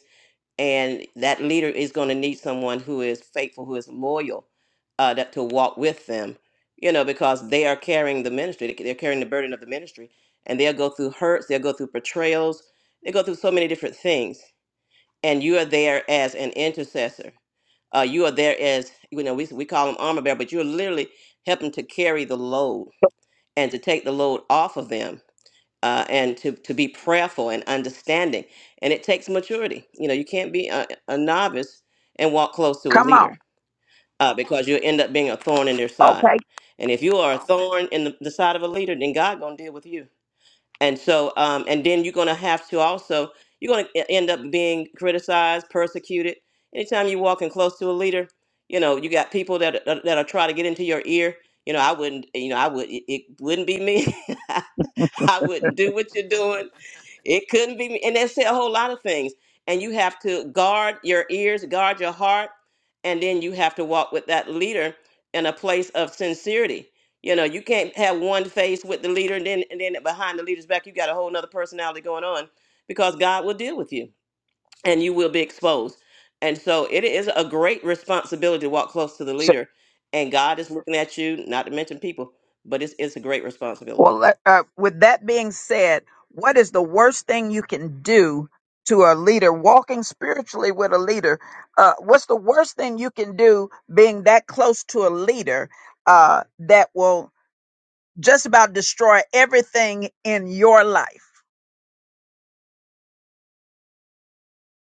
C: and that leader is going to need someone who is faithful, who is loyal, uh, that to walk with them, you know, because they are carrying the ministry, they- they're carrying the burden of the ministry, and they'll go through hurts, they'll go through betrayals, they go through so many different things, and you are there as an intercessor. Uh, you are there as you know we we call them armor bearer, but you're literally helping to carry the load and to take the load off of them uh, and to, to be prayerful and understanding. And it takes maturity. You know, you can't be a, a novice and walk close to a
A: Come
C: leader
A: on.
C: uh, because you'll end up being a thorn in their side.
A: Okay.
C: And if you are a thorn in the, the side of a leader, then God gonna deal with you. And so, um, and then you're gonna have to also, you're gonna e- end up being criticized, persecuted. Anytime you're walking close to a leader, you know, you got people that that that are trying to get into your ear. You know, I wouldn't, you know, I would, it it wouldn't be me. [LAUGHS] I wouldn't do what you're doing it couldn't be, me. and that said a whole lot of things. And you have to guard your ears, guard your heart, and then you have to walk with that leader in a place of sincerity. You know, you can't have one face with the leader, and then and then behind the leader's back, you got a whole nother personality going on, because God will deal with you, and you will be exposed. And so, it is a great responsibility to walk close to the leader, and God is looking at you. Not to mention people, but it's it's a great responsibility.
A: Well, let- uh, with that being said, what is the worst thing you can do to a leader walking spiritually with a leader? Uh, what's the worst thing you can do being that close to a leader uh, that will just about destroy everything in your life?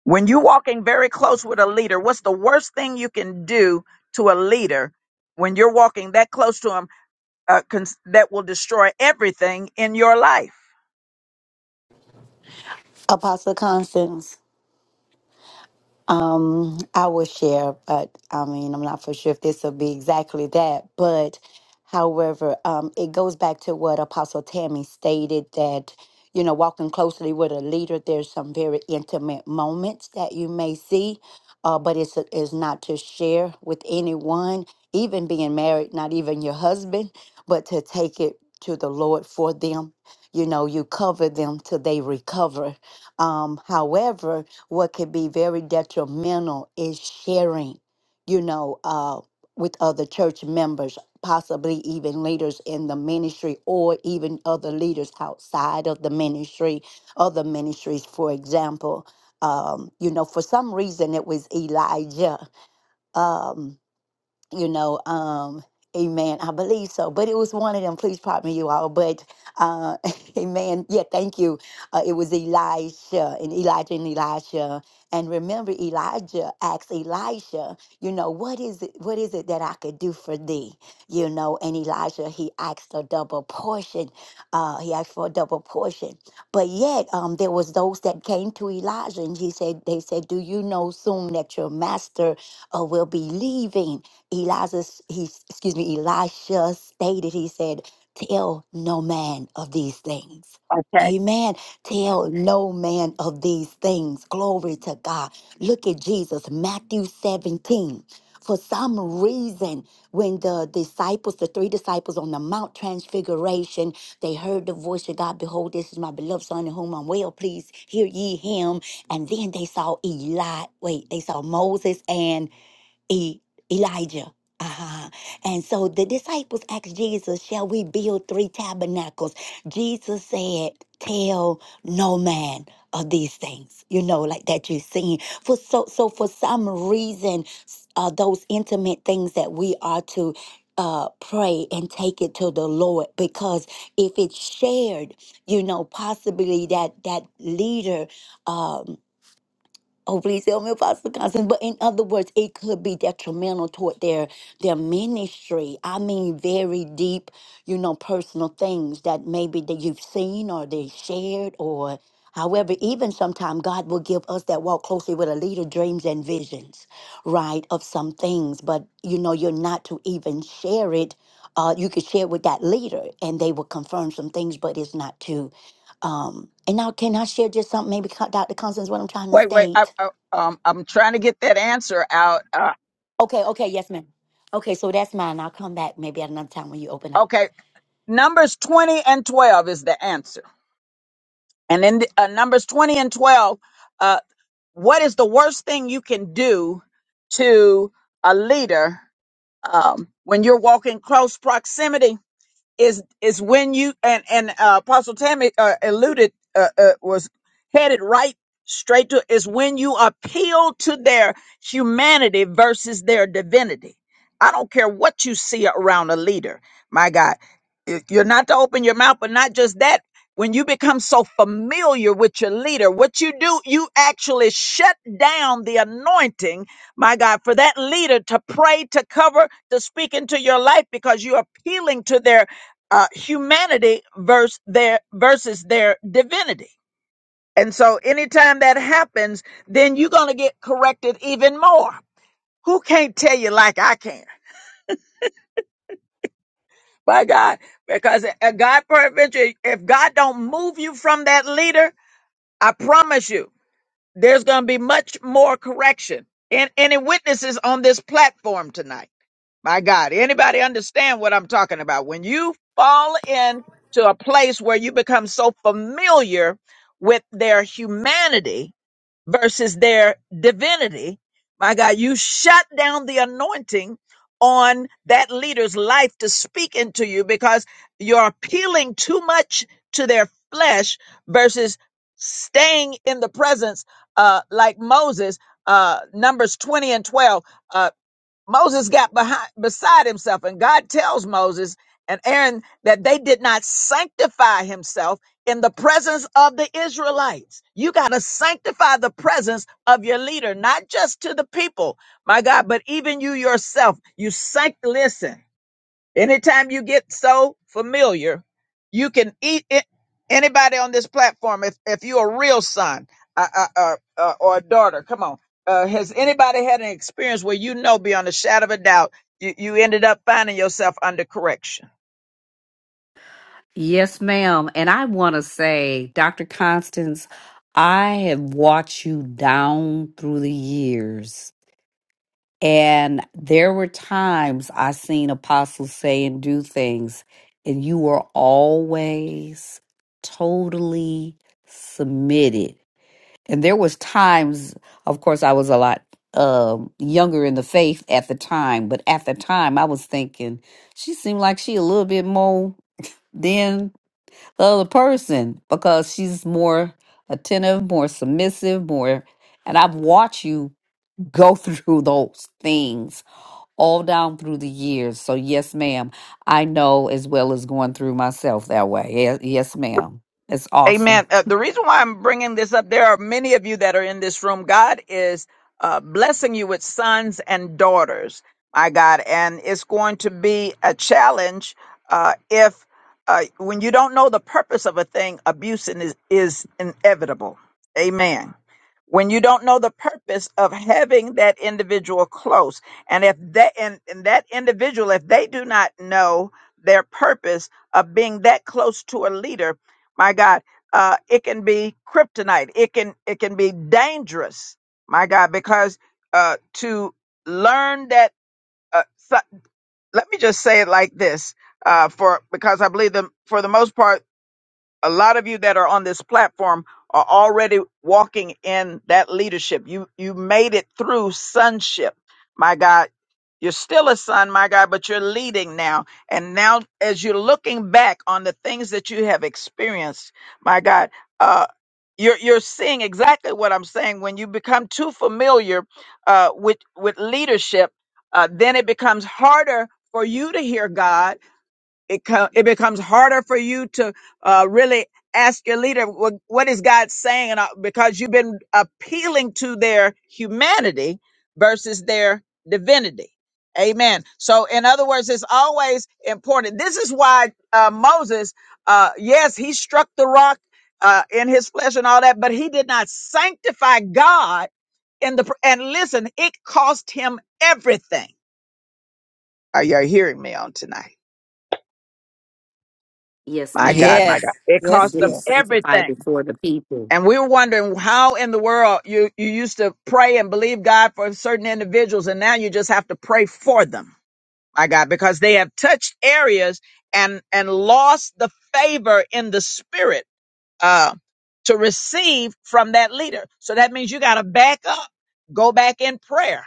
A: When you're walking very close with a leader, what's the worst thing you can do to a leader when you're walking that close to him uh, cons- that will destroy everything in your life?
K: Apostle Constance. Um, I will share, but I mean, I'm not for sure if this will be exactly that. But however, um, it goes back to what Apostle Tammy stated that, you know, walking closely with a leader, there's some very intimate moments that you may see, uh, but it's, it's not to share with anyone, even being married, not even your husband, but to take it to the Lord for them. You know, you cover them till they recover. Um, however, what can be very detrimental is sharing, you know, uh, with other church members, possibly even leaders in the ministry or even other leaders outside of the ministry, other ministries, for example. Um, you know, for some reason it was Elijah. Um, you know, um, amen. I believe so. But it was one of them, please pardon me, you all. But uh [LAUGHS] amen. Yeah, thank you. Uh, it was Elisha and Elijah and Elisha. And remember Elijah asked Elisha, you know, what is it what is it that I could do for thee? You know, and Elijah he asked a double portion. Uh he asked for a double portion. But yet um there was those that came to Elijah and he said they said, Do you know soon that your master uh, will be leaving? Elijah, he, excuse me, Elisha stated, he said, tell no man of these things. Amen. Tell no man of these things. Glory to God. Look at Jesus, Matthew 17. For some reason, when the disciples, the three disciples on the Mount Transfiguration, they heard the voice of God, Behold, this is my beloved Son in whom I'm well pleased. Hear ye him. And then they saw Eli, wait, they saw Moses and E- Elijah. Uh-huh. And so the disciples asked Jesus, Shall we build three tabernacles? Jesus said, Tell no man of these things, you know, like that you've seen. For so so for some reason, s- uh, those intimate things that we are to uh, pray and take it to the Lord because if it's shared, you know, possibly that that leader um, Oh, please help me, Apostle Constance. But in other words, it could be detrimental toward their their ministry. I mean, very deep, you know, personal things that maybe that you've seen or they shared or however. Even sometimes God will give us that walk closely with a leader dreams and visions, right, of some things. But you know, you're not to even share it. Uh, you could share with that leader, and they will confirm some things, but it's not to. Um, and now, can I share just something? Maybe Dr. Constance, what I'm trying to
A: Wait, wait. I,
K: state.
A: I, um, I'm trying to get that answer out. Uh,
K: Okay, okay, yes, ma'am. Okay, so that's mine. I'll come back maybe at another time when you open up.
A: okay, numbers 20 and 12 is the answer. And in the, uh, numbers 20 and 12, uh, what is the worst thing you can do to a leader um, when you're walking close proximity is is when you and and uh, Apostle Tammy uh, alluded uh, uh, was headed right straight to is when you appeal to their humanity versus their divinity. I don't care what you see around a leader, my God. If You're not to open your mouth, but not just that. When you become so familiar with your leader, what you do, you actually shut down the anointing, my God, for that leader to pray, to cover, to speak into your life because you're appealing to their uh, humanity versus their versus their divinity. And so anytime that happens, then you're gonna get corrected even more. Who can't tell you like I can? By God, because a God peradventure, if God don't move you from that leader, I promise you. There's going to be much more correction. And any witnesses on this platform tonight? My God, anybody understand what I'm talking about? When you fall into a place where you become so familiar with their humanity, versus their divinity. My God, you shut down the anointing on that leader's life to speak into you because you're appealing too much to their flesh versus staying in the presence, uh, like Moses, uh, Numbers 20 and 12. uh, Moses got behind, beside himself, and God tells Moses and Aaron that they did not sanctify himself in the presence of the Israelites. You got to sanctify the presence of your leader, not just to the people, my God, but even you yourself. You sanct. Listen. Anytime you get so familiar, you can eat it. Anybody on this platform, if if you're a real son uh, uh, uh, uh, or a daughter, come on. Uh, has anybody had an experience where you know beyond a shadow of a doubt you, you ended up finding yourself under correction?
M: Yes, ma'am. And I want to say, Dr. Constance, I have watched you down through the years, and there were times I seen apostles say and do things, and you were always totally submitted and there was times of course i was a lot um younger in the faith at the time but at the time i was thinking she seemed like she a little bit more than the other person because she's more attentive more submissive more and i've watched you go [LAUGHS] through those things all down through the years so yes ma'am i know as well as going through myself that way yes, yes ma'am that's awesome
A: Amen. Uh, the reason why I'm bringing this up, there are many of you that are in this room. God is uh, blessing you with sons and daughters, my God. And it's going to be a challenge uh, if, uh, when you don't know the purpose of a thing, abuse is, is inevitable. Amen. When you don't know the purpose of having that individual close, and if that and, and that individual, if they do not know their purpose of being that close to a leader, my God uh, it can be kryptonite. It can it can be dangerous, my God, because uh, to learn that. Uh, so, let me just say it like this, uh, for because I believe the for the most part a lot of you that are on this platform are already walking in that leadership. You you made it through sonship. My God, you're still a son, my God, but you're leading now. And now as you're looking back on the things that you have experienced, my God, uh you're, you're seeing exactly what I'm saying. When you become too familiar uh, with with leadership, uh, then it becomes harder for you to hear God it co- it becomes harder for you to uh, really ask your leader what, what is God saying, and uh, because you've been appealing to their humanity versus their divinity. Amen. So, in other words, it's always important. This is why uh, Moses, uh, yes, he struck the rock uh, in his flesh and all that, but he did not sanctify God in the. pr- And listen, it cost him everything. Are you hearing me on tonight?
M: yes
A: My
M: ma'am
A: God, my
D: Yes,
A: God. It
M: It
D: yes,
A: cost
M: didn't
A: them
D: yes.
M: sanctify
A: everything.
M: before the people.
A: And we were wondering how in the world you, you used to pray and believe God for certain individuals, and now you just have to pray for them, my God, because they have touched areas and and lost the favor in the spirit uh, to receive from that leader. So that means you got to back up, go back in prayer.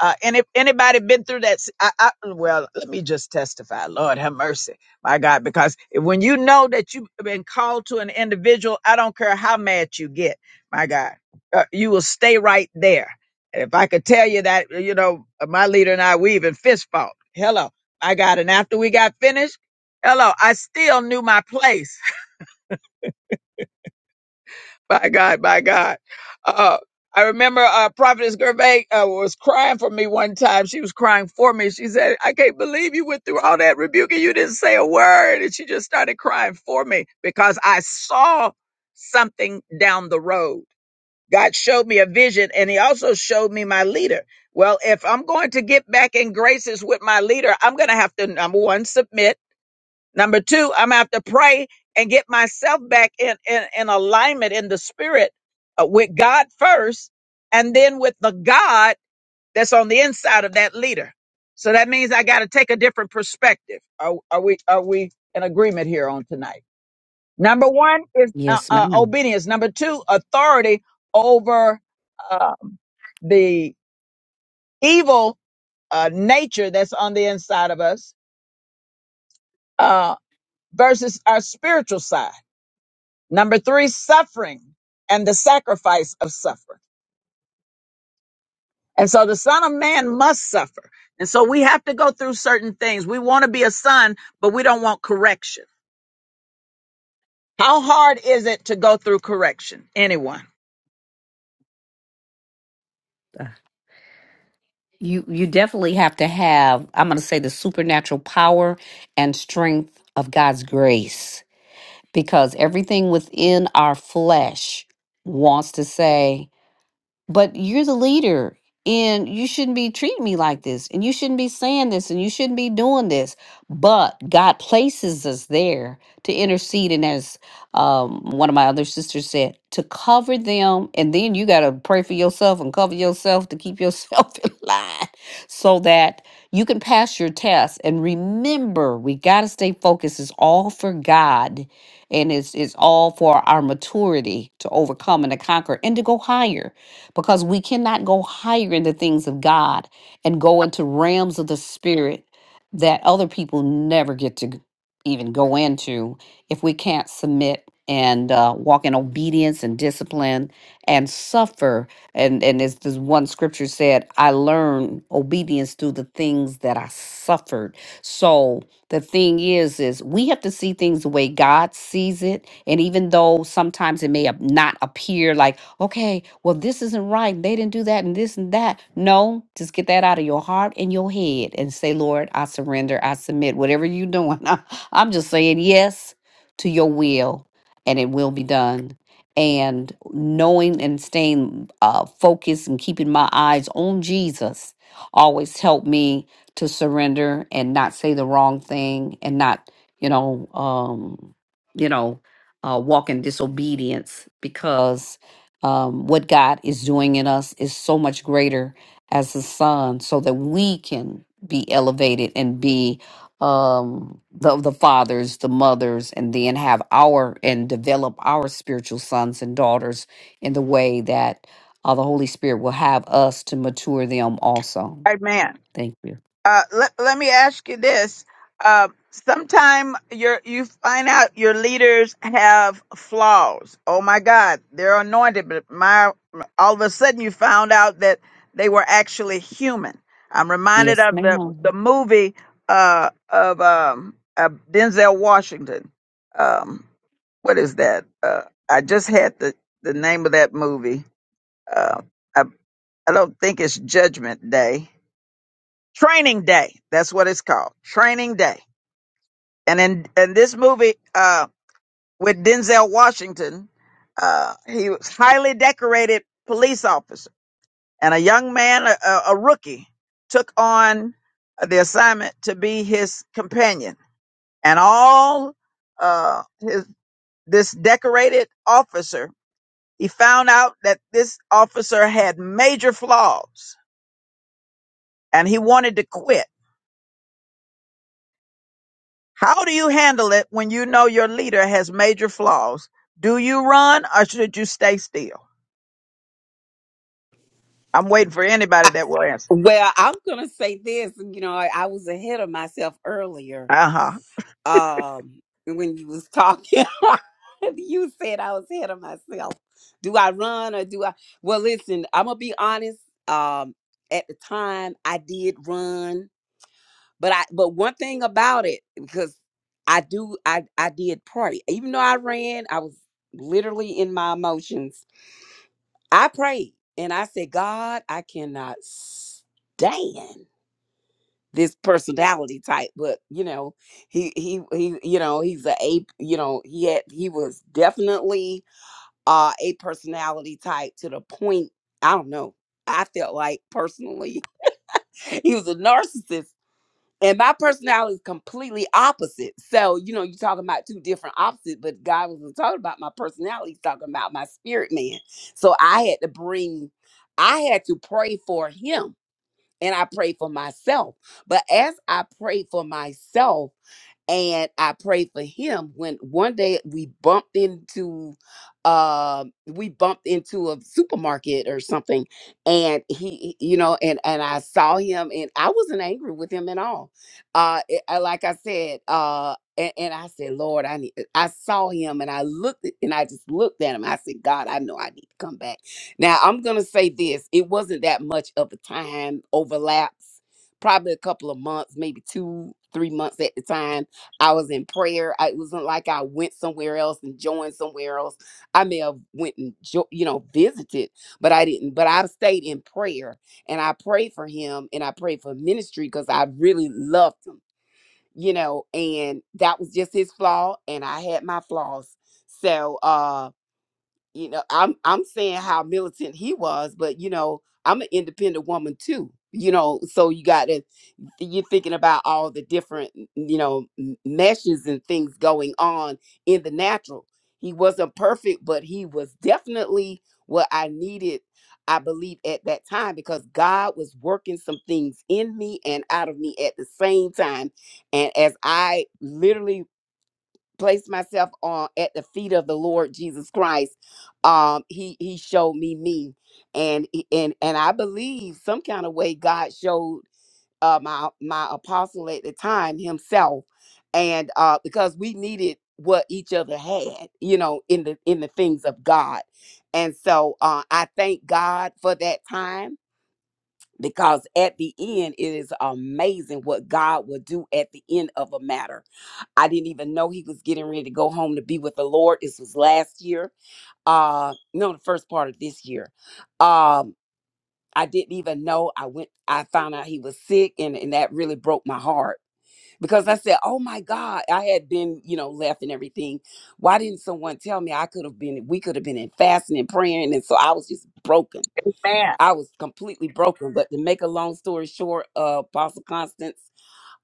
A: Uh, and if anybody been through that, s- I, I, well, let me just testify. Lord have mercy, my God, because when you know that you've been called to an individual, I don't care how mad you get, my God, uh, you will stay right there. And if I could tell you that, you know, my leader and I, we even fist fought. Hello, my God. And after we got finished, hello, I still knew my place by God, by God. Uh, I remember uh, Prophetess Gervais uh, was crying for me one time. She was crying for me. She said, I can't believe you went through all that rebuke and you didn't say a word. And she just started crying for me because I saw something down the road. God showed me a vision and he also showed me my leader. Well, if I'm going to get back in graces with my leader, I'm going to have to, number one, submit. Number two, I'm gonna have to pray and get myself back in in, in alignment in the spirit uh, with God first, and then with the God that's on the inside of that leader. So that means I got to take a different perspective. Are, are we are we in agreement here on tonight? Number one is uh,
M: Yes,
A: uh,
M: ma'am.
A: obedience. Number two, authority over um, the evil uh, nature that's on the inside of us uh, versus our spiritual side. Number three, suffering and the sacrifice of suffering. And so the son of man must suffer. And so we have to go through certain things. We want to be a son, but we don't want correction. How hard is it to go through correction? Anyone?
M: Uh, You you definitely have to have, I'm gonna say the supernatural power and strength of God's grace. Because everything within our flesh wants to say, but you're the leader and you shouldn't be treating me like this and you shouldn't be saying this and you shouldn't be doing this but god places us there to intercede and as um, one of my other sisters said to cover them and then you got to pray for yourself and cover yourself to keep yourself [LAUGHS] in line so that you can pass your test and remember we got to stay focused it's all for god and it's it's all for our maturity to overcome and to conquer and to go higher because we cannot go higher in the things of God and go into realms of the spirit that other people never get to g- even go into if we can't submit and uh, walk in obedience and discipline and suffer and and as this one scripture said i learned obedience through the things that i suffered so the thing is is we have to see things the way god sees it and even though sometimes it may ap- not appear like okay well this isn't right they didn't do that and this and that no just get that out of your heart and your head and say lord i surrender i submit whatever you're doing [LAUGHS] i'm just saying yes to your will and it will be done and knowing and staying uh, focused and keeping my eyes on jesus always helped me to surrender and not say the wrong thing and not you know um you know uh walk in disobedience because um what god is doing in us is so much greater as the son so that we can be elevated and be um the the fathers the mothers and then have our and develop our spiritual sons and daughters in the way that uh, the holy spirit will have us to mature them also
A: Amen.
M: thank you
A: Uh, let, let me ask you this. Uh, sometime you're, you find out your leaders have flaws. Oh my God, they're anointed, but my, all of a sudden you found out that they were actually human. I'm reminded
M: Yes,
A: of the, the
M: ma'am.
A: movie, uh, of, um, uh, Denzel Washington. Um, what is that? Uh, I just had the, the name of that movie. Uh, I, I don't think it's Judgment Day Training Day. That's what it's called. Training Day. And in in this movie uh, with Denzel Washington, uh, he was highly decorated police officer, and a young man, a, a a rookie, took on the assignment to be his companion. And all uh, his this decorated officer, he found out that this officer had major flaws, and he wanted to quit How do you handle it when you know your leader has major flaws? Do you run or should you stay still? I'm waiting for
D: I,
A: anybody that will answer.
D: well, I'm gonna say this. You know, I, I was ahead of myself earlier.
A: Uh huh.
D: Um, when you was talking, [LAUGHS] you said I was ahead of myself. Do I run or do I? Well, listen, I'm gonna be honest. Um, at the time, I did run. But I but one thing about it, because I do I I did pray. Even though I ran, I was literally in my emotions. I prayed and I said, God, I cannot stand this personality type. But you know, he he he you know, he's a ape, you know, he had he was definitely uh a personality type to the point, I don't know. I felt like personally [LAUGHS] he was a narcissist and my personality is completely opposite. So, you know, you're talking about two different opposites, but God wasn't talking about my personality, he's talking about my spirit man. So I had to bring, I had to pray for him and I prayed for myself. But as I prayed for myself, and I prayed for him when one day we bumped into uh we bumped into a supermarket or something and he he- you know and and I saw him and I wasn't angry with him at all. Uh it- I, like I said uh and, and I said, Lord, I need. I saw him, and I looked, at- and I just looked at him. I said, God, I know I need to come back. Now I'm gonna say this: it wasn't that much of a time overlaps, probably a couple of months, maybe two, three months at the time I was in prayer. I, it wasn't like I went somewhere else and joined somewhere else. I may have went and jo- you know visited, but I didn't. But I stayed in prayer and I prayed for him and I prayed for ministry because I really loved him, you know. And that was just his flaw, and I had my flaws. So uh, you know, I'm I'm saying how militant he was, but you know, I'm an independent woman too. You know, so you got to you're thinking about all the different you know m- meshes and things going on in the natural he wasn't perfect but he was definitely what i needed i believe at that time because god was working some things in me and out of me at the same time and as i literally placed myself on at the feet of the lord jesus christ um he he showed me me and and and i believe some kind of way god showed uh, my my apostle at the time himself, and uh, because we needed what each other had, you know, in the in the things of God, and so uh, I thank God for that time because at the end it is amazing what God will do at the end of a matter. I didn't even know he was getting ready to go home to be with the Lord. This was last year, uh, no, the first part of this year. Um, I didn't even know. I went. I found out he was sick, and and that really broke my heart because I said, "Oh my God, I had been, you know, left and everything. Why didn't someone tell me? I could have been. We could have been in fasting and praying, and so I was just broken.
A: Amen.
D: I was completely broken. But to make a long story short, uh, Apostle Constance,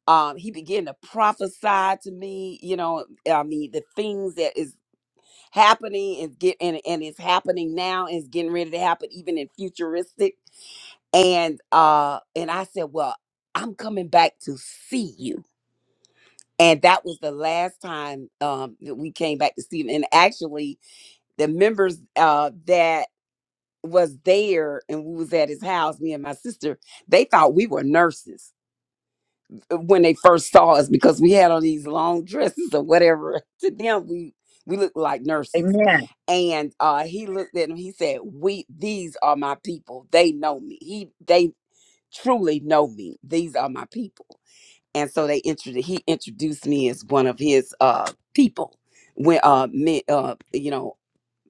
D: um, he began to prophesy to me. You know, I mean, the things that is happening is get and and it's happening now and it's getting ready to happen, even in futuristic. And uh, and I said, well, I'm coming back to see you and that was the last time um, that we came back to see him. And actually, the members uh, that was there and we was at his house, me and my sister, they thought we were nurses uh, when they first saw us because we had on these long dresses or whatever. [LAUGHS] To them, we we looked like nurses.
A: Amen.
D: And uh, he looked at him. He said, "We these are my people. They know me. He they." truly know me these are my people and so they introduced he introduced me as one of his uh people when uh men uh you know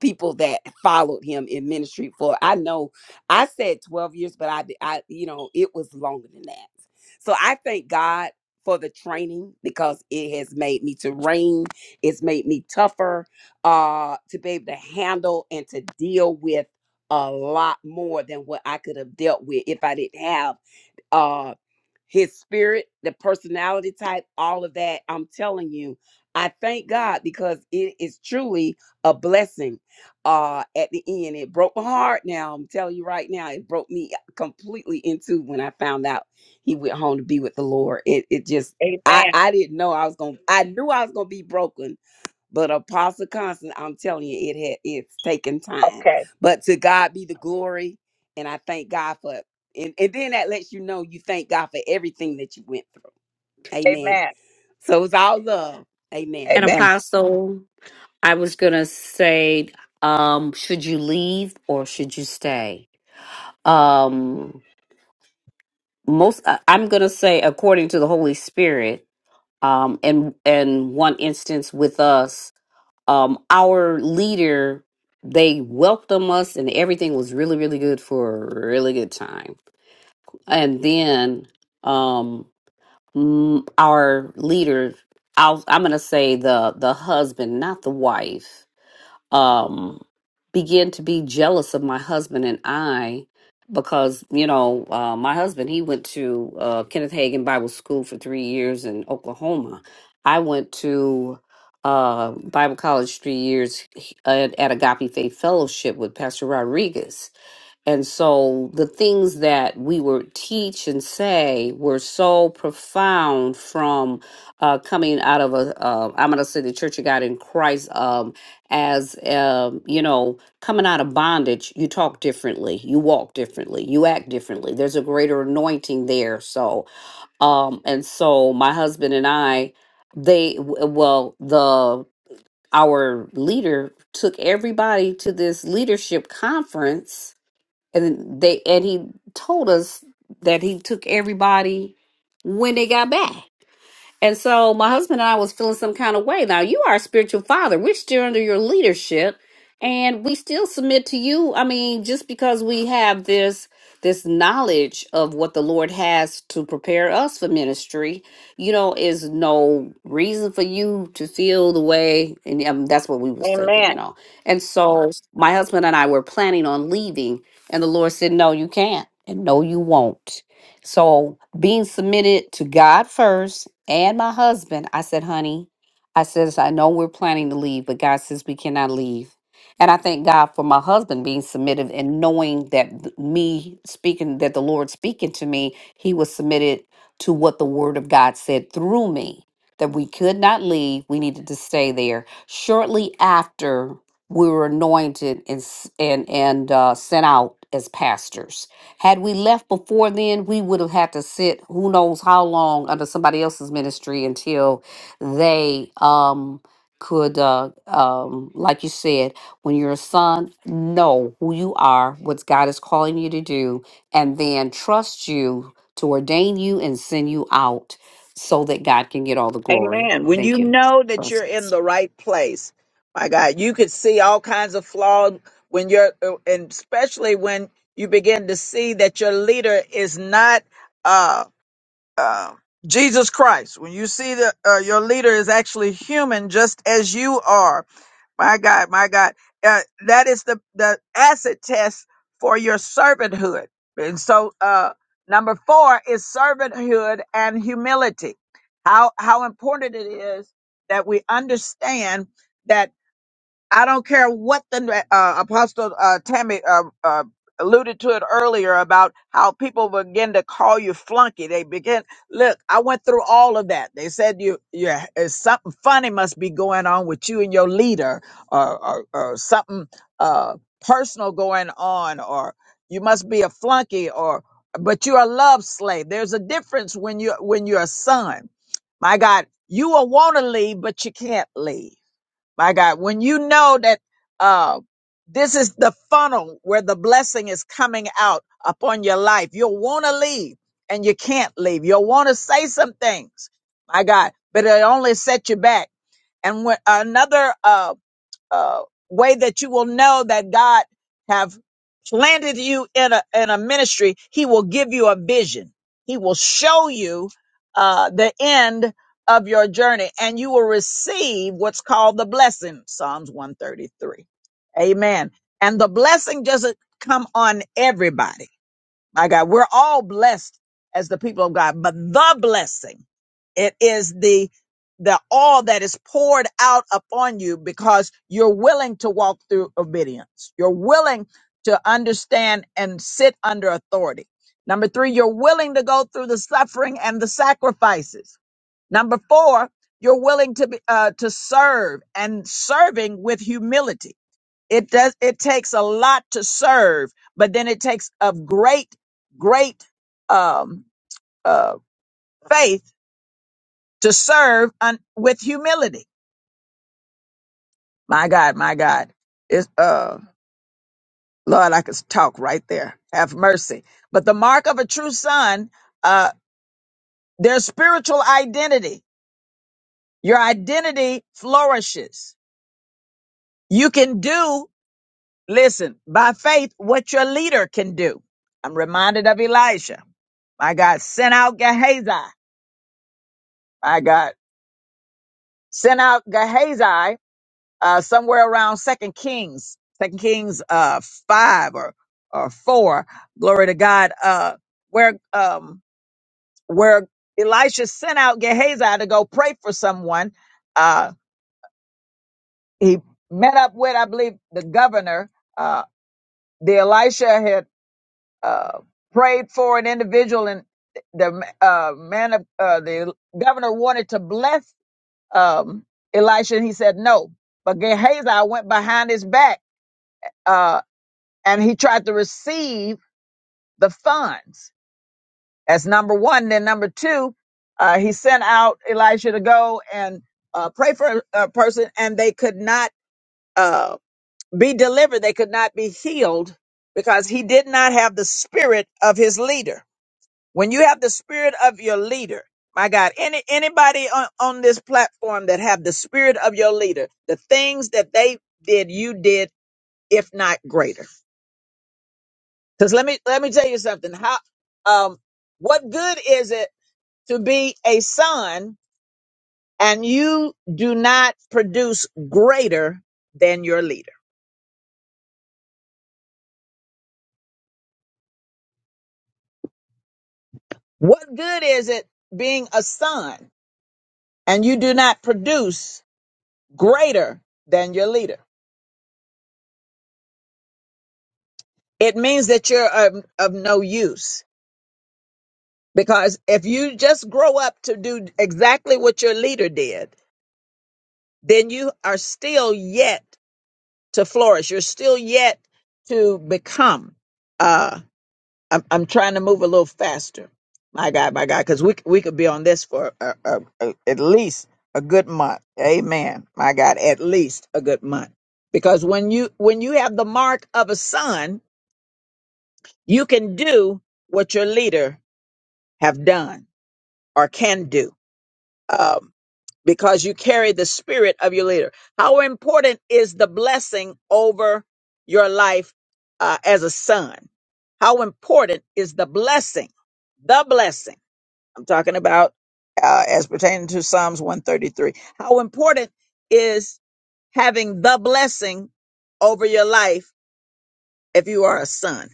D: people that followed him in ministry for i know i said 12 years but i d- i you know it was longer than that so i thank god for the training because it has made me to reign it's made me tougher uh to be able to handle and to deal with a lot more than what i could have dealt with if i didn't have uh, his spirit, the personality type, all of that. I'm telling you, I thank God because it is truly a blessing. Uh, at the end, it broke my heart. Now I'm telling you right now, it broke me completely into when I found out he went home to be with the Lord. It it just I
A: Amen.
D: I didn't know I was gonna. I knew I was gonna be broken but Apostle Constant, I'm telling you, it had it's taken time.
A: Okay.
D: But to God be the glory, and I thank God for and, and then that lets you know you thank God for everything that you went through. Amen.
A: Amen.
D: So it's all love. Amen.
M: An
A: Amen.
M: Apostle, I was gonna say, um, should you leave or should you stay? Um, most I- I'm gonna say according to the Holy Spirit. Um, and and one instance with us, um, our leader, they welcomed us and everything was really really good for a really good time. And then, um, mm, our leader, I'll, I'm gonna say the the husband, not the wife um, began to be jealous of my husband and I because, you know, uh, my husband, he went to uh, Kenneth Hagin Bible School for three years in Oklahoma. I went to uh, Bible college three years he- at, at Agape Faith Fellowship with Pastor Rodriguez. And so the things that we would teach and say were so profound from uh, coming out of a, uh, I'm going to say the Church of God in Christ, um, as, um, you know, coming out of bondage, you talk differently, you walk differently, you act differently. There's a greater anointing there. So, um, and so my husband and I, they, w- well, the, our leader took everybody to this leadership conference and then they and he told us that he took everybody when they got back and so my husband and I was feeling some kind of way. Now you are a spiritual father. We're still under your leadership and we still submit to you. I mean, just because we have this this knowledge of what the Lord has to prepare us for ministry, you know, is no reason for you to feel the way and um, that's what we was thinking,
A: Amen.
M: you know. And so my husband and I were planning on leaving and the Lord said, "No, you can't." And no, you won't. So being submitted to God first and my husband, I said, honey, I says, I know we're planning to leave, but God says we cannot leave. And I thank God for my husband being submitted and knowing that th- me speaking, that the Lord speaking to me, he was submitted to what the word of God said through me, that we could not leave. We needed to stay there. Shortly after we were anointed and, s- and, and uh, sent out as pastors had we left before then, we would have had to sit who knows how long under somebody else's ministry until they um could uh um like you said, when you're a son, know who you are, what God is calling you to do, and then trust you to ordain you and send you out so that God can get all the glory.
A: Amen. When you
M: Thank you.
A: know that you're in
M: Blessings.
A: the right place, my God, you could see all kinds of flaws when you're, and especially when you begin to see that your leader is not. uh, um, Jesus Christ, when you see that uh, your leader is actually human, just as you are, my God, my God, uh, that is the the acid test for your servanthood. And so, uh, number four is servanthood and humility. How how important it is that we understand that. I don't care what the uh, Apostle uh, Tammy uh, uh, alluded to it earlier about how people begin to call you flunky. They begin look. I went through all of that. They said you, you it's something funny must be going on with you and your leader, or or, or something uh, personal going on, or you must be a flunky, or but you're a love slave. There's a difference when you when you're a son. My God, you will want to leave, but you can't leave my God, when you know that uh, this is the funnel where the blessing is coming out upon your life, you'll want to leave and you can't leave. You'll want to say some things, my God, but it only set you back. And when another uh, uh, way that you will know that God have planted you in a in a ministry, He will give you a vision. He will show you uh, the end of your journey, and you will receive what's called the blessing. Psalms one thirty three, Amen. And the blessing doesn't come on everybody my God, we're all blessed as the people of God, but the blessing, it is the the all that is poured out upon you because you're willing to walk through obedience. You're willing to understand and sit under authority. Number three, you're willing to go through the suffering and the sacrifices. Number four, you're willing to be, uh, to serve and serving with humility. It does it takes a lot to serve, but then it takes a great, great um uh faith to serve un- with humility. My God, my God. It's uh Lord, I could talk right there. Have mercy. But the mark of a true son, uh, their spiritual identity, your identity flourishes. You can do Listen, by faith, what your leader can do. I'm reminded of Elijah. My God, sent out Gehazi. My God, sent out Gehazi uh, somewhere around Second Kings, Second Kings uh, five or or four. Glory to God. Uh, where um where Elisha sent out Gehazi to go pray for someone. Uh, he met up with, I believe, the governor. Uh, the Elisha had uh, prayed for an individual, and the uh, man of uh, the governor wanted to bless um, Elisha, and he said no. But Gehazi went behind his back, uh, and he tried to receive the funds. That's number one. Then number two, uh, he sent out Elisha to go and uh, pray for a a person, and they could not uh, be delivered. They could not be healed because he did not have the spirit of his leader. when you have the spirit of your leader my god any anybody on, on this platform that have the spirit of your leader the things that they did you did if not greater because let me let me tell you something how um what good is it to be a son and you do not produce greater than your leader what good is it being a son and you do not produce greater than your leader it means that you're of, of no use because if you just grow up to do exactly what your leader did then you are still yet to flourish you're still yet to become uh i'm, I'm trying to move a little faster my god my god because we, we could be on this for uh uh uh at least a good month amen my god at least a good month because when you when you have the mark of a son you can do what your leader have done or can do um, because you carry the spirit of your leader. How important is the blessing over your life uh, as a son? How important is the blessing? The blessing. I'm talking about uh, as pertaining to Psalms 133. How important is having the blessing over your life if you are a son?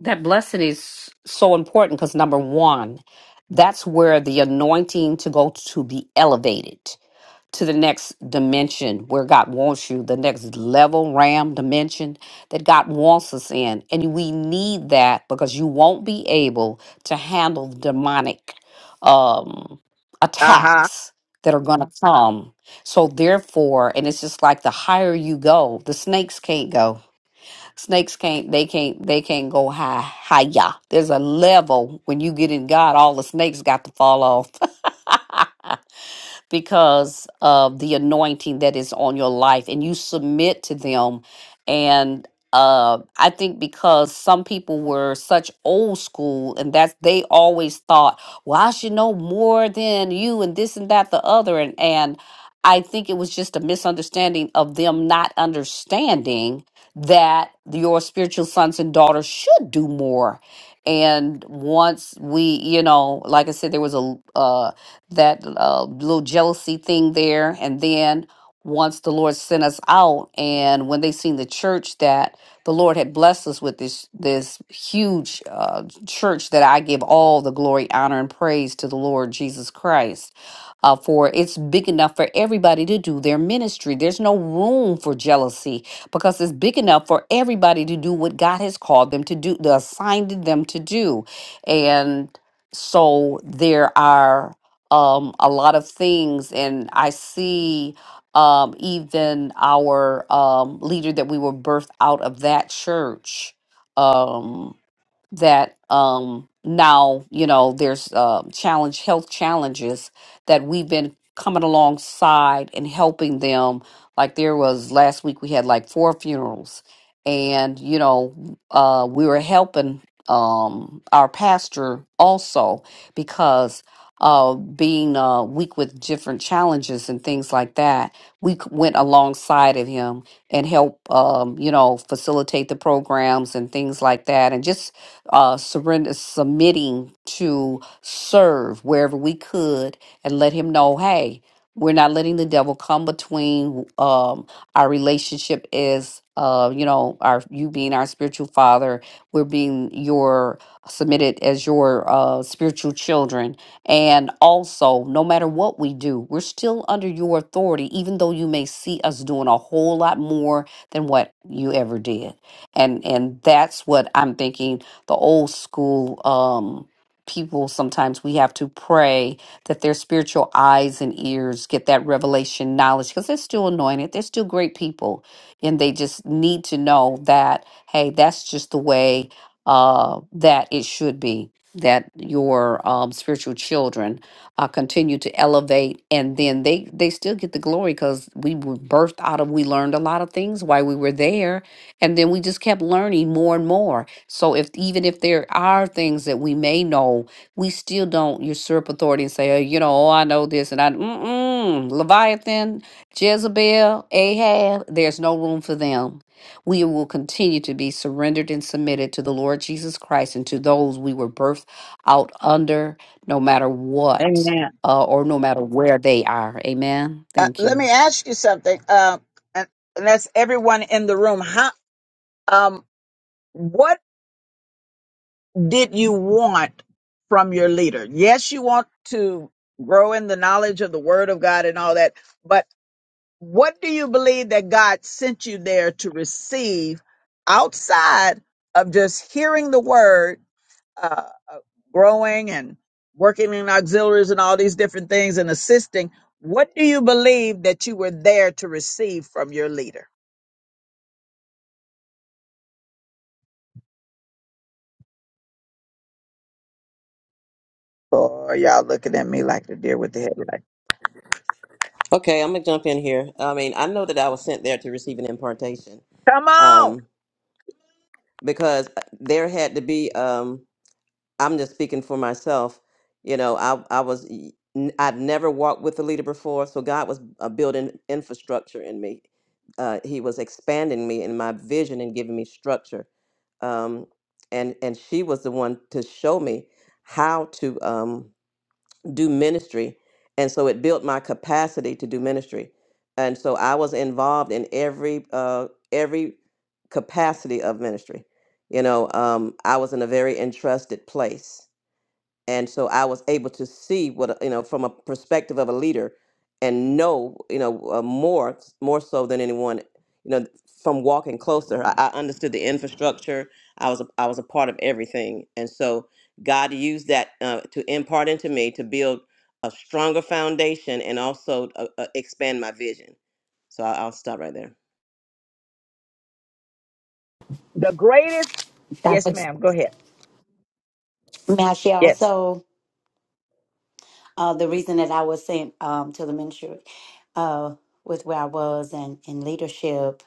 M: That blessing is so important because number one, that's where the anointing to go to be elevated to the next dimension where God wants you, the next level, ram dimension that God wants us in. And we need that because you won't be able to handle the demonic um,
A: Uh huh.
M: attacks that are going to come. So, therefore, and it's just like the higher you go, the snakes can't go Snakes can't they can't they can't go high higher. There's a level when you get in God, all the snakes got to fall off because of the anointing that is on your life and you submit to them. And uh, I think because some people were such old school and that's they always thought, well, I should know more than you and this and that, the other. And, and I think it was just a misunderstanding of them not understanding that your spiritual sons and daughters should do more and once we you know like i said there was a uh that uh, little jealousy thing there. And then once the Lord sent us out, and when they seen the church that the Lord had blessed us with this this huge uh, church that I give all the glory, honor, and praise to the Lord Jesus Christ. Uh, for it's big enough for everybody to do their ministry. There's no room for jealousy because it's big enough for everybody to do what God has called them to do, the assigned them to do. And so there are um, a lot of things, and I see um, even our um, leader that we were birthed out of that church. Um, that um now you know there's uh, challenge health challenges that we've been coming alongside and helping them like there was last week we had like four funerals and you know uh we were helping um our pastor also because uh being uh weak with different challenges and things like that we c- went alongside of him and help um, you know facilitate the programs and things like that and just uh, surrender, submitting to serve wherever we could, and let him know, hey, we're not letting the devil come between um, our relationship as uh, you know, our you being our spiritual father, we're being your submitted as your uh, spiritual children, and also no matter what we do, we're still under your authority, even though you may see us doing a whole lot more than what you ever did and and that's what i'm thinking the old school um, people, sometimes we have to pray that their spiritual eyes and ears get that revelation knowledge because they're still anointed. They're still great people. And they just need to know that, hey, that's just the way uh, that it should be. That your um, spiritual children uh, continue to elevate, and then they they still get the glory because we were birthed out of. We learned a lot of things while we were there, and then we just kept learning more and more so if even if there are things that we may know we still don't usurp authority and say oh, you know oh i know this and i mm-mm, leviathan jezebel ahab there's no room for them we will continue to be surrendered and submitted to the lord jesus christ and to those we were birthed out under no matter what
A: Amen.
M: uh, or no matter where they are amen
A: Uh,
M: thank
A: let me
M: you
A: ask you something. Uh, and and that's everyone in the room. How? Um, what did you want from your leader? Yes, you want to grow in the knowledge of the word of God and all that, but what do you believe that God sent you there to receive outside of just hearing the word? uh, uh, growing and working in auxiliaries and all these different things and assisting, what do you believe that you were there to receive from your leader? Or y'all looking at me like the deer with the headlight.
C: Okay, I'm gonna jump in here. I mean, I know that I was sent there to receive an impartation
A: Come on.
C: um, because uh, there had to be. Um, I'm just speaking for myself. You know, I I was I'd never walked with a leader before, so God was uh, building infrastructure in me. Uh, he was expanding me in my vision and giving me structure. Um, and and she was the one to show me how to. Um, do ministry. And so it built my capacity to do ministry. And so I was involved in every uh, every capacity of ministry. You know, um, I was in a very entrusted place and so I was able to see what a- you know from a perspective of a leader, and know you know uh, more more so than anyone you know from walking closer. I, I understood the infrastructure. I was a, I was a part of everything, and so God used that uh, to impart into me to build a stronger foundation and also uh, uh, expand my vision. So I, I'll stop right there.
A: The greatest. Yes,
K: Dr.
A: ma'am. Go ahead.
K: May I share
A: Yes.
K: also uh, the reason that I was sent um, to the ministry uh, with where I was and in leadership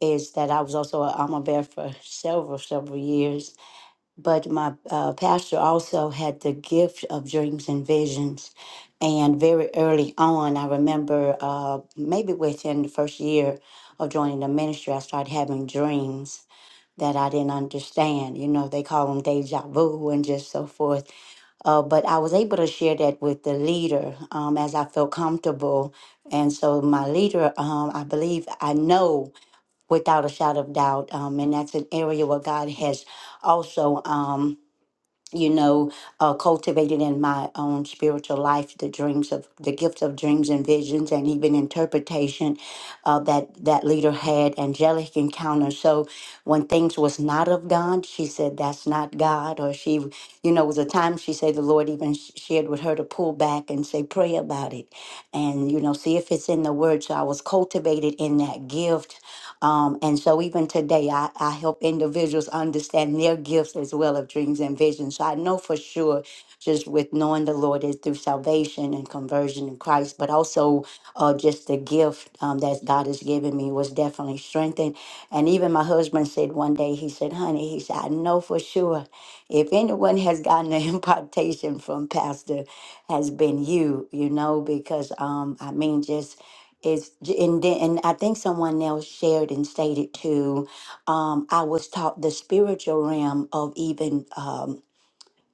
K: is that I was also an alma bear for several, several years. But my uh, pastor also had the gift of dreams and visions. And very early on, I remember uh, maybe within the first year of joining the ministry, I started having dreams that I didn't understand. You know, they call them deja vu and just so forth. Uh, but I was able to share that with the leader um, as I felt comfortable. And so my leader, um, I believe I know without a shadow of doubt, um, and that's an area where God has also. Um, you know, uh, cultivated in my own spiritual life the dreams of the gift of dreams and visions, and even interpretation uh, that that leader had angelic encounters. So when things was not of God, she said that's not God, or she, you know, was a time she said the Lord even sh- shared with her to pull back and say pray about it, and you know, see if it's in the Word. So I was cultivated in that gift um, and so even today, I, I help individuals understand their gifts as well of dreams and visions. So I know for sure, just with knowing the Lord is through salvation and conversion in Christ, but also uh, just the gift um, that God has given me was definitely strengthened. And even my husband said one day, he said, honey, he said, I know for sure if anyone has gotten an [LAUGHS] impartation from Pastor has been you, you know, because um, I mean, just is and then and I think someone else shared and stated too. Um, I was taught the spiritual realm of even um,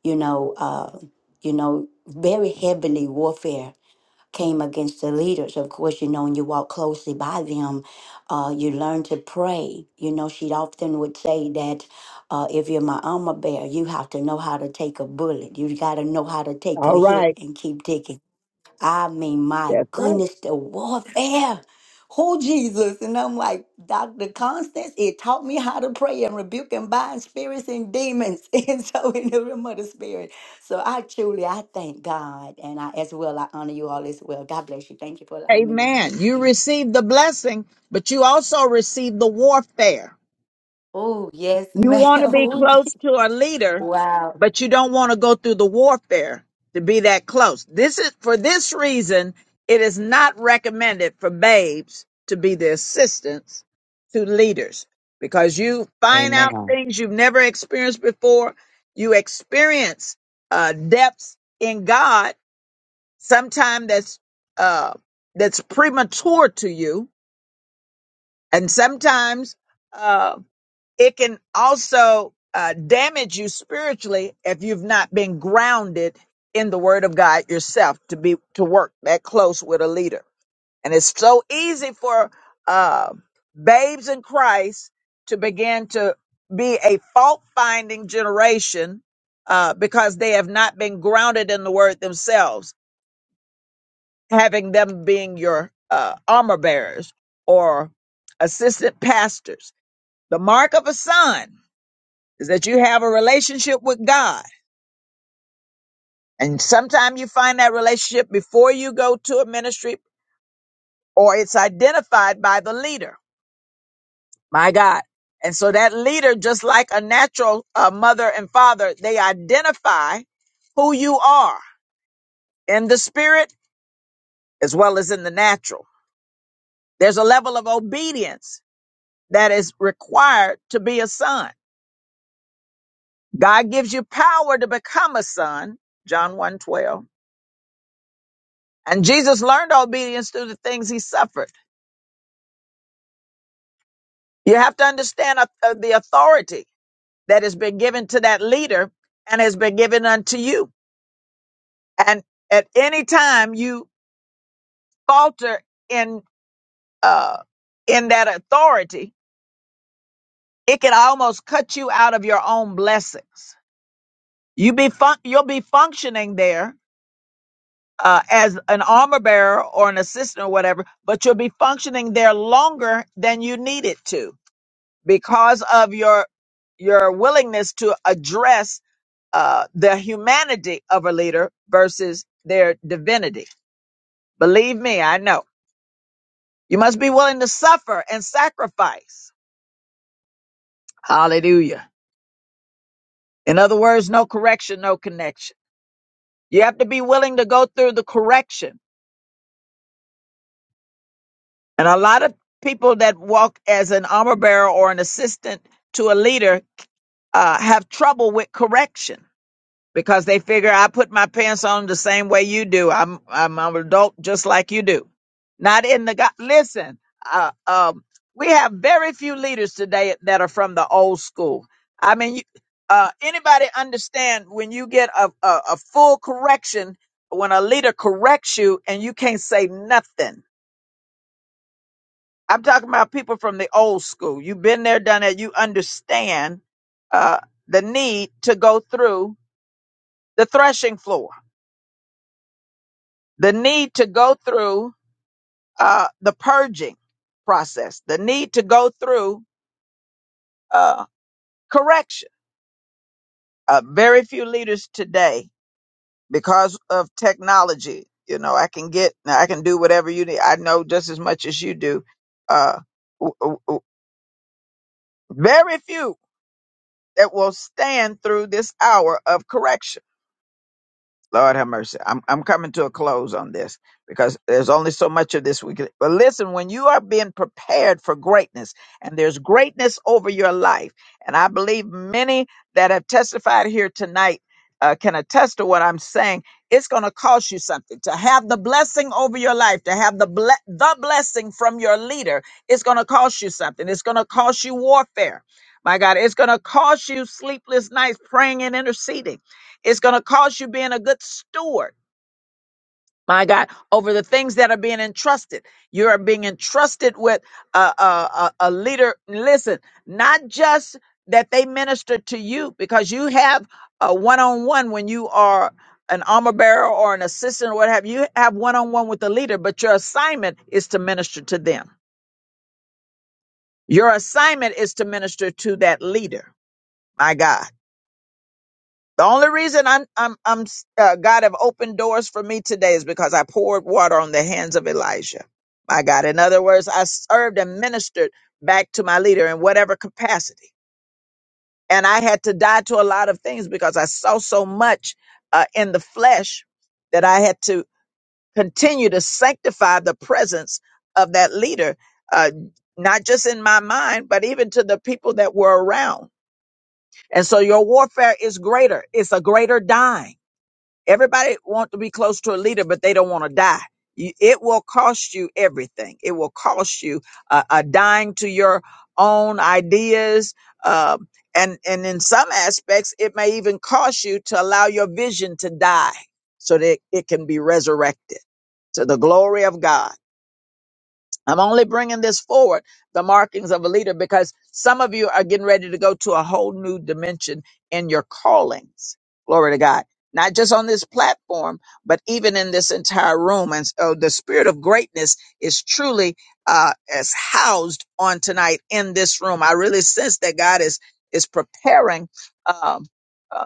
K: you know uh, you know very heavily warfare came against the leaders. Of course, you know when you walk closely by them, uh, you learn to pray. You know she often would say that uh, if you're my armor bearer, you have to know how to take a bullet. You got to know how to take
A: All
K: a hit
A: right.
K: and keep I mean, my
A: That's right.
K: goodness, the warfare. Who Jesus? And I'm like, Dr. Constance, it taught me how to pray and rebuke and bind spirits and demons. [LAUGHS] And so in the realm of the spirit. So I truly I thank God. And I as well, I honor you all as well. God bless you. Thank you for allowing me to
A: Amen.
K: speak.
A: You
K: Amen.
A: received the blessing, but you also received the warfare.
K: Oh, yes,
A: You
K: ma'am. [LAUGHS]
A: want to be
K: Oh, gee-
A: close to a leader,
K: wow.
A: but you don't want to go through the warfare to be that close. This is for this reason, it is not recommended for babes to be the assistants to leaders because you find out
M: amen
A: things you've never experienced before. You experience uh, depths in God, sometimes that's uh, that's premature to you and sometimes uh, it can also uh, damage you spiritually if you've not been grounded in the Word of God yourself to be to work that close with a leader. And it's so easy for uh, babes in Christ to begin to be a fault finding generation uh, because they have not been grounded in the Word themselves, having them being your uh, armor bearers or assistant pastors the mark of a son is that you have a relationship with God. And sometimes you find that relationship before you go to a ministry or it's identified by the leader. My God. And so that leader, just like a natural uh, mother and father, they identify who you are in the spirit as well as in the natural. There's a level of obedience that is required to be a son. God gives you power to become a son, John one twelve. And Jesus learned obedience through the things he suffered. You have to understand uh, uh, the authority that has been given to that leader and has been given unto you. And at any time you falter in uh, in that authority, it can almost cut you out of your own blessings. You be fun- you'll be functioning there uh, as an armor bearer or an assistant or whatever, but you'll be functioning there longer than you need it to because of your your willingness to address uh, the humanity of a leader versus their divinity. Believe me, I know. You must be willing to suffer and sacrifice. Hallelujah. In other words, no correction, no connection. You have to be willing to go through the correction. And a lot of people that walk as an armor bearer or an assistant to a leader uh, have trouble with correction because they figure I put my pants on the same way you do. I'm I'm an adult just like you do. Not in the God. Listen, uh, um, we have very few leaders today that are from the old school. I mean, you, uh, anybody understand when you get a, a a full correction when a leader corrects you and you can't say nothing? I'm talking about people from the old school. You've been there, done that. You understand uh, the need to go through the threshing floor the need to go through uh, the purging process, the need to go through uh, correction. Uh, very few leaders today, because of technology, you know, I can get, I can do whatever you need. I know just as much as you do. Uh, w- w- w- very few that will stand through this hour of correction Lord have mercy. I'm I'm coming to a close on this because there's only so much of this we can. But listen, when you are being prepared for greatness, and there's greatness over your life, and I believe many that have testified here tonight uh, can attest to what I'm saying. It's going to cost you something to have the blessing over your life, to have the ble- the blessing from your leader. It's going to cost you something. It's going to cost you warfare. My God, it's going to cost you sleepless nights praying and interceding. It's going to cost you being a good steward, my God, over the things that are being entrusted. You are being entrusted with a, a, a, a leader. Listen, not just that they minister to you because you have a one on one when you are an armor bearer or an assistant or what have you, you have one on one with the leader, but your assignment is to minister to them. Your assignment is to minister to that leader, my God. The only reason I'm I'm I'm uh, God have opened doors for me today is because I poured water on the hands of Elijah. My God, in other words, I served and ministered back to my leader in whatever capacity, and I had to die to a lot of things because I saw so much uh, in the flesh that I had to continue to sanctify the presence of that leader, uh, not just in my mind, but even to the people that were around. And so your warfare is greater; it's a greater dying. Everybody want to be close to a leader, but they don't want to die. You- It will cost you everything. It will cost you uh, uh, dying to your own ideas, um, and and in some aspects, it may even cost you to allow your vision to die so that it can be resurrected to the glory of God. I'm only bringing this forward, the markings of a leader, because some of you are getting ready to go to a whole new dimension in your callings. Glory to God. Not just on this platform, but even in this entire room. And so the spirit of greatness is truly uh, is housed on tonight in this room. I really sense that God is is preparing um, uh,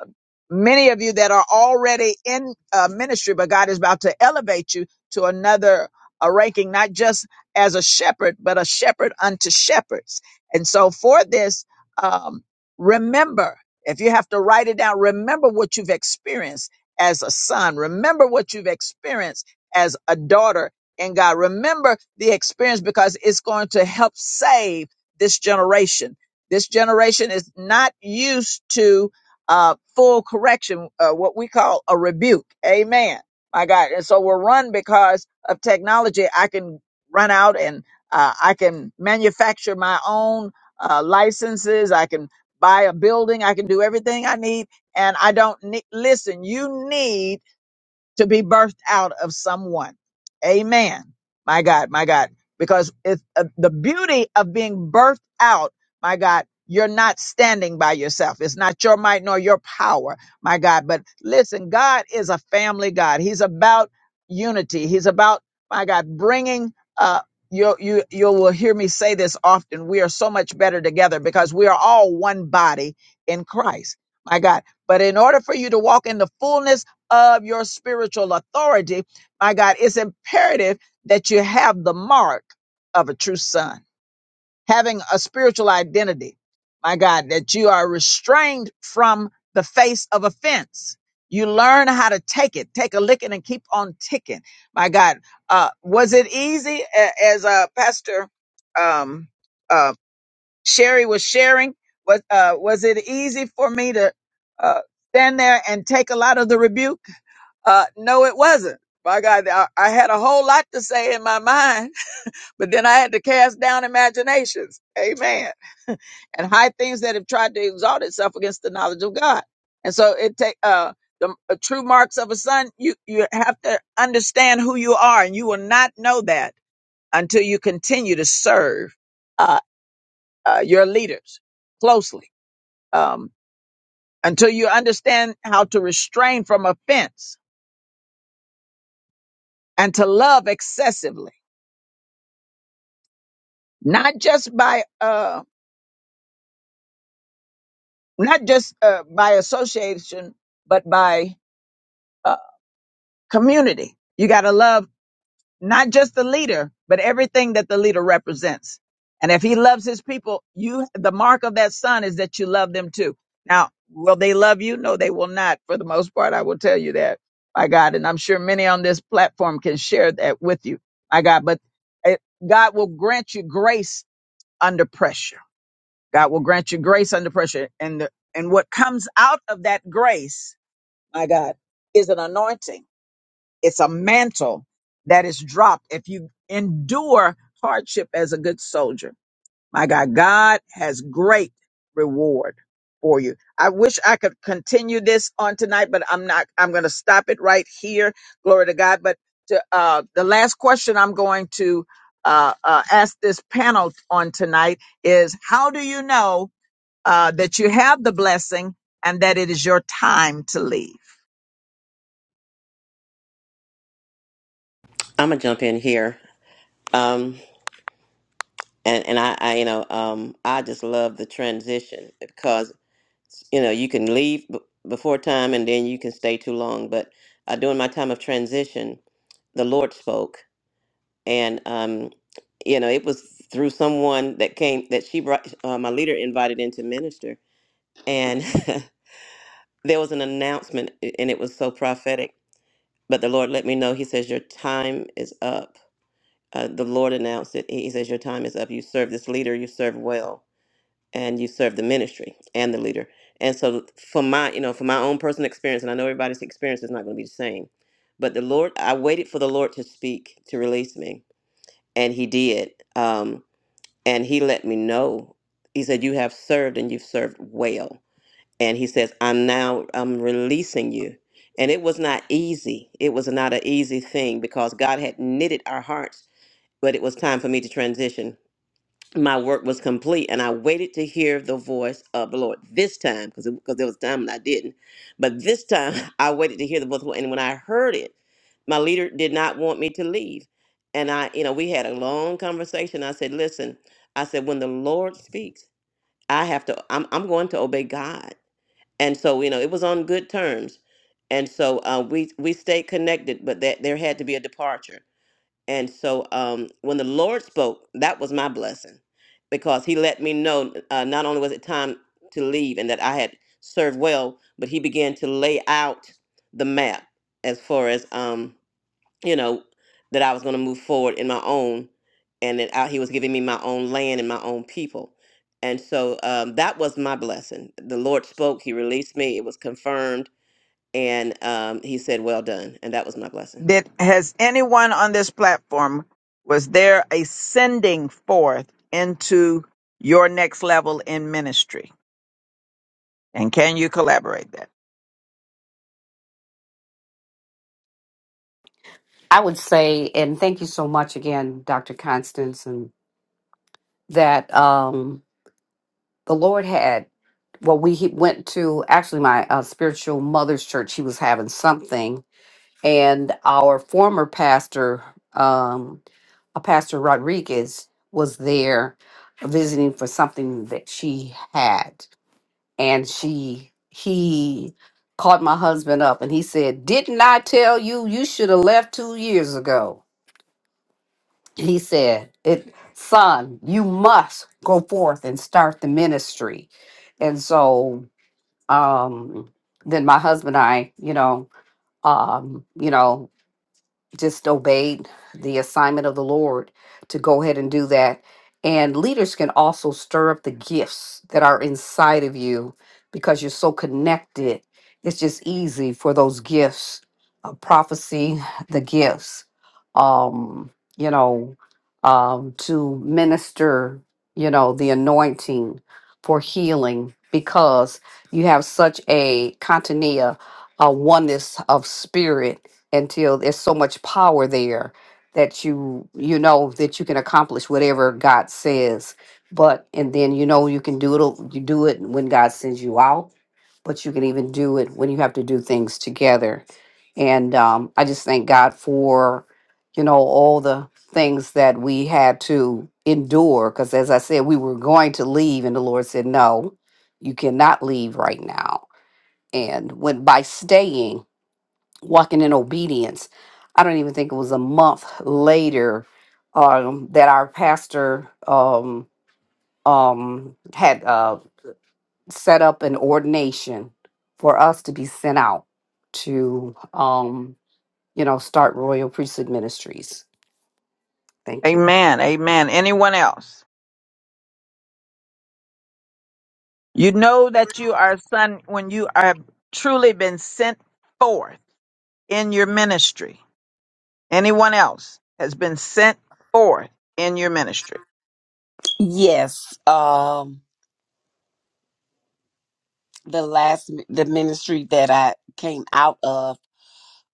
A: many of you that are already in uh, ministry, but God is about to elevate you to another a ranking, not just as a shepherd, but a shepherd unto shepherds. And so for this, um, remember, if you have to write it down, remember what you've experienced as a son. Remember what you've experienced as a daughter in God. Remember the experience because it's going to help save this generation. This generation is not used to uh, full correction, uh, what we call a rebuke. Amen. My God. And so we're run because of technology. I can run out and uh, I can manufacture my own uh, licenses. I can buy a building. I can do everything I need. And I don't need, listen, you need to be birthed out of someone. Amen. My God, my God. Because it's uh, the beauty of being birthed out, my God, you're not standing by yourself. It's not your might nor your power, my God. But listen, God is a family God. He's about unity. He's about, my God, bringing, uh, you, you, you will hear me say this often. We are so much better together because we are all one body in Christ, my God. But in order for you to walk in the fullness of your spiritual authority, my God, it's imperative that you have the mark of a true son, having a spiritual identity, my God, that you are restrained from the face of offense. You learn how to take it, take a licking and keep on ticking. My God, uh, was it easy A- as uh, Pastor um, uh, Sherry was sharing? Was uh, was it easy for me to uh, stand there and take a lot of the rebuke? Uh, no, it wasn't. My God, I, I had a whole lot to say in my [LAUGHS] mind, but then I had to cast down imaginations. Amen. [LAUGHS] and high things that have tried to exalt itself against the knowledge of God. And so it take uh the uh, true marks of a son. You you have to understand who you are, and you will not know that until you continue to serve uh, uh, your leaders closely. Um, until you understand how to restrain from offense and to love excessively not just by uh not just uh, by association but by uh, community you got to love not just the leader but everything that the leader represents and if he loves his people you the mark of that son is that you love them too now will they love you no they will not for the most part i will tell you that my god and i'm sure many on this platform can share that with you my god but it, god will grant you grace under pressure God will grant you grace under pressure. And the, and what comes out of that grace, my God, is an anointing. It's a mantle that is dropped if you endure hardship as a good soldier. My God, God has great reward for you. I wish I could continue this on tonight, but I'm not. I'm going to stop it right here. Glory to God. But to, uh, the last question I'm going to uh, uh, ask this panel on tonight is: How do you know? uh, that you have the blessing and that it is your time to leave.
C: I'm gonna jump in here. Um, and and I, I you know um I just love the transition because you know you can leave b- before time and then you can stay too long but uh, during my time of transition the Lord spoke and um you know it was through someone that came that she brought uh, my leader invited into minister and [LAUGHS] there was an announcement and it was so prophetic but the Lord let me know he says your time is up uh, the Lord announced it he he says your time is up you serve this leader you serve well and you serve the ministry and the leader. And so for my, you know, for my own personal experience, and I know everybody's experience is not going to be the same, but the Lord, I waited for the Lord to speak, to release me, and he did. Um, and he let me know. He said, you have served and you've served well. And he says, I'm now, I'm releasing you. And it was not easy. It was not an easy thing because God had knitted our hearts, but it was time for me to transition my work was complete and I waited to hear the voice of the Lord this time because because there was a time when I didn't. But this time [LAUGHS] I waited to hear the voice of the Lord. And when I heard it, my leader did not want me to leave. And I, you know, we had a long conversation. I said, listen, I said, when the Lord speaks, I have to, I'm, I'm going to obey God. And so, you know, it was on good terms. And so uh, we, we stayed connected, but that there had to be a departure. And so um, when the Lord spoke, that was my blessing because he let me know uh, not only was it time to leave and that I had served well, but he began to lay out the map as far as, um, you know, that I was going to move forward in my own and that I, he was giving me my own land and my own people. And so um, that was my blessing. The Lord spoke, he released me, it was confirmed, and um, he said, Well done. And that was my blessing.
A: Did has anyone on this platform was there a sending forth into your next level in ministry? And can you collaborate that?
M: I would say, and thank you so much again, Dr. Constance, and that um, the Lord had, well, we he went to actually my uh, spiritual mother's church. She was having something, and our former pastor, um, uh, Pastor Rodriguez, was there visiting for something that she had, and she he called my husband up and he said, "Didn't I tell you you should have left two years ago?" he said it son you must go forth and start the ministry and so um then my husband and i you know um you know just obeyed the assignment of the Lord to go ahead and do that. And leaders can also stir up the gifts that are inside of you because you're so connected. It's just easy for those gifts, uh, prophecy, the gifts, um, you know, um, to minister, you know, the anointing for healing because you have such a continia, a oneness of spirit until there's so much power there that you you know that you can accomplish whatever God says. But and then you know you can do it you do it when God sends you out, but you can even do it when you have to do things together. And um, I just thank God for you know all the things that we had to endure because as I said we were going to leave and the Lord said no, you cannot leave right now. And when by staying walking in obedience. I don't even think it was a month later um, that our pastor um, um, had uh, set up an ordination for us to be sent out to, um, you know, start Royal Priesthood Ministries. Thank you.
A: Amen. Amen. Anyone else? You know that you are a son when you are truly been sent forth in your ministry. Anyone else has been sent forth in your ministry.
D: Yes, um, the last mi- the ministry that I came out of,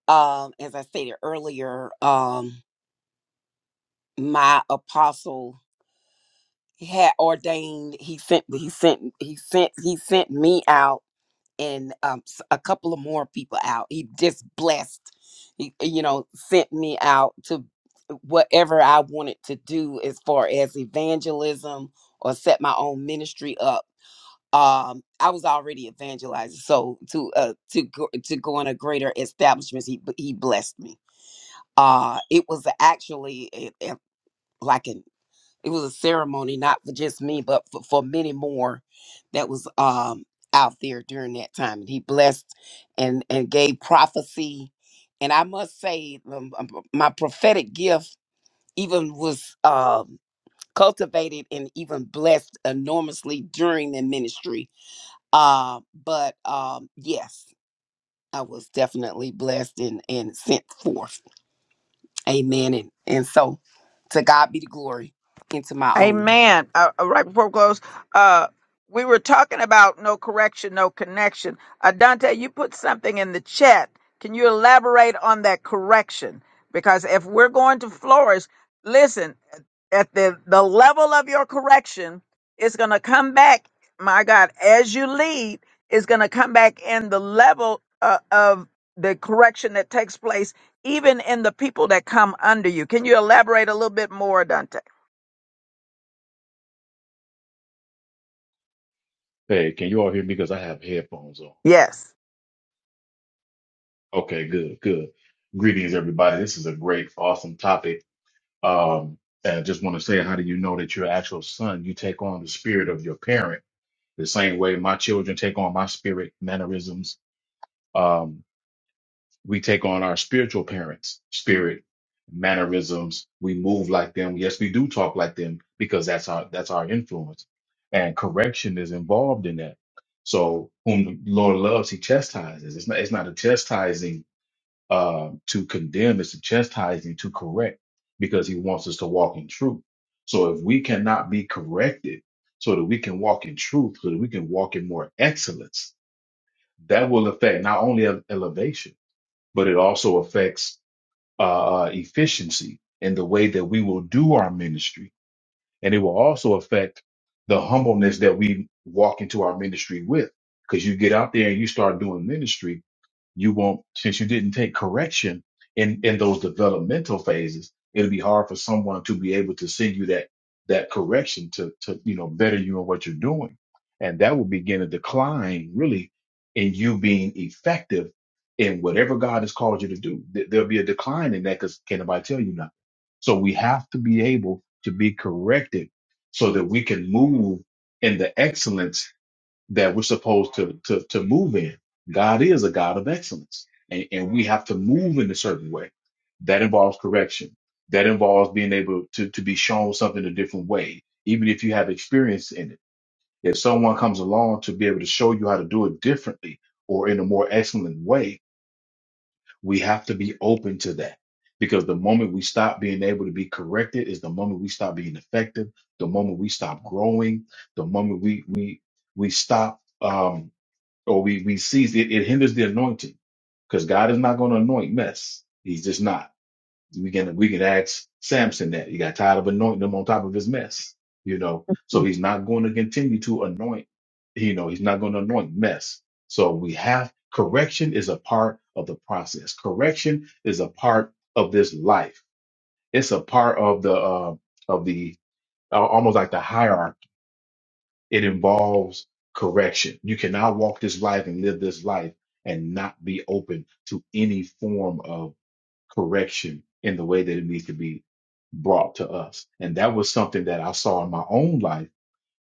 D: um, as I stated earlier, um, my apostle had ordained. He sent. He sent. He sent. He sent me out and um, s- a couple of more people out. He just blessed, he, you know, sent me out to whatever I wanted to do as far as evangelism or set my own ministry up. Um, I was already evangelizing, so to uh, to go, to go in a greater establishments, he he blessed me. Uh, it was actually a, a- like an it was a ceremony, not for just me, but for, for many more that was um out there during that time. And he blessed and and gave prophecy. And I must say, um, um, my prophetic gift even was um cultivated and even blessed enormously during the ministry. Uh, but um, yes, I was definitely blessed and, and sent forth. Amen. And, and so to God be the glory into my own.
A: Amen. Uh, uh, right before we close, uh, we were talking about no correction, no connection. Uh, Dante, you put something in the chat. Can you elaborate on that correction? Because if we're going to flourish, listen, at the, the level of your correction, it's going to come back, my God, as you lead, it's going to come back in the level uh, of the correction that takes place, even in the people that come under you. Can you elaborate a little bit more, Dante?
P: Hey, can you all hear me? Because I have headphones on.
A: Yes.
P: Okay, good, good. Greetings, everybody. This is a great, awesome topic. Um, and I just want to say, how do you know that your actual son? You take on the spirit of your parent the same way my children take on my spirit mannerisms. Um, we take on our spiritual parents' spirit, mannerisms. We move like them. Yes, we do talk like them because that's our that's our influence, and correction is involved in that. So, whom the Lord loves, He chastises. It's not it's not a chastising uh, to condemn. It's a chastising to correct because He wants us to walk in truth. So, if we cannot be corrected, so that we can walk in truth, so that we can walk in more excellence, that will affect not only elevation but it also affects uh, uh, efficiency in the way that we will do our ministry. And it will also affect the humbleness that we walk into our ministry with. Because you get out there and you start doing ministry you won't since you didn't take correction in in those developmental phases it'll be hard for someone to be able to send you that that correction to to you know better you in what you're doing and that will begin a decline really in you being effective in whatever god has called you to do There- there'll be a decline in that because can't nobody tell you nothing so we have to be able to be corrected so that we can move in the excellence that we're supposed to to to move in. God is a God of excellence, and, and we have to move in a certain way. That involves correction. That involves being able to to be shown something a different way, even if you have experience in it. If someone comes along to be able to show you how to do it differently or in a more excellent way, we have to be open to that. Because the moment we stop being able to be corrected is the moment we stop being effective, the moment we stop growing, the moment we we we stop um, or we we see it, it hinders the anointing because God is not going to anoint mess. He's just not. We can we can ask Samson that he got tired of anointing him on top of his mess, you know. So he's not going to continue to anoint, you know. He's not going to anoint mess. So we have correction is a part of the process. Correction is a part of this life. It's a part of the uh, of the uh, almost like the hierarchy it involves correction. You cannot walk this life and live this life and not be open to any form of correction in the way that it needs to be brought to us. And that was something that I saw in my own life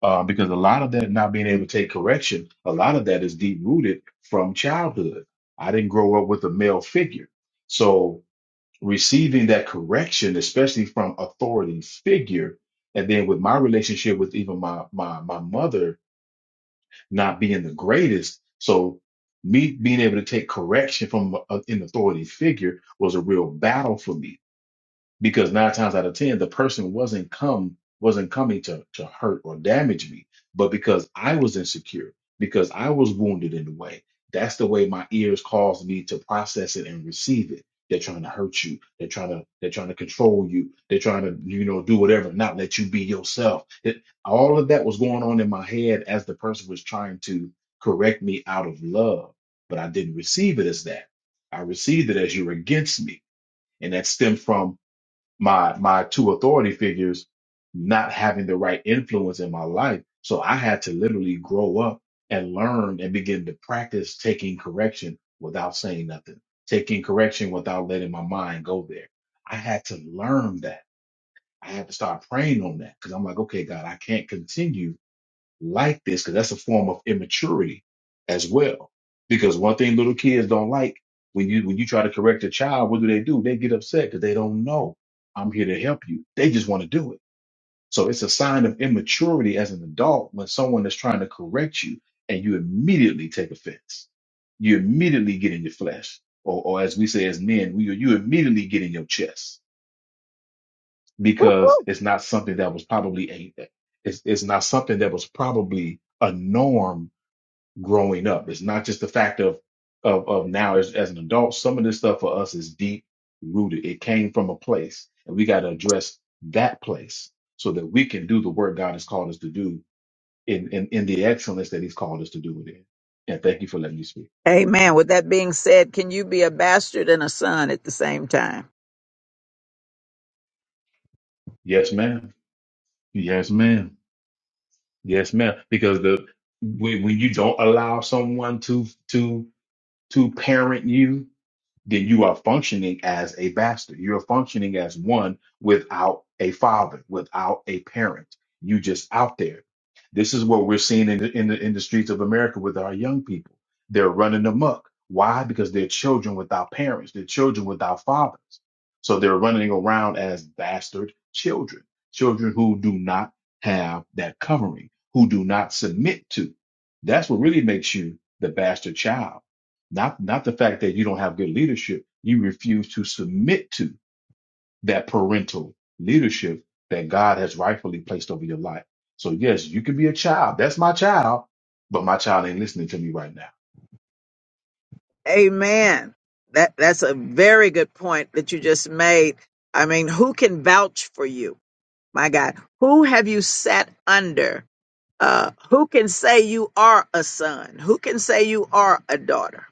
P: uh, because a lot of that not being able to take correction, a lot of that is deep rooted from childhood. I didn't grow up with a male figure. So receiving that correction, especially from authority figure, and then with my relationship with even my my my mother, not being the greatest. So me being able to take correction from a- an authority figure was a real battle for me because nine times out of ten the person wasn't come wasn't coming to to hurt or damage me but because i was insecure because i was wounded in the way that's the way my ears caused me to process it and receive it they're trying to hurt you they're trying to they're trying to control you they're trying to you know do whatever not let you be yourself it, all of that was going on in my head as the person was trying to correct me out of love but i didn't receive it as that i received it as you're against me and that stemmed from my my two authority figures not having the right influence in my life. So I had to literally grow up and learn and begin to practice taking correction without saying nothing, taking correction without letting my mind go there. I had to learn that. I had to start praying on that because I'm like, okay, God, I can't continue like this because that's a form of immaturity as well. Because one thing little kids don't like when you when you try to correct a child, what do they do? They get upset because they don't know. I'm here to help you. They just want to do it. So it's a sign of immaturity as an adult when someone is trying to correct you and you immediately take offense. You immediately get in your flesh. Or, or as we say as men, we, you immediately get in your chest because it's not something that was probably a, it's, it's not something that was probably a norm growing up. It's not just the fact of of, of now as, as an adult. Some of this stuff for us is deep rooted. It came from a place, and we got to address that place so that we can do the work God has called us to do in, in in the excellence that He's called us to do it in. And thank you for letting me speak.
A: Amen. With that being said, can you be a bastard and a son at the same time?
P: Yes, ma'am. Yes, ma'am. Yes, ma'am. Because the when, when you don't allow someone to to to parent you then you are functioning as a bastard. You're functioning as one without a father, without a parent. You just out there. This is what we're seeing in the, in the in the streets of America with our young people. They're running amok. Why? Because they're children without parents. They're children without fathers. So they're running around as bastard children, children who do not have that covering, who do not submit to. That's what really makes you the bastard child not not the fact that you don't have good leadership you refuse to submit to that parental leadership that god has rightfully placed over your life so yes you can be a child that's my child but my child ain't listening to me right now
A: Amen. That that's a very good point that you just made. I mean, who can vouch for you? My God, who have you sat under? Uh, who can say you are a son? Who can say you are a daughter?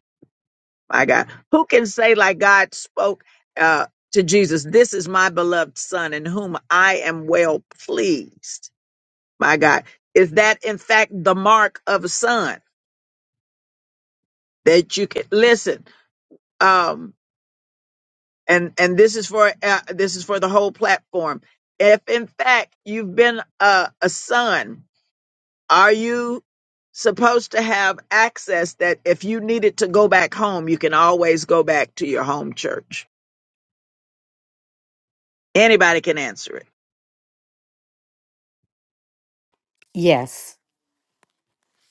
A: My God, who can say like God spoke uh, to Jesus, "This is my beloved son, in whom I am well pleased." my God, is that in fact the mark of a son that you can listen? Um, and and this is for uh, this is for the whole platform. If in fact you've been a, a son, are you supposed to have access that if you needed to go back home, you can always go back to your home church? Anybody can answer it.
M: Yes.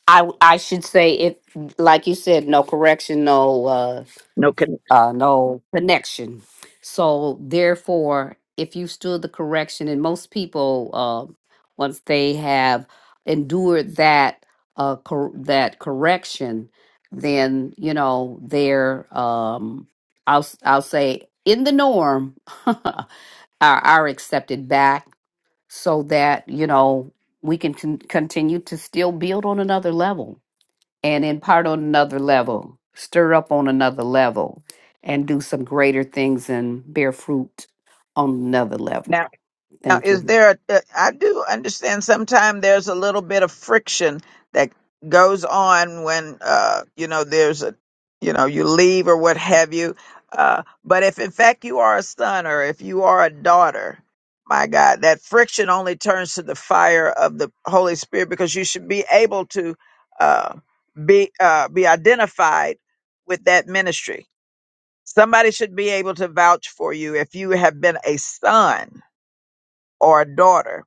M: I I should say it like you said no correction no uh
A: No connection.
M: uh, no connection. So therefore, if you stood the correction, and most people, uh, once they have endured that uh, cor- that correction, then you know they're um, I'll s- I'll say in the norm [LAUGHS] are, are accepted back, so that you know we can con- continue to still build on another level and impart on another level, stir up on another level, and do some greater things and bear fruit on another level.
A: Now, now,
M: Thank
A: is
M: you.
A: there? A, uh, I do understand. Sometimes there's a little bit of friction that goes on when uh, you know there's a, you know, you leave or what have you. Uh, but if in fact you are a son or if you are a daughter, my God, that friction only turns to the fire of the Holy Spirit because you should be able to uh, be uh, be identified with that ministry. Somebody should be able to vouch for you if you have been a son or a daughter.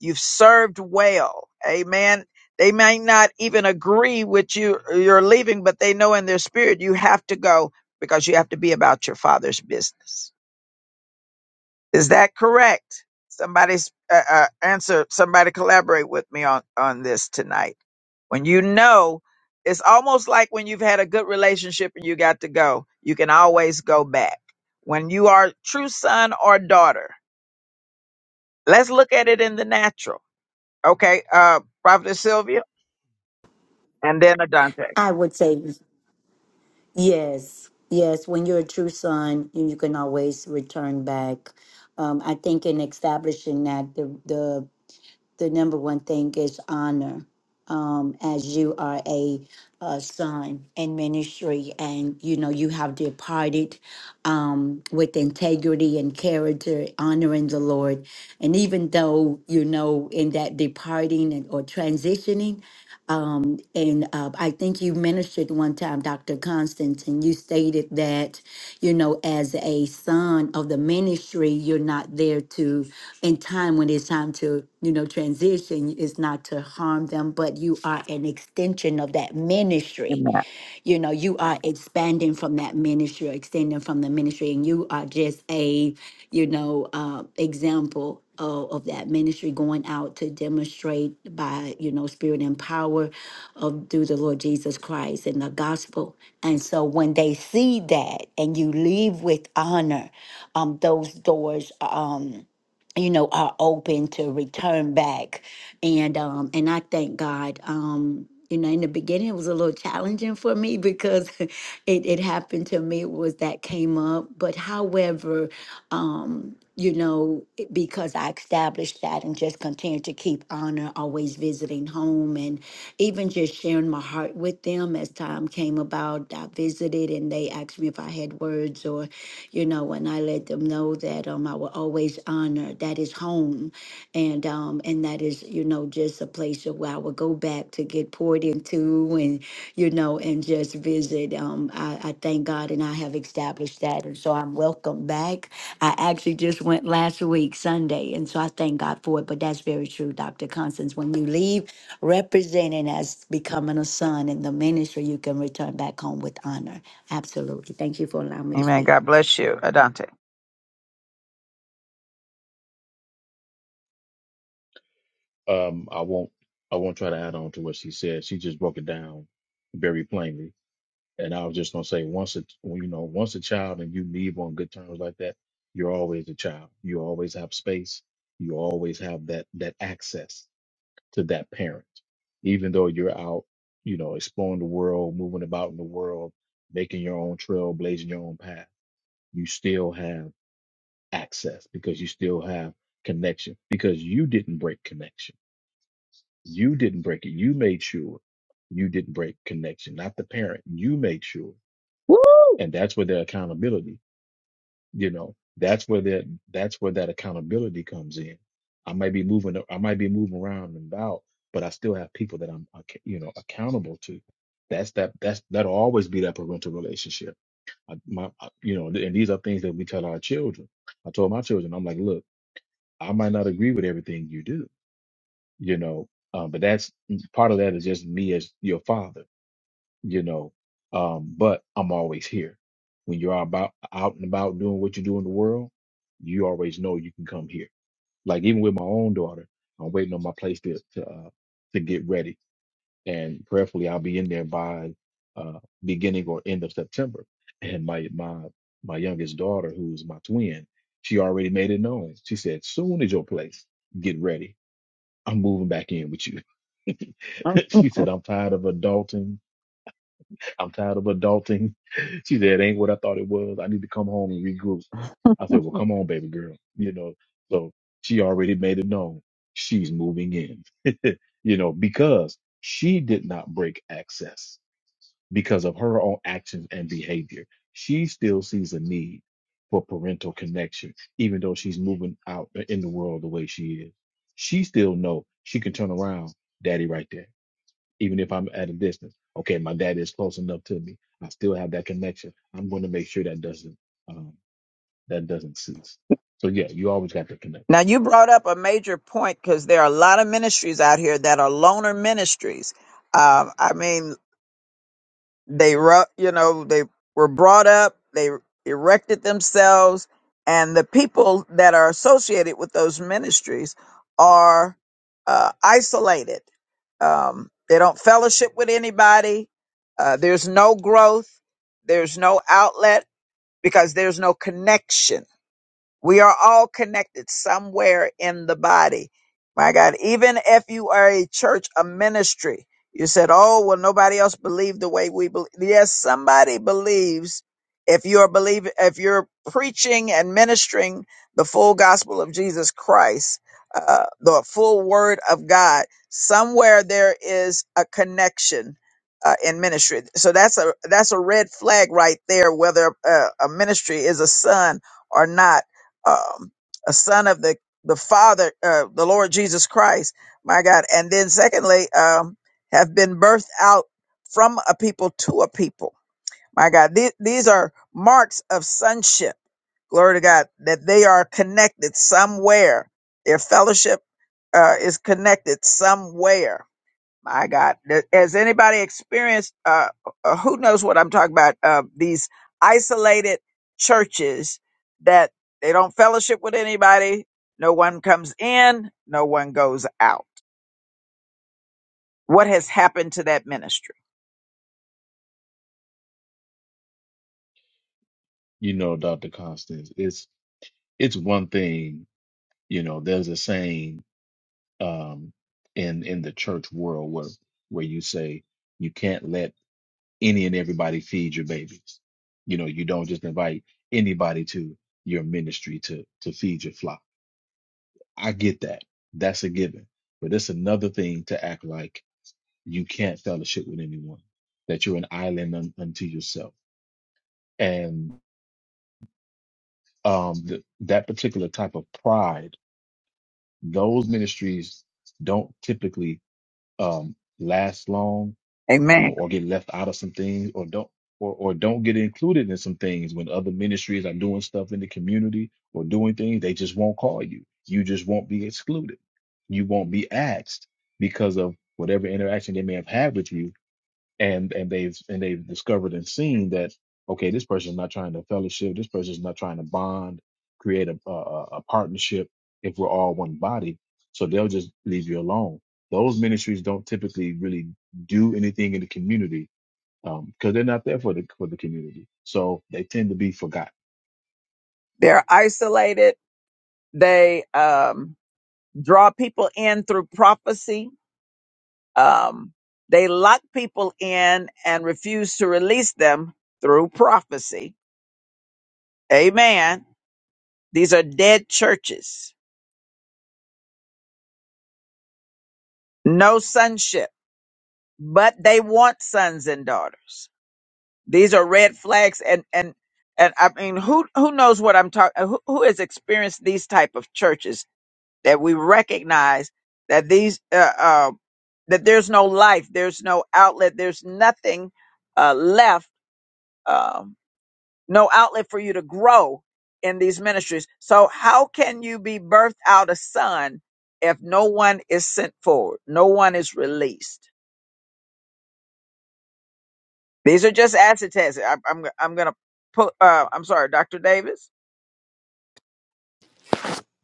A: You've served well. Amen. They may not even agree with you, you're leaving, but they know in their spirit you have to go because you have to be about your father's business. Is that correct? Somebody's uh, uh, answer, somebody collaborate with me on, on this tonight. When you know, it's almost like when you've had a good relationship and you got to go, you can always go back. When you are a true son or daughter, let's look at it in the natural Okay, uh, Prophetess Sylvia, and then Adante.
K: I would say yes. Yes. When you're a true son, you you can always return back um, I think in establishing that the, the the number one thing is honor um, as you are a, uh son in ministry and you know you have departed um, with integrity and character honoring the lord and even though you know in that departing and, or transitioning um, and uh, i think you ministered one time dr constance and you stated that you know as a son of the ministry you're not there to in time when it's time to you know transition is not to harm them but you are an extension of that ministry
A: Amen.
K: you know, you are expanding from that ministry, extending from the ministry, and you are just a, you know, uh, example of, of that ministry going out to demonstrate by, you know, spirit and power of through the Lord Jesus Christ and the gospel. And so when they see that and you leave with honor, um, those doors um, you know, are open to return back and um and I thank God. Um, you know, in the beginning it was a little challenging for me because [LAUGHS] it, it happened to me was that came up. But however, um, you know, it- because I established that and just continued to keep honor, always visiting home and even just sharing my heart with them as time came about. I visited and they asked me if I had words or, you know, and I let them know that um I will always honor that is home and um and that is you know just a place of where I would go back to get poured into and you know and just visit um I, I thank God and I have established that and so I'm welcome back I actually just went last week Sunday and so I thank God for it but that's very true Dr. Constance when you leave representing as becoming a son in the ministry you can return back home with honor absolutely thank you for allowing me to
A: Amen.
K: speak
A: God bless you, Adante.
P: um i won't i won't try to add on to what she said she just broke it down very plainly and i was just going to say once a you know once a child and you leave on good terms like that you're always a child you always have space you always have that that access to that parent, even though you're out, you know, exploring the world, moving about in the world, making your own trail, blazing your own path. You still have access because you still have connection because you didn't break connection. You didn't break it. You made sure you didn't break connection, not the parent. You made sure. And that's where the accountability. you know that's where that that's where that accountability comes in i might be moving i might be moving around and about but i still have people that i'm ac- you know accountable to that's that that's that'll always be that parental relationship I, my I- you know and these are things that we tell our children i told my children i'm like look i might not agree with everything you do you know um, but that's mm, part of that is just me as your father you know. Um, but I'm always here. When you're about out and about doing what you do in the world, you always know you can come here. Like even with my own daughter, I'm waiting on my place to to, uh, to get ready, and prayerfully I'll be in there by uh, beginning or end of September. And my my my youngest daughter, who's my twin, she already made it known. She said, "Soon as your place, get ready. I'm moving back in with you." [LAUGHS] she said, "I'm tired of adulting I'm tired of adulting. [LAUGHS] She said, it ain't what I thought it was. I need to come home and regroup. I said, well, come on, baby girl. You know, so she already made it known she's moving in, [LAUGHS] you know, because she did not break access because of her own actions and behavior. She still sees a need for parental connection, even though she's moving out in the world the way she is. She still know she can turn around, daddy right there even if I'm at a distance. Okay, my dad is close enough to me. I still have that connection. I'm going to make sure that doesn't um, that doesn't cease. So yeah, you always got the connection.
A: Now you brought up a major point because there are a lot of ministries out here that are loner ministries. Um, I mean, They, ru- you know, they were brought up, they erected themselves, and the people that are associated with those ministries are uh, isolated. Um, they don't fellowship with anybody. Uh, there's no growth. There's no outlet because there's no connection we are all connected somewhere in the body. My God, even if you are a church, a ministry, you said, Oh, well, nobody else believed the way we believe. Yes, somebody believes if you're believing, if you're preaching and ministering the full gospel of Jesus Christ, uh, the full word of God, somewhere there is a connection. Uh, in ministry, so that's a that's a red flag right there. Whether uh, a ministry is a son or not um, a son of the the Father, uh, the Lord Jesus Christ, my God. And then secondly, um, have been birthed out from a people to a people, my God. These, these are marks of sonship. Glory to God that they are connected somewhere. Their fellowship uh, is connected somewhere my God, Th- has anybody experienced? Uh, uh, who knows what I'm talking about? Uh, these isolated churches that they don't fellowship with anybody. No one comes in. No one goes out. What has happened to that ministry?
P: You know, Dr. Constance, it's it's one thing. You know, there's a saying um, in in the church world where where you say you can't let any and everybody feed your babies. You know, you don't just invite anybody to your ministry to to feed your flock I get that. That's a given. But it's another thing to act like you can't fellowship with anyone, that you're an island un- unto yourself. And um, th- that particular type of pride, those ministries don't typically um, last long
A: Amen.
P: um, or get left out of some things or don't or, or don't get included in some things when other ministries are doing stuff in the community or doing things they just won't call you you just won't be excluded you won't be asked because of whatever interaction they may have had with you and and they've and they've discovered and seen that okay, this person's not trying to fellowship, this person's not trying to bond, create a, a a partnership. If we're all one body, so they'll just leave you alone. Those ministries don't typically really do anything in the community because they're not there for the for the community, so they tend to be forgotten.
A: They're isolated. They um, draw people in through prophecy. Um, they lock people in and refuse to release them through prophecy. Amen These are dead churches. No sonship, but they want sons and daughters. These are red flags and and and I mean who who knows what I'm talking who, who has experienced these type of churches that we recognize that these uh, uh that there's no life, there's no outlet, there's nothing uh left Um, no outlet for you to grow in these ministries. So how can you be birthed out a son if no one is sent forward? No one is released. These are just acid tests. I'm I'm, I'm gonna put. Uh, I'm sorry, Doctor Davis.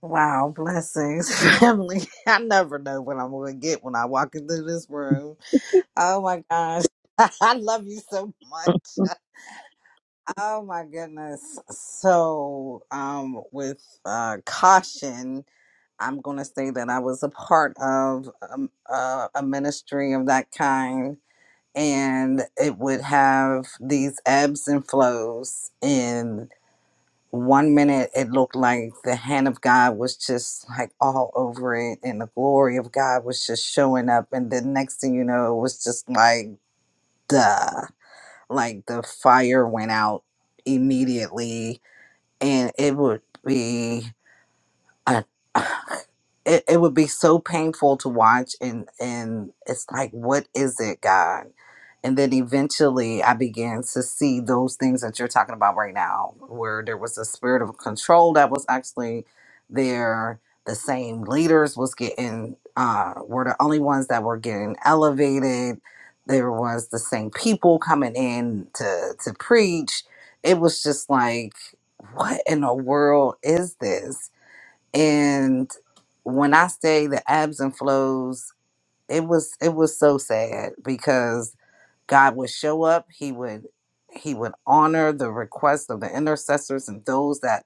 Q: Wow, blessings, [LAUGHS] family. I never know what I'm going to get when I walk into this room. Oh my gosh. [LAUGHS] I love you so
A: [LAUGHS]
Q: much. [LAUGHS] Oh my goodness. So, um, with uh, caution, I'm going to say that I was a part of um, uh, a ministry of that kind, and it would have these ebbs and flows one minute it looked like the hand of God was just like all over it and the glory of God was just showing up and the next thing you know it was just like duh like the fire went out immediately and it would be I, [SIGHS] it, it would be so painful to watch and and it's like what is it god and then eventually i began to see those things that you're talking about right now where there was a spirit of control that was actually there the same leaders was getting uh were the only ones that were getting elevated there was the same people coming in to to preach it was just like what in the world is this and when i say the ebbs and flows it was it was so sad because god would show up he would he would honor the request of the intercessors and those that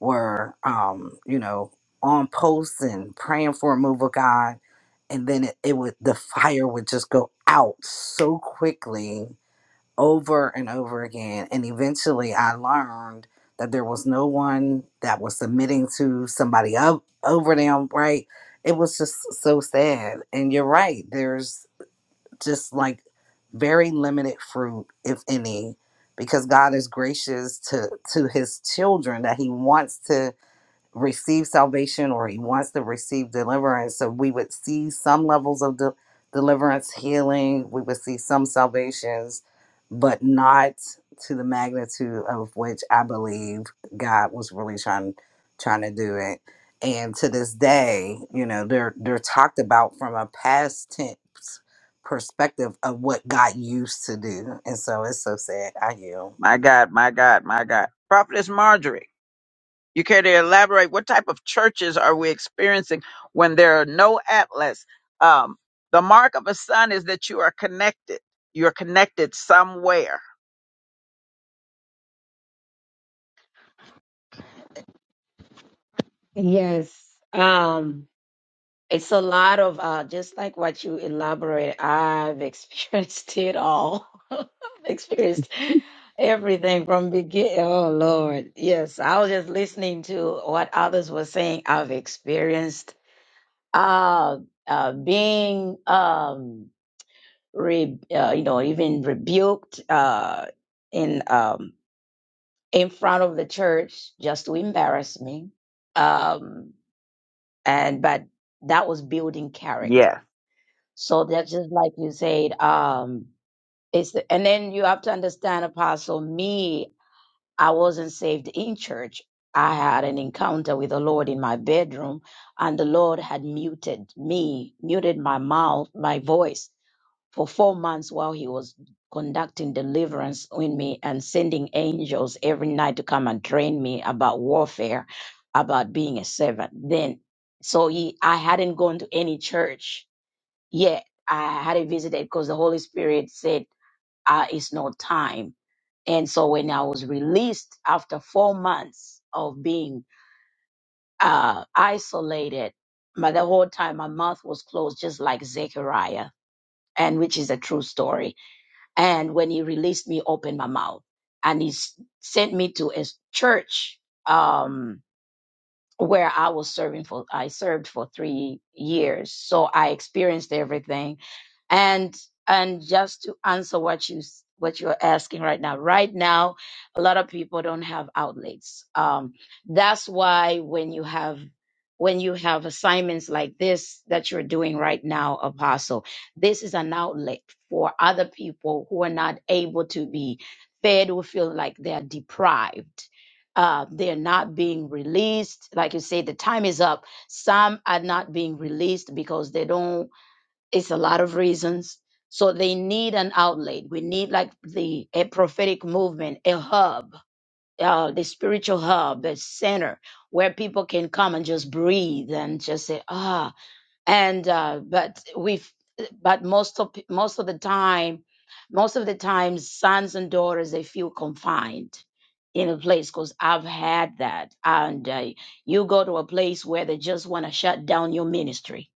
Q: were um you know on posts and praying for a move of god and then it, it would the fire would just go out so quickly over and over again. And eventually I learned that there was no one that was submitting to somebody up over them, right? It was just so sad. And you're right, there's just like very limited fruit, if any, because God is gracious to to his children that he wants to receive salvation or he wants to receive deliverance. So we would see some levels of de- deliverance, healing. We would see some salvations, but not to the magnitude of which I believe God was really trying trying to do it. And to this day, you know, they're they're talked about from a past tense perspective of what God used to do. And so it's so sad. I yield.
A: my God, my God, my God. Prophetess Marjorie. You care to elaborate? What type of churches are we experiencing when there are no atlas? Um, the mark of a son is that you are connected. You're connected somewhere.
L: Yes. Um, It's a lot of uh, just like what you elaborate. I've experienced [LAUGHS] it all. [LAUGHS] I've experienced everything from begin. Oh Lord, yes. I was just listening to what others were saying. I've experienced uh, uh, being, um, re- uh, you know, even rebuked uh, in um, in front of the church just to embarrass me. Um, and but that was building character
A: Yes.
L: So that's just like you said. Um, it's and then you have to understand, Apostle. Me, I wasn't saved in church. I had an encounter with the Lord in my bedroom, and the Lord had muted me, muted my mouth, my voice for four months while He was conducting deliverance in me and sending angels every night to come and train me about warfare, about being a servant. Then, so he, I hadn't gone to any church yet I hadn't visited because the Holy Spirit said, uh, it's not time. And so when I was released after four months of being uh, isolated, but the whole time my mouth was closed, just like Zechariah, and which is a true story. And when he released me, opened my mouth, and he s- sent me to a s- church. Um, where I was serving for, I served for three years. So I experienced everything. And, and just to answer what you, s- what you're asking right now, right now, a lot of people don't have outlets. Um, that's why when you have, when you have assignments like this that you're doing right now, Apostle, this is an outlet for other people who are not able to be fed who feel like they're deprived uh, they're not being released. Like you say, the time is up. Some are not being released because they don't, it's a lot of reasons. So they need an outlet. We need like the a prophetic movement, a hub, uh, the spiritual hub, a center where people can come and just breathe and just say, ah, and uh, but we've but most of most of the time most of the time sons and daughters they feel confined in a place because i've had that and uh, you go to a place where they just want to shut down your ministry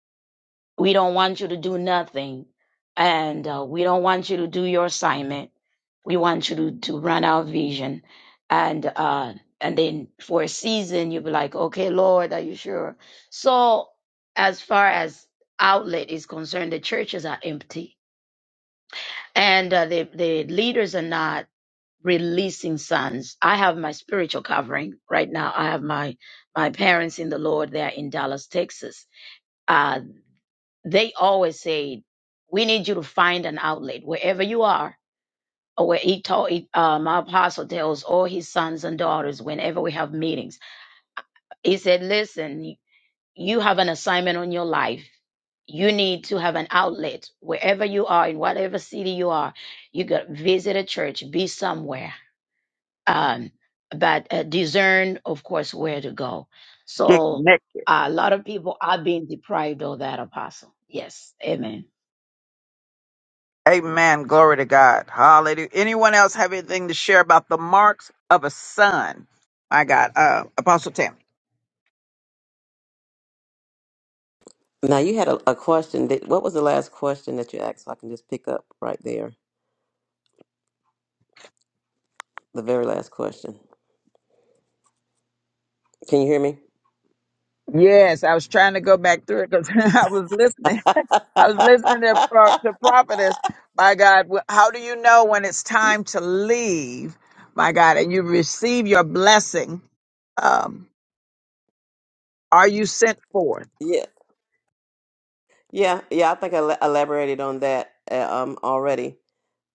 L: we don't want you to do nothing and uh, we don't want you to do your assignment we want you to, to run our vision and uh and then for a season you'll be like okay lord are you sure so as far as outlet is concerned the churches are empty and uh, the the leaders are not releasing sons i have my spiritual covering right now i have my my parents in the lord they're in dallas texas uh they always say we need you to find an outlet wherever you are Oh, where he taught he, uh, my apostle tells all his sons and daughters whenever we have meetings he said listen you have an assignment on your life you need to have an outlet wherever you are in whatever city you are you got to visit a church be somewhere um but uh, discern of course where to go
A: Get
L: so
A: connected.
L: uh, a lot of people are being deprived of that apostle yes amen
A: Amen. Glory to God. Hallelujah. Anyone else have anything to share about the marks of a son? My God. Uh, Apostle Tim.
C: Now you had a, a question. That, what was the last question that you asked? So I can just pick up right there. The very last question. Can you hear me?
A: Yes, I was trying to go back through it because [LAUGHS] I was listening.
C: [LAUGHS]
A: [LAUGHS] I was listening to, pro- to prophetess. My God, wh- how do you know when it's time to leave? My God, and you receive your blessing. Um, are you sent forth?
C: yeah, yeah, yeah. I think I la- elaborated on that uh, um, already.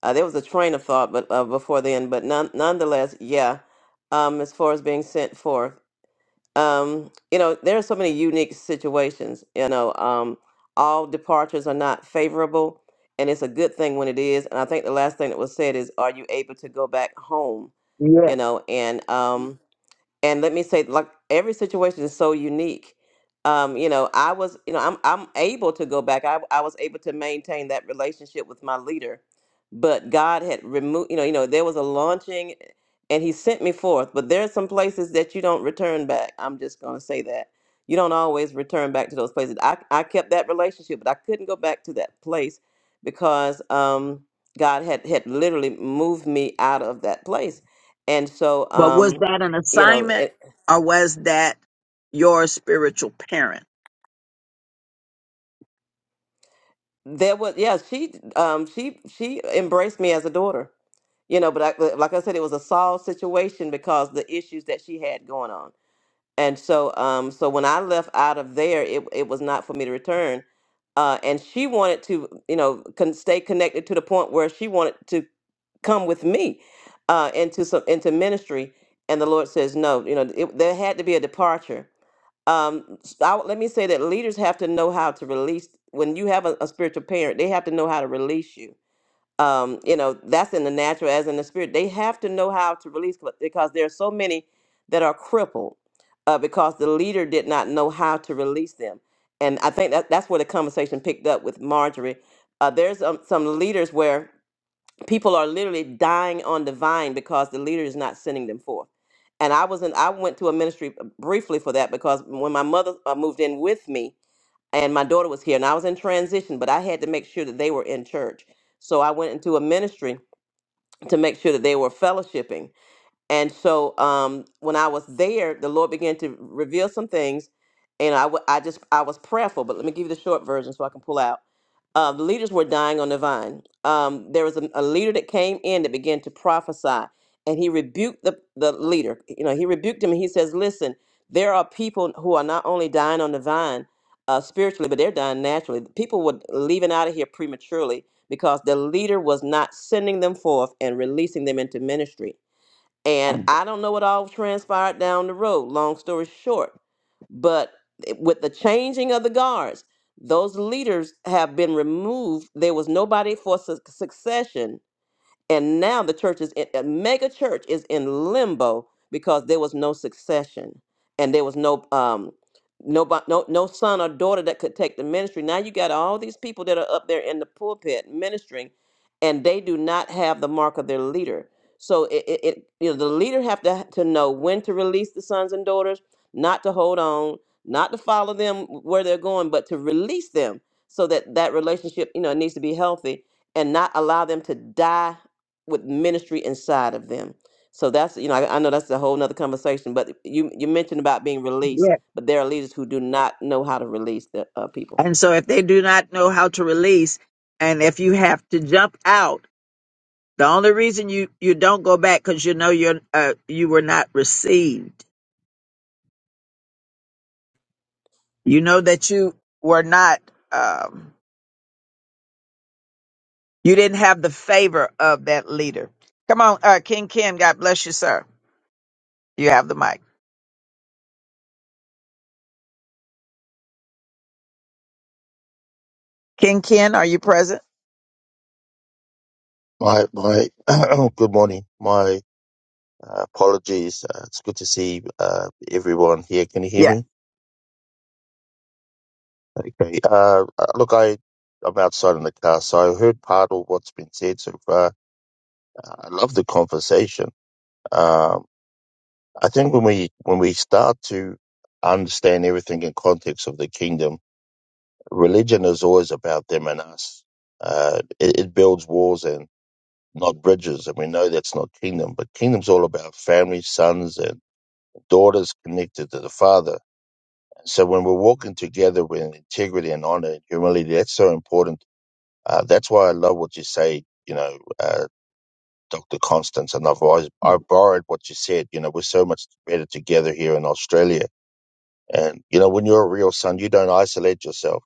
C: Uh, there was a train of thought, but uh, before then, but none, nonetheless, yeah. Um, as far as being sent forth. um, you know, there are so many unique situations. You know, um, all departures are not favorable, and it's a good thing when it is. And I think the last thing that was said is, "Are you able to go back home?" You
A: Yes.
C: know, and um, and let me say like every situation is so unique um you know i was you know i'm i'm able to go back i, I was able to maintain that relationship with my leader but god had removed you know you know there was a launching and he sent me forth but there are some places that you don't return back i'm just going to say that you don't always return back to those places i i kept that relationship but i couldn't go back to that place because um god had had literally moved me out of that place and so
A: But was
C: um
A: that an
C: you know
A: assignment
C: it,
A: or was that your spiritual parent?
C: there was yeah she um she she embraced me as a daughter you know but I, but like i said it was a solved situation because the issues that she had going on and so um so when i left out of there it, it was not for me to return uh and she wanted to you know con- stay connected to the point where she wanted to come with me uh into some into ministry and the lord says no you know it, there had to be a departure um s- I, let me say that leaders have to know how to release when you have a, a spiritual parent they have to know how to release you um you know that's in the natural as in the spirit they have to know how to release but- because there are so many that are crippled uh, because the leader did not know how to release them and i think that that's where the conversation picked up with marjorie uh, there's um, some leaders where people are literally dying on the vine because the leader is not sending them forth. And I was in, I went to a ministry uh, briefly for that because when my mother uh, moved in with me and my daughter was here and I was in transition, but I had to make sure that they were in church. So I went into a ministry to make sure that they were fellowshipping and so um, when I was there, the Lord began to reveal some things, and I, w- I just I was prayerful. But let me give you the short version so I can pull out. Uh, the leaders were dying on the vine. Um, there was a, a leader that came in that began to prophesy, and he rebuked the the leader. You know, he rebuked him, and he says, "Listen, there are people who are not only dying on the vine." Uh, spiritually, but they're dying naturally. People were leaving out of here prematurely because the leader was not sending them forth and releasing them into ministry. And I don't know what all transpired down the road, long story short. But with the changing of the guards, those leaders have been removed. There was nobody for su- succession and now the church is in, a mega church is in limbo because there was no succession and there was no um nobody no no son or daughter that could take the ministry. Now you got all these people that are up there in the pulpit ministering and they do not have the mark of their leader. So it, it, it you know the leader have to to know when to release the sons and daughters, not to hold on, not to follow them where they're going, but to release them so that that relationship you know needs to be healthy and not allow them to die with ministry inside of them. So that's you know I, I know that's a whole nother conversation. But you you mentioned about being released, but there are leaders who do not know how to release the uh, people.
A: And so if they do not know how to release and if you have to jump out, the only reason you, you don't go back because you know you're, uh, you were not received. You know that you were not, um, you didn't have the favor of that leader. Come on, uh, King Ken, God bless you, sir. You have the mic. King Ken, are you present?
R: My my [CLEARS THROAT] good morning. My uh, apologies. Uh, it's good to see uh, everyone here. Can you hear
A: Yes.
R: me? Okay. Uh, uh, look, I I'm outside in the car, so I heard part of what's been said so far. Uh, I love the conversation. Um, I think when we when we start to understand everything in context of the kingdom, religion is always about them and us. Uh, it, it builds walls and not bridges, and we know that's not kingdom. But kingdom's all about family, sons, and Daughters connected to the father. So when we're walking together with integrity and honor and humility, that's so important. Uh, that's why I love what you say, you know, uh, Dr. Constance, and I've always, I borrowed what you said. You know, we're so much better together here in Australia. And, you know, when you're a real son, you don't isolate yourself.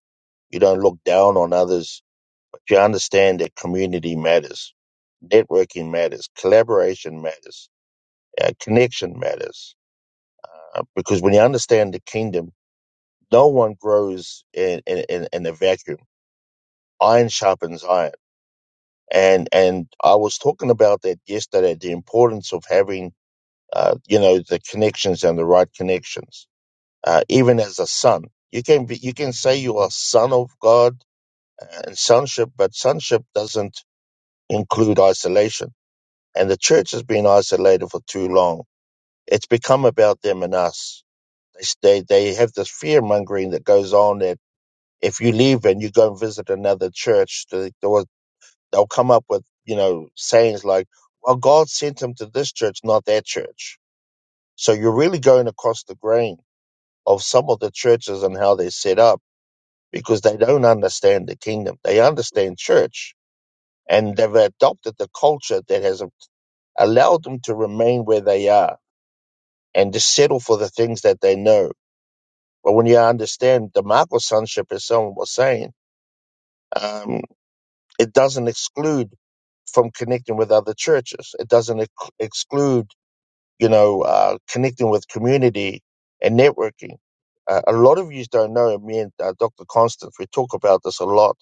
R: You don't look down on others, but you understand that community matters. Networking matters. Collaboration matters. Uh, connection matters. Uh, because when you understand the kingdom, no one grows in in, in, in a vacuum. Iron sharpens iron, and and I was talking about that yesterday. The importance of having uh, you know the connections and the right connections. Uh, even as a son, you can be, you can say you are a son of God uh, and sonship, but sonship doesn't include isolation. And the church has been isolated for too long. It's become about them and us. They they, they have this fear mongering that goes on that if you leave and you go and visit another church, they- they will- they'll come up with you know sayings like, "Well, God sent him to this church, not that church." So you're really going across the grain of some of the churches and how they're set up because they don't understand the kingdom. They understand church and they've adopted the culture that has allowed them to remain where they are and to settle for the things that they know. But when you understand the Marco sonship, as someone was saying, um, It doesn't exclude from connecting with other churches. It doesn't ex- exclude, you know, uh, connecting with community and networking. Uh, a lot of you don't know, me and uh, Dr. Constance, we talk about this a lot.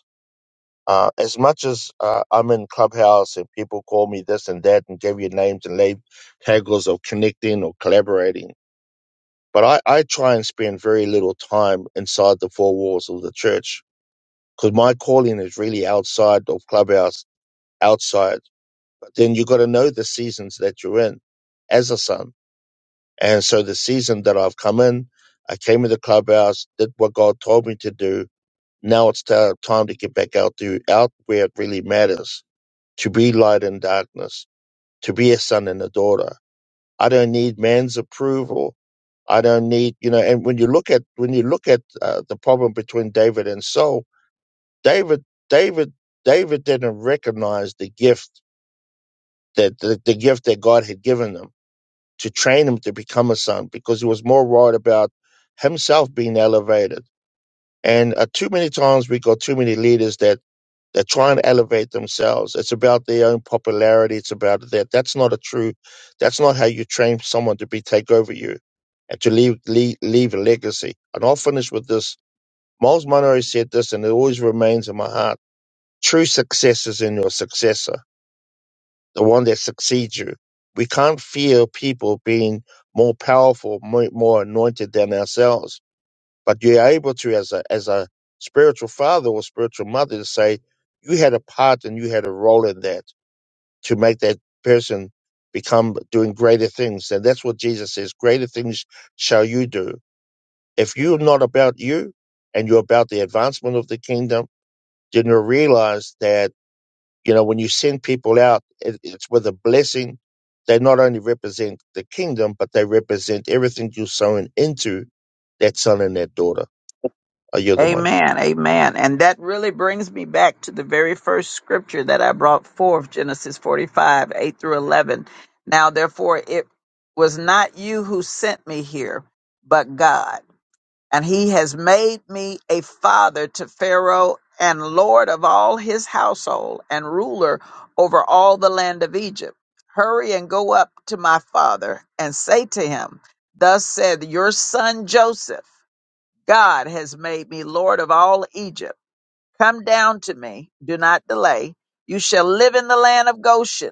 R: Uh, as much as uh, I'm in Clubhouse and people call me this and that and give you names and lab- tagles of connecting or collaborating, but I, I try and spend very little time inside the four walls of the church because my calling is really outside of Clubhouse, outside. then you got to know the seasons that you're in as a son. And so the season that I've come in, I came in the clubhouse, did what God told me to do. Now it's ti- time to get back out to out where it really matters, to be light in darkness, to be a son and a daughter. I don't need man's approval. I don't need, you know, and when you look at, when you look at uh, the problem between David and Saul, David, David, David didn't recognize the gift that, the, the gift that God had given him to train him to become a son because he was more worried about himself being elevated. And uh, too many times we got too many leaders that that try and elevate themselves. It's about their own popularity. It's about that. That's not a true. That's not how you train someone to be take over you and to leave leave, leave a legacy. And I'll finish with this. Miles Monroe said this, and it always remains in my heart. True success is in your successor the one that succeeds you. We can't fear people being more powerful, more, more anointed than ourselves. But you're able to, as a as a spiritual father or spiritual mother, to say you had a part and you had a role in that to make that person become doing greater things. And that's what Jesus says: greater things shall you do. If you're not about you and you're about the advancement of the kingdom, then you realize that you know, when you send people out, it, it's with a blessing. They not only represent the kingdom, but they represent everything you're sowing into that son and that daughter. Are you the mic?
A: Amen. Amen. And that really brings me back to the very first scripture that I brought forth, Genesis 45, 8 through 11. Now, therefore, it was not you who sent me here, but God. And he has made me a father to Pharaoh and lord of all his household and ruler over all the land of Egypt. Hurry and go up to my father and say to him, Thus said your son Joseph. God has made me Lord of all Egypt. Come down to me, do not delay. You shall live in the land of Goshen,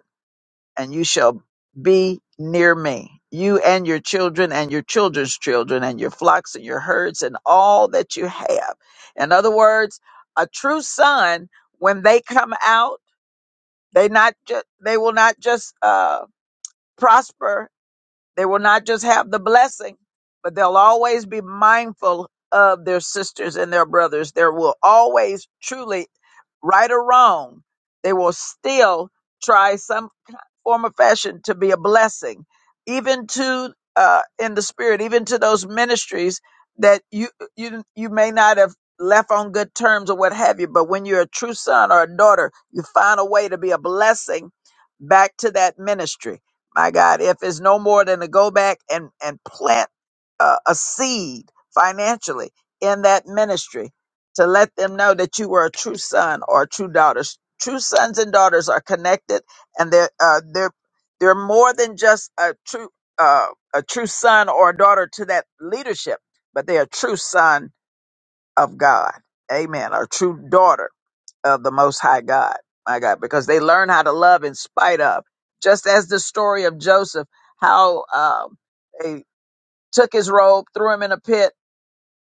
A: and you shall be near me, you and your children, and your children's children, and your flocks, and your herds, and all that you have. In other words, a true son, when they come out, they not ju- they will not just uh, prosper they will not just have the blessing, but they'll always be mindful of their sisters and their brothers. There will always truly, right or wrong, they will still try some form of fashion to be a blessing, even to uh, in the spirit, even to those ministries that you you you may not have left on good terms or what have you. But when you're a true son or a daughter, you find a way to be a blessing back to that ministry my God, if it's no more than to go back and, and plant a, a seed financially in that ministry to let them know that you were a true son or a true daughter. True sons and daughters are connected, and they're uh, they're they're more than just a true uh, a true son or a daughter to that leadership, but they're a true son of God. Amen. Or a true daughter of the Most High God, my God, because they learn how to love in spite of. Just as the story of Joseph, how um, they took his robe, threw him in a pit,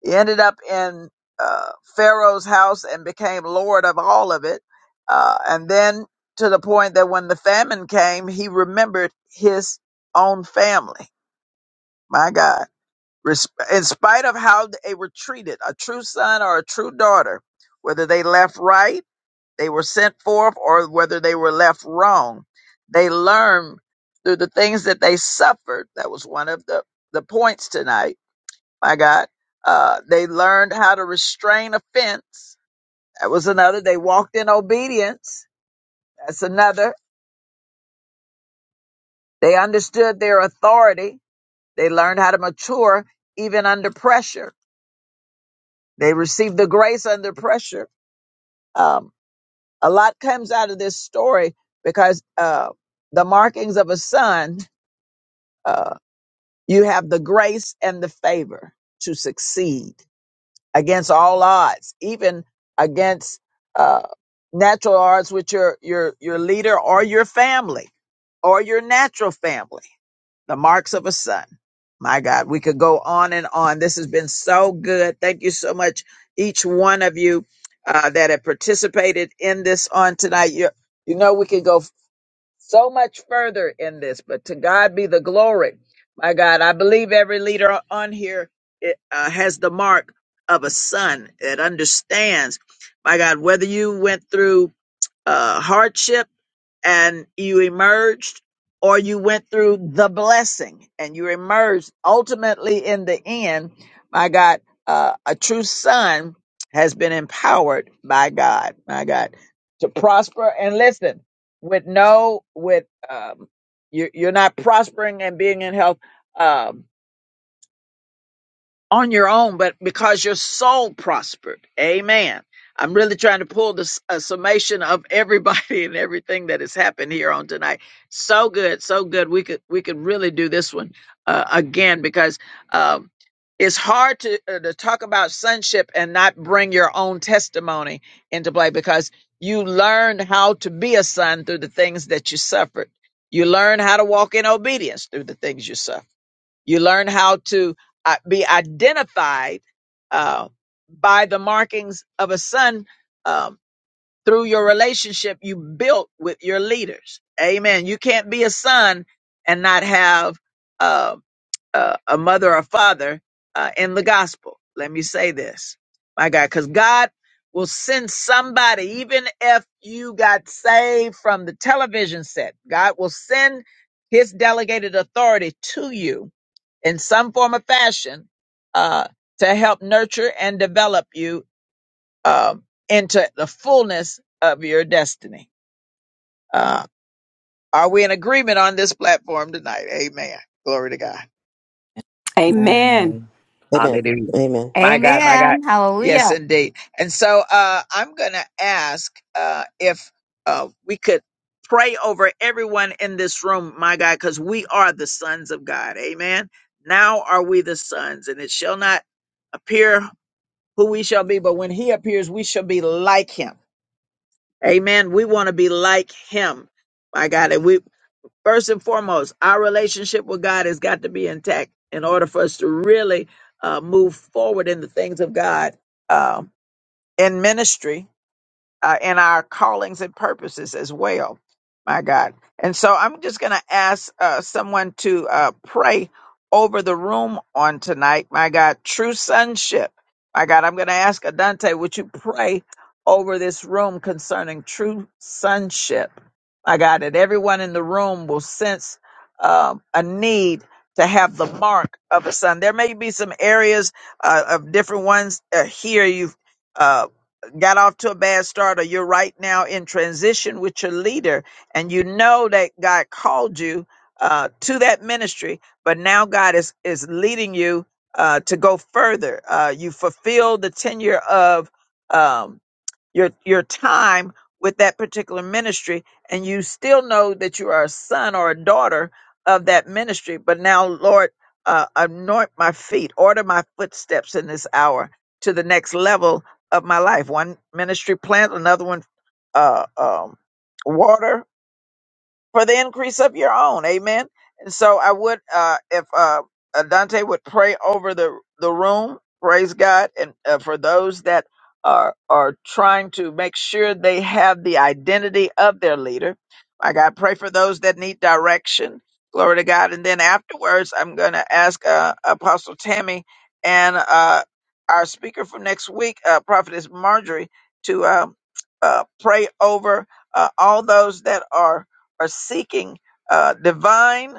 A: he ended up in uh, Pharaoh's house and became Lord of all of it. Uh, and then to the point that when the famine came, he remembered his own family, my God. Res- In spite of how they were treated, a true son or a true daughter, whether they left right they were sent forth or whether they were left wrong. They learned through the things that they suffered. That was one of the, the points tonight. My God. Uh, they learned how to restrain offense. That was another. They walked in obedience. That's another. They understood their authority. They learned how to mature even under pressure. They received the grace under pressure. Um, a lot comes out of this story because uh, the markings of a son. uh, You have the grace and the favor to succeed against all odds, even against uh, natural odds with your, your, your leader or your family or your natural family. The marks of a son. My God, we could go on and on. This has been so good. Thank you so much, each one of you uh, that have participated in this on tonight. You, you know, we could go so much further in this, but to God be the glory. My God, I believe every leader on here it, uh, has the mark of a son that understands. My God, whether you went through uh, hardship and you emerged, or you went through the blessing and you emerged. Ultimately, in the end, my God, uh, a true son has been empowered by God, my God, to prosper and listen with no, with, um, you're, you're not prospering and being in health. Um, on your own, but because your soul prospered. Amen. I'm really trying to pull this a summation of everybody [LAUGHS] and everything that has happened here on tonight. So good, so good. We could we could really do this one uh, again because um, it's hard to uh, to talk about sonship and not bring your own testimony into play because you learned how to be a son through the things that you suffered. You learn how to walk in obedience through the things you suffered you learn how to uh, be identified uh, by the markings of a son. Um, through your relationship you built with your leaders. Amen. You can't be a son and not have uh, uh, a mother or father uh, in the gospel. Let me say this, my God, because God will send somebody, even if you got saved from the television set, God will send his delegated authority to you in some form or fashion uh, to help nurture and develop you um, into the fullness of your destiny. Uh, are we in agreement on this platform tonight? Amen. Glory to God.
D: Amen.
Q: And
C: Amen.
A: Hallelujah.
C: Amen.
A: My God, my God.
M: Amen.
A: Yes,
M: Hallelujah.
A: indeed. And so uh, I'm going to ask uh, if uh, we could pray over everyone in this room, my God, because we are the sons of God. Amen. Now are we the sons, and it shall not appear who we shall be, but when he appears, we shall be like him. Amen. We want to be like him. My God. And we first and foremost, our relationship with God has got to be intact in order for us to really uh, move forward in the things of God um, in ministry uh, in our callings and purposes as well. My God. And so I'm just going to ask uh, someone to uh, pray over the room on tonight. My God, true sonship. My God, I'm going to ask Adante, would you pray over this room concerning true sonship? My God, that everyone in the room will sense um, a need to have the mark of a son. There may be some areas uh, of different ones uh, here you've uh, got off to a bad start or you're right now in transition with your leader and you know that God called you uh, to that ministry, but now God is, is leading you uh, to go further. Uh, you fulfill the tenure of um, your your time with that particular ministry and you still know that you are a son or a daughter of that ministry but now lord uh, anoint my feet order my footsteps in this hour to the next level of my life one ministry plant another one uh, um, water for the increase of your own. Amen. And so I would, uh, if uh, uh, Dante would pray over the the room, praise God, and uh, for those that are are trying to make sure they have the identity of their leader. My God, pray for those that need direction. Glory to God. And then afterwards, I'm going to ask uh, Apostle Tammy and uh, our speaker for next week, uh, Prophetess Marjorie, to uh, uh, pray over uh, all those that are are seeking uh, divine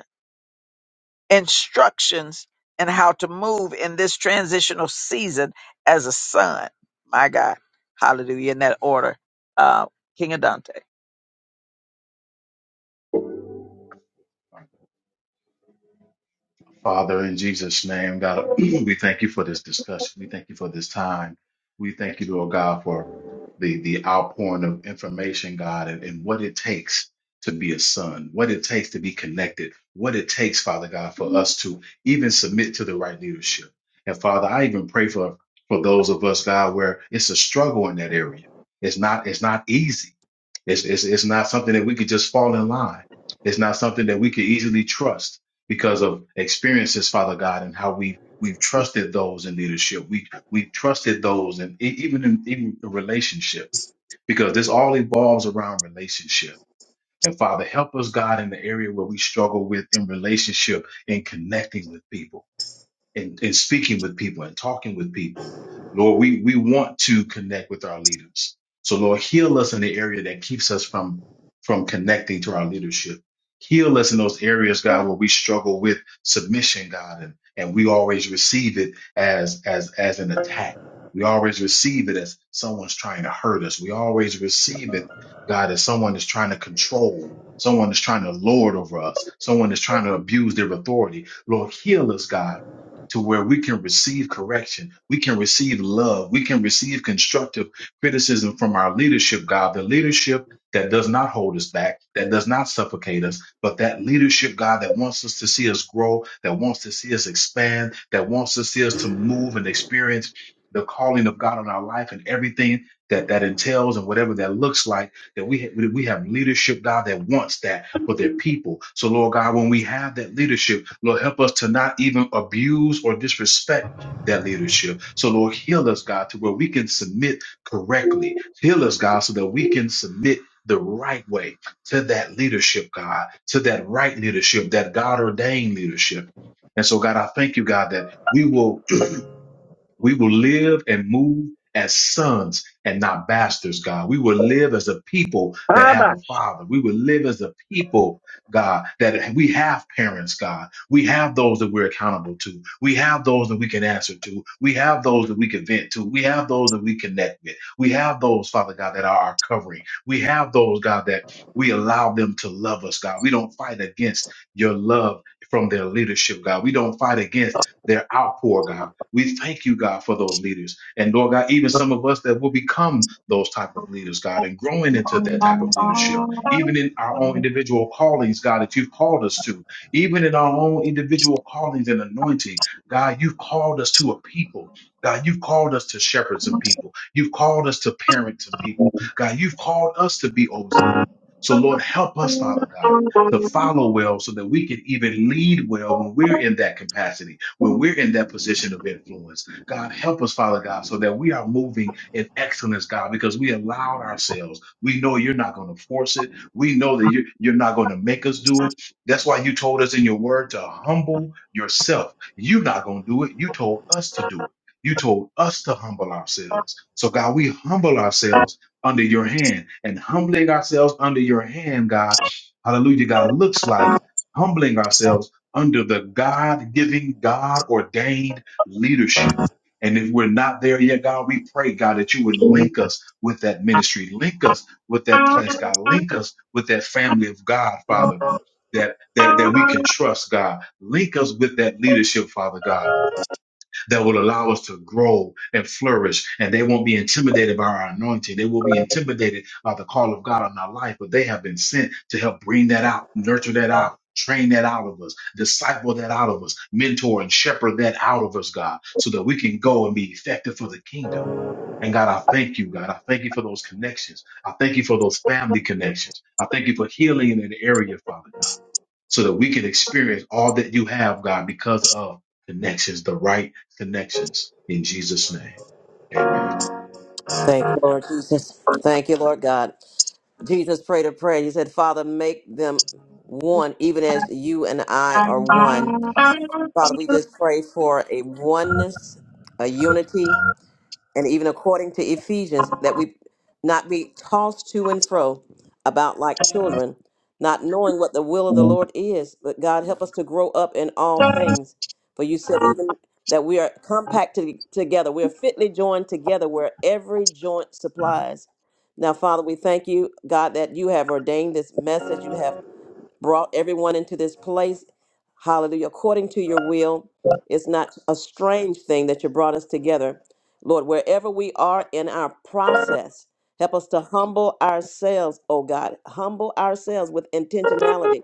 A: instructions and how to move in this transitional season as a son. My God. Hallelujah. In that order. Uh, King Adante.
P: Father, in Jesus' name, God, [CLEARS THROAT] we thank you for this discussion. We thank you for this time. We thank you, Lord God, for the, the outpouring of information, God, and, and what it takes to be a son, what it takes to be connected, what it takes, Father God, for us to even submit to the right leadership. And Father, I even pray for, for those of us, God, where it's a struggle in that area. It's not, it's not easy. It's, it's, it's not something that we could just fall in line. It's not something that we could easily trust because of experiences, Father God, and how we we've trusted those in leadership. We we trusted those, and even in even the relationship, because this all evolves around relationship. And Father, help us, God, in the area where we struggle with in relationship and connecting with people and, and speaking with people and talking with people. Lord, we, we want to connect with our leaders. So Lord, heal us in the area that keeps us from, from connecting to our leadership. Heal us in those areas, God, where we struggle with submission, God, and, and we always receive it as, as, as an attack. We always receive it as someone's trying to hurt us. We always receive it, God, as someone is trying to control. Someone is trying to lord over us. Someone is trying to abuse their authority. Lord, heal us, God to where we can receive correction, we can receive love, we can receive constructive criticism from our leadership, God, the leadership that does not hold us back, that does not suffocate us, but that leadership, God, that wants us to see us grow, that wants to see us expand, that wants to see us to move and experience the calling of God on our life and everything that that entails and whatever that looks like, that we, ha- we have leadership, God, that wants that for their people. So, Lord God, when we have that leadership, Lord, help us to not even abuse or disrespect that leadership. So, Lord, heal us, God, to where we can submit correctly. Heal us, God, so that we can submit the right way to that leadership, God, to that right leadership, that God ordained leadership. And so, God, I thank you, God, that we will we will live and move as sons and not bastards, God. We will live as a people that have a
A: Abash.
P: father. We will live as a people, God, that we have parents, God. We have those that we're accountable to. We have those that we can answer to. We have those that we can vent to. We have those that we connect with. We have those, Father God, that are our covering. We have those, God, that we allow them to love us, God. We don't fight against your love from their leadership, God. We don't fight against their outpour, God. We thank you, God, for those leaders. And Lord God, even some of us that will become those type of leaders, God, and growing into that type of leadership, even in our own individual callings, God, that you've called us to, even in our own individual callings and anointing, God, you've called us to a people. God, you've called us to shepherd some people. You've called us to parent some people. God, you've called us to be over some people. So, Lord, help us, Father God to follow well so that we can even lead well when we're in that capacity, when we're in that position of influence. God, help us, Father God, so that we are moving in excellence, God, because we allowed ourselves. We know you're not going to force it. We know that you- you're not going to make us do it. That's why you told us in your word to humble yourself. You're not going to do it. You told us to do it. You told us to humble ourselves. So, God, we humble ourselves under your hand and humbling ourselves under your hand, God hallelujah, God, looks like humbling ourselves under the God giving, God ordained leadership. And if we're not there yet, God, we pray, God, that you would link us with that ministry, link us with that place, God, link us with that family of God, Father, that, that, that we can trust, God, link us with that leadership, Father God that will allow us to grow and flourish. And they won't be intimidated by our anointing. They will be intimidated by the call of God on our life, but they have been sent to help bring that out, nurture that out. Train that out of us, disciple that out of us, mentor and shepherd that out of us, God, so that we can go and be effective for the kingdom. And God, I thank you, God. I thank you for those connections. I thank you for those family connections. I thank you for healing in an area, Father God so that we can experience all that you have, God, because of connections, the right connections in Jesus' name. Amen.
C: Thank you, Lord Jesus. Thank you, Lord God. Jesus prayed a prayer. He said, Father, make them one, even as you and I are one. Father, we just pray for a oneness, a unity, and even according to Ephesians, that we not be tossed to and fro about like children, not knowing what the will of the Lord is. But God, help us to grow up in all things. For you said even that we are compacted together, we are fitly joined together where every joint supplies. Now, Father, we thank you, God, that you have ordained this message. You have brought everyone into this place. Hallelujah. According to your will, it's not a strange thing that you brought us together. Lord, wherever we are in our process, help us to humble ourselves, oh God, humble ourselves with intentionality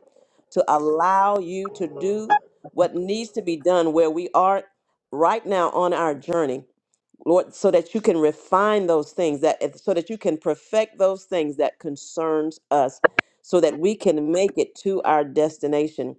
C: to allow you to do what needs to be done where we are right now on our journey. Lord, so that you can refine those things that so that you can perfect those things that concerns us so that we can make it to our destination.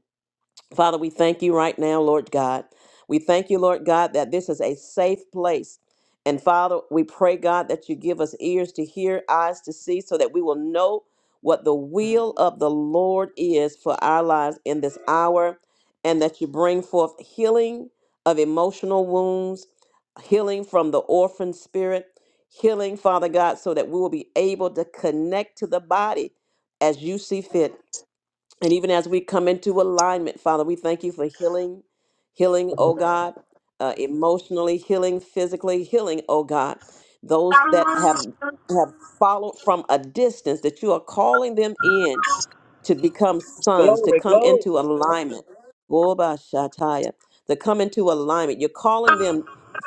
C: Father, we thank you right now, Lord God. We thank you, Lord God, that this is a safe place. And Father, we pray, God, that you give us ears to hear, eyes to see, so that we will know what the will of the Lord is for our lives in this hour, and that you bring forth healing of emotional wounds, healing from the orphan spirit, healing, Father God, so that we will be able to connect to the body as you see fit and even as we come into alignment, Father, we thank you for healing, healing, oh God, uh, emotionally healing, physically healing, oh God. Those that have have followed from a distance, that you are calling them in to become sons, to
A: Glory,
C: come
A: glory.
C: into alignment. Goba Shataya, to come into alignment. You're calling them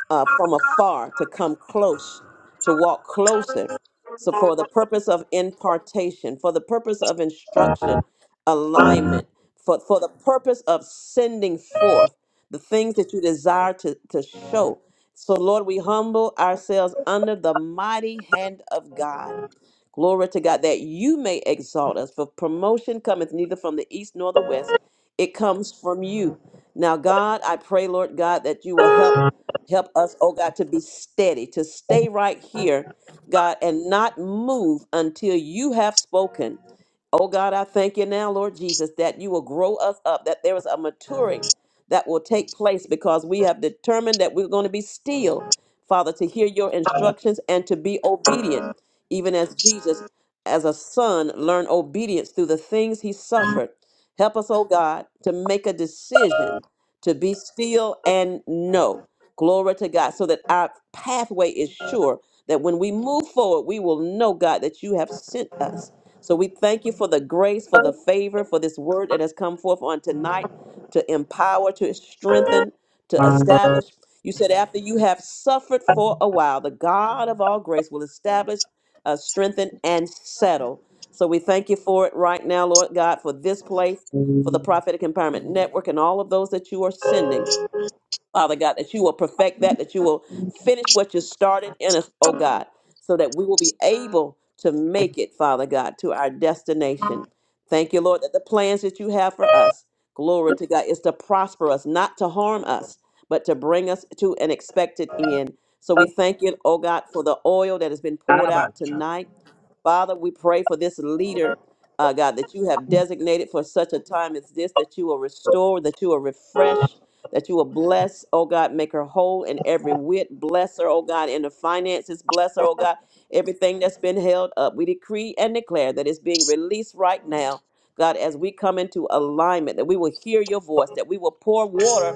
C: uh, from afar to come close, to walk closer. So, for the purpose of impartation, for the purpose of instruction, alignment, for, for the purpose of sending forth the things that you desire to, to show. So, Lord, we humble ourselves under the mighty hand of God Glory to God that you may exalt us. For promotion cometh neither from the east nor the west, it comes from you. Now, God, I pray, Lord God, that you will help help us, oh God, to be steady, to stay right here, God, and not move until you have spoken. Oh God, I thank you now, Lord Jesus, that you will grow us up, that there is a maturing that will take place because we have determined that we're going to be still, Father, to hear your instructions and to be obedient even as Jesus, as a son, learned obedience through the things he suffered. Help us, oh God, to make a decision to be still and know. Glory to God, so that our pathway is sure, that when we move forward, we will know, God, that you have sent us. So we thank you for the grace, for the favor, for this word that has come forth on tonight to empower, to strengthen, to establish. You said, after you have suffered for a while, the God of all grace will establish uh, strengthen, and settle. So we thank you for it right now, Lord God, for this place, for the Prophetic Empowerment Network, and all of those that you are sending, Father God, that you will perfect that, that you will finish what you started in us, oh God, so that we will be able to make it, Father God, to our destination. Thank you, Lord, that the plans that you have for us, glory to God, is to prosper us, not to harm us, but to bring us to an expected end. So we thank you, oh God, for the oil that has been poured
A: Abash.
C: out tonight. Father, we pray for this leader, uh, God, that you have designated for such a time as this, that you will restore, that you will refresh, that you will bless, oh God, make her whole in every wit. Bless her, oh God, in the finances. Bless her, oh God, everything that's been held up. We decree and declare that it's being released right now. God, as we come into alignment, that we will hear your voice, that we will pour water,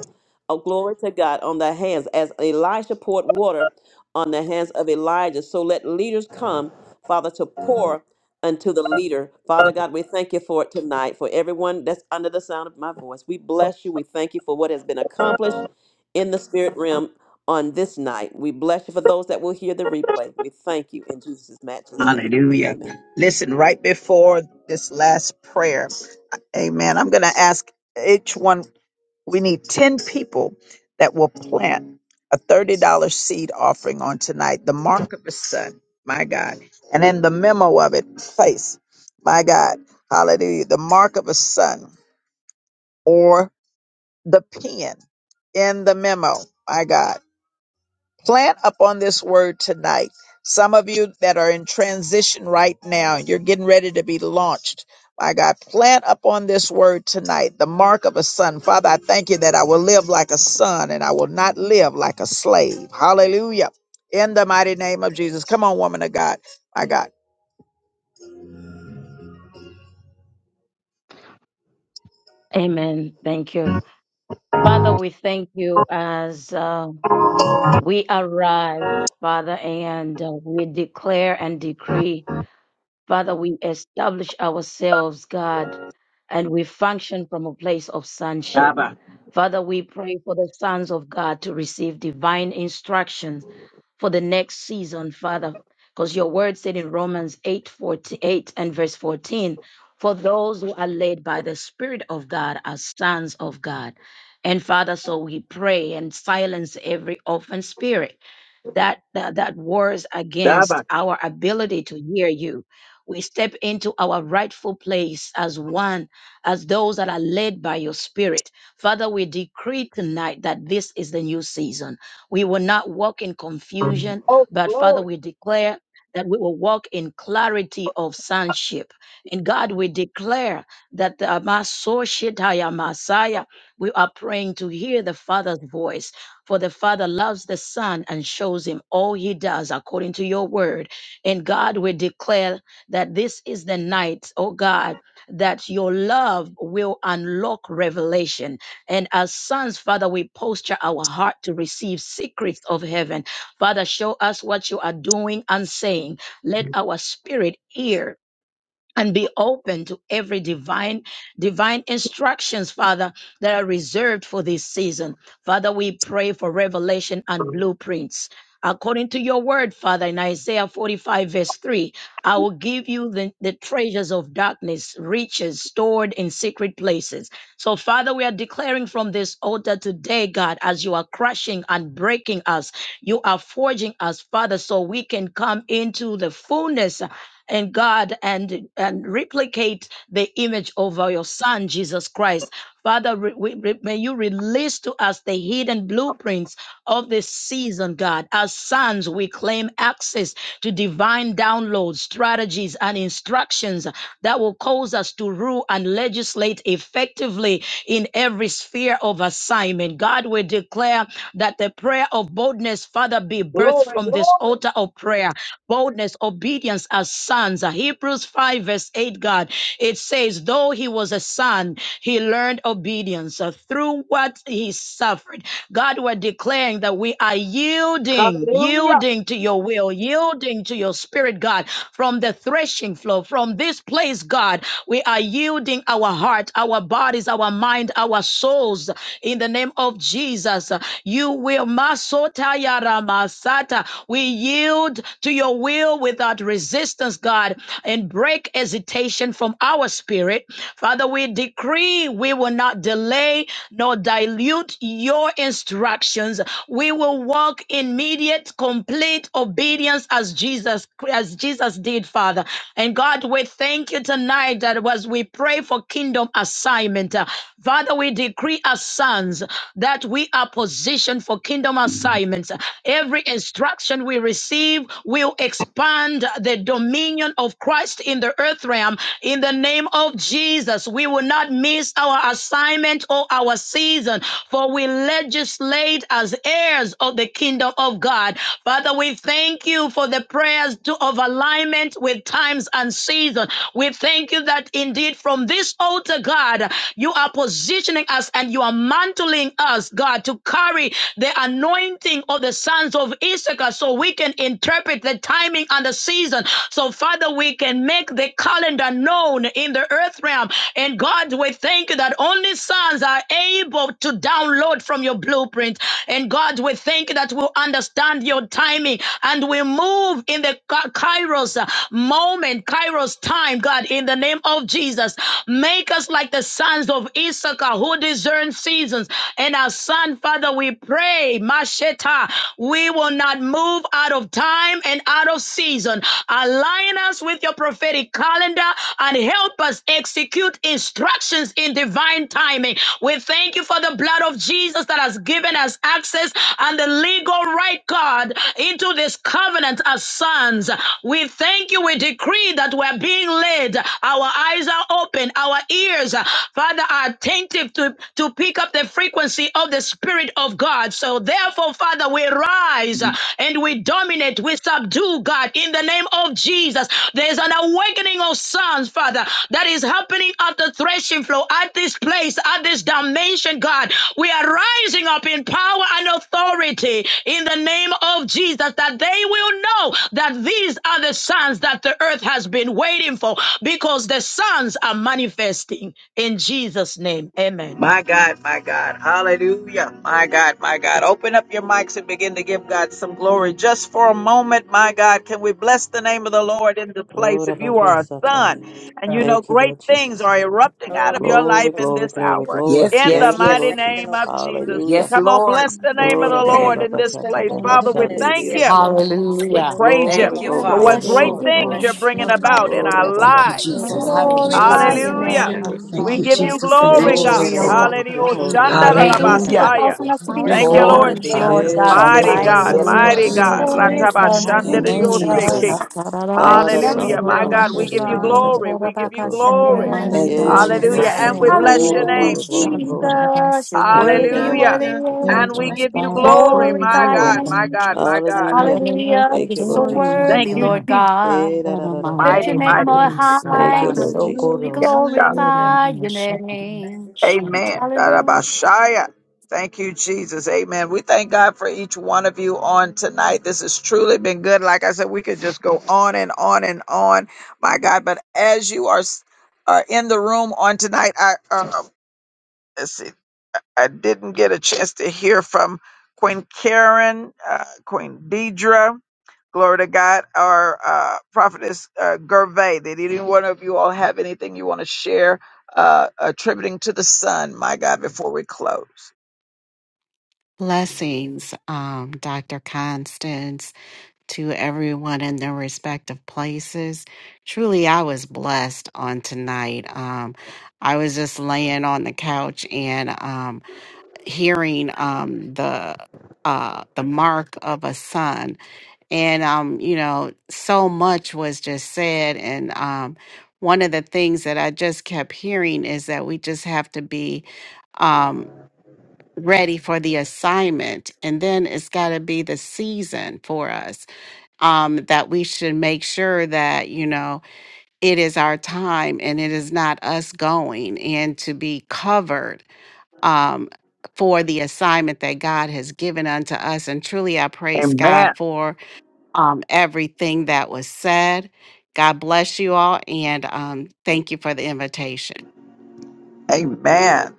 C: oh glory to God, on the hands, as Elisha poured water on the hands of Elijah. So let leaders come Father, to pour unto the leader. Father God, we thank you for it tonight, for everyone that's under the sound of my voice. We bless you. We thank you for what has been accomplished in the spirit realm on this night. We bless you for those that will hear the replay. We thank you in Jesus' matchless name.
A: Hallelujah.
C: Amen.
A: Listen, right before this last prayer, amen. I'm going to ask each one. We need 10 people that will plant a $30 seed offering on tonight, the mark of the sun, my God. And in the memo of it, place, my God, hallelujah, the mark of a son or the pen in the memo, my God. Plant upon this word tonight. Some of you that are in transition right now, you're getting ready to be launched. My God, plant upon this word tonight the mark of a son. Father, I thank you that I will live like a son and I will not live like a slave. Hallelujah. In the mighty name of Jesus. Come on, woman of God. My God.
L: amen thank you father we thank you as Um, We arise, Father, and uh, we declare and decree. Father, we establish ourselves, God, and we function from a place of sonship. Father, we pray for the sons of God to receive divine instructions for the next season, Father, because your word said in Romans 8 48 and verse 14, for those who are led by the Spirit of God are sons of God. And Father, so we pray and silence every orphan spirit that that, that wars against our ability to hear you. We step into our rightful place as one, as those that are led by your spirit. Father, we decree tonight that this is the new season. We will not walk in confusion,
A: Oh,
L: but Father,
A: glory.
L: we declare that we will walk in clarity of sonship. And God, we declare that the Messiah, we are praying to hear the Father's voice for the Father loves the Son and shows him all he does according to your word. And God, we declare that this is the night, oh God, that your love will unlock revelation. And as sons, Father, we posture our heart to receive secrets of heaven. Father, show us what you are doing and saying. Let our spirit hear and be open to every divine divine instructions father that are reserved for this season father we pray for revelation and blueprints according to your word father in isaiah 45 verse 3 i will give you the, the treasures of darkness riches stored in secret places so father we are declaring from this altar today god as you are crushing and breaking us you are forging us father so we can come into the fullness and God and and replicate the image of your son Jesus Christ. Father, re- we, re- may you release to us the hidden blueprints of this season, God. As sons, we claim access to divine downloads, strategies, and instructions that will cause us to rule and legislate effectively in every sphere of assignment. God, we declare that the prayer of boldness, Father, be birthed
A: Glory,
L: from this
A: glory.
L: altar of prayer boldness, obedience as sons. Uh, Hebrews 5, verse 8, God, it says, though he was a son, he learned obedience uh, through what he suffered. God, we're declaring that we are yielding,
A: Hallelujah.
L: yielding to your will, yielding to your spirit, God, from the threshing floor, from this place, God, we are yielding our heart, our bodies, our mind, our souls uh, in the name of Jesus. Uh, You will, Sata. We yield to your will without resistance, God, and break hesitation from our spirit. Father, we decree we will not delay nor dilute your instructions. We will walk in immediate, complete obedience as Jesus as Jesus did, Father. And God, we thank you tonight that as we pray for kingdom assignment, uh, Father, we decree as sons that we are positioned for for kingdom assignments. Every instruction we receive will expand the dominion of Christ in the earth realm. In the name of Jesus, we will not miss our assignment or our season, for we legislate as heirs of the kingdom of God. Father, we thank you for the prayers to, of alignment with times and season. We thank you that indeed from this altar, God, you are positioning us and you are mantling enabling us, God, to carry the anointing of the sons of Issachar so we can interpret the timing and the season. So, Father, we can make the calendar known in the earth realm. And God, we thank you that only sons are able to download from your blueprint. And God, we thank you that we we'll understand your timing and we move in the Ka- Kairos uh, moment, Kairos time, God, in the name of Jesus. Make us like the sons of Issachar. Issachar who discerns seasons. And our son, Father, we pray, Masheta, we will not move out of time and out of season. Align us with your prophetic calendar and help us execute instructions in divine timing. We thank you for the blood of Jesus that has given us access and the legal right, God, into this covenant as sons. We thank you. We decree that we're being led. Our eyes are open our ears, uh, Father, are attentive to, to pick up the frequency of the Spirit of God. So therefore, Father, we rise uh, and we dominate, we subdue God in the name of Jesus. There's an awakening of sons, Father, that is happening at the threshing floor, at this place, at this dimension, God. We are rising up in power and authority in the name of Jesus that they will know that these are the sons that the earth has been waiting for because the sons are manifesting in Jesus' name. Amen.
A: My God, my God, hallelujah. My God, my God. Open up your mics and begin to give God some glory just for a moment. My God, can we bless the name of the Lord in the place? If you are a
C: Gorabakasatane.
A: son and you know
C: Thank you,
A: great
C: Lord
A: things
C: Jesus.
A: are erupting out
H: Oh,
A: of your
C: Glory,
A: life
H: glory.
A: in
C: glory,
A: this
C: glory,
A: hour,
C: glory.
D: Yes,
H: Thank
A: in
H: you,
A: the
D: yes,
H: Lord.
C: Thank you,
D: yes.
A: mighty
C: Lord
H: Thank you,
A: name
H: Lord.
C: Jesus.
A: of Jesus,
C: Hallelujah.
D: Yes,
A: come on,
D: Lord.
A: bless the name of
H: Oh,
A: the
H: da
B: Thank
H: da ba
D: Amen.
A: Lord
B: you,
A: in this
S: Oh,
B: Jesus.
A: place.
B: Thank
S: God,
B: you,
A: Father,
H: sam.
A: we
B: Jesus.
S: we
H: Hallelujah.
A: thank you
C: Gorabababakatabahashandedidiosa.
A: and we
H: Oh,
M: Hallelujah.
A: praise
H: thank you,
A: you
D: Thank
C: Glory,
D: you,
H: Lord.
C: glory,
A: for
H: Thank
M: Glory
D: Father.
A: what
C: glory,
B: Gloranamaya
H: you,
A: great
H: Lord.
C: glory,
M: be
C: glory.
B: sheteko.
A: things
M: to
A: you're
H: Bless your
A: bringing
M: you,
H: holy
M: Lord.
A: about in
C: Oh,
A: our
D: Thank
C: rabba,
D: you,
A: lives.
M: We
D: Jesus.
H: name.
D: Thank you,
B: Hallelujah,
H: Lord,
K: Hallelujah.
M: glorify
H: you
D: Jesus.
M: your
H: are
A: Hallelujah.
B: hallelujah.
H: worthy.
M: name.
H: You
D: Thank
A: We
M: We
D: you,
H: are
A: give you
H: worthy.
M: thank you
D: Jesus.
M: for the
H: You
D: Thank you,
B: Thank
H: are
A: glory,
B: you,
K: Glory
A: God.
H: worthy.
M: victory,
K: to
M: oh
D: Jesus.
M: God.
K: God.
B: Jesus.
A: Hallelujah. Oh,
H: You are
K: Yes.
S: praise
H: worthy
S: you,
K: yes,
M: Thank
H: of
M: you for
D: Hallelujah.
K: God.
S: God.
H: our
A: Shandarabasaya.
H: Lord.
M: causing us to be
S: We
A: Thank
H: Praise
A: you, Lord
D: Glory
B: Hallelujah,
M: sons,
D: be
H: all
S: glorify
M: Lord
A: Jesus.
H: to
D: under
S: you,
M: God
A: Mighty
D: say.
S: Jesus.
A: God,
M: Almighty,
H: God.
D: Yes,
K: Hallelujah.
A: mighty
D: Lord.
S: There
A: God.
S: is not
M: victorious
H: Thank
B: hallelujah,
S: your
H: you.
M: sons,
H: Thank
S: holy
D: Thank you,
M: fruitful
B: hallelujah.
S: name.
H: thank you.
D: Jesus.
A: Ratabashandarayoseke.
K: Mhm.
M: sons.
B: Thank you,
A: Hallelujah. My
B: Jesus.
A: God,
H: Thank
A: we
M: Blessings,
H: you.
A: give you
M: sons,
A: glory. We give you
M: Horabaka,
S: What a
A: glory.
B: Glory,
H: Thank you.
S: mighty
D: Thank you,
S: God
C: Yes,
B: hallelujah.
M: Shakarabas.
S: we
C: Lord
A: Hallelujah.
D: Jesus.
H: Thank
A: And we
C: Jesus,
H: you
S: serve.
A: bless your
C: glory,
K: Hallelujah.
M: Hallelujah,
C: glory,
A: name,
C: glory,
A: Jesus.
C: glory.
M: Jesus. You're
C: Eh,
M: worthy,
C: da, da,
M: you're
H: for
C: da,
B: Yes,
H: what
C: da,
A: Hallelujah.
M: worthy, you're
B: yes,
C: da, da,
M: worthy.
B: yes.
A: And
C: da, da,
A: we
S: Angels
B: Thank
A: give
C: da,
B: you,
A: you
S: bow
C: da,
H: you're
C: da,
H: doing,
C: da,
H: Lord.
B: Jesus.
A: glory.
C: da,
S: before
A: My
S: you,
M: Glorify your
A: God,
S: O
K: Glory
A: my
K: to
S: God.
M: name.
A: God,
H: Mm,
A: my
K: Jesus.
H: I
A: God.
C: Hallelujah.
S: Heaven and earth
M: Hallelujah.
C: Thank
M: You're
C: you,
M: so
C: Lord
S: adore you,
C: Jesus.
S: O
A: Thank
M: worthy,
A: you,
S: God.
M: Lord
K: Mm-mm-mm-mm.
A: Jesus.
C: Eh,
M: God.
C: da,
S: What
C: da,
S: a
C: da, da, da,
S: mighty
M: Lift your
A: Mighty,
H: Thank you,
M: name
S: God
A: mighty.
M: on
S: we
H: Jesus.
K: Hallelujah.
S: serve.
C: Thank
K: Rabbi
M: high.
C: you, Lord Jesus.
M: We
B: Hallelujah,
A: Yes,
K: Sokoros.
A: God.
S: Lord
B: hallelujah.
H: Thank
S: have
M: glorify your
S: mercy.
H: you. Thank
M: name.
S: Shut
H: you.
A: Amen.
S: up.
M: Hallelujah.
A: Darabashaya. Thank you, Jesus. Amen. We thank God for each one of you on tonight. This has truly been good. Like I said, we could just go on and on and on, my God. But as you are, s- are in the room on tonight, I uh, I didn't get a chance to hear from Queen Karen, uh, Queen Deidre, glory to God, or uh, Prophetess uh, Gervais. Did any one of you all have anything you want to share uh, attributing to the Son, my God, before we close?
S: Blessings, um, Dr. Constance, to everyone in their respective places. Truly, I was blessed on tonight. Um, I was just laying on the couch and um, hearing um, the uh, the mark of a son. and um you know so much was just said and um one of the things that i just kept hearing is that we just have to be um ready for the assignment and then it's got to be the season for us um that we should make sure that you know it is our time and it is not us going and to be covered um for the assignment that God has given unto us. And truly, I praise
A: Amen.
S: God for um, everything that was said. God bless you all and um, thank you for the invitation.
A: Amen.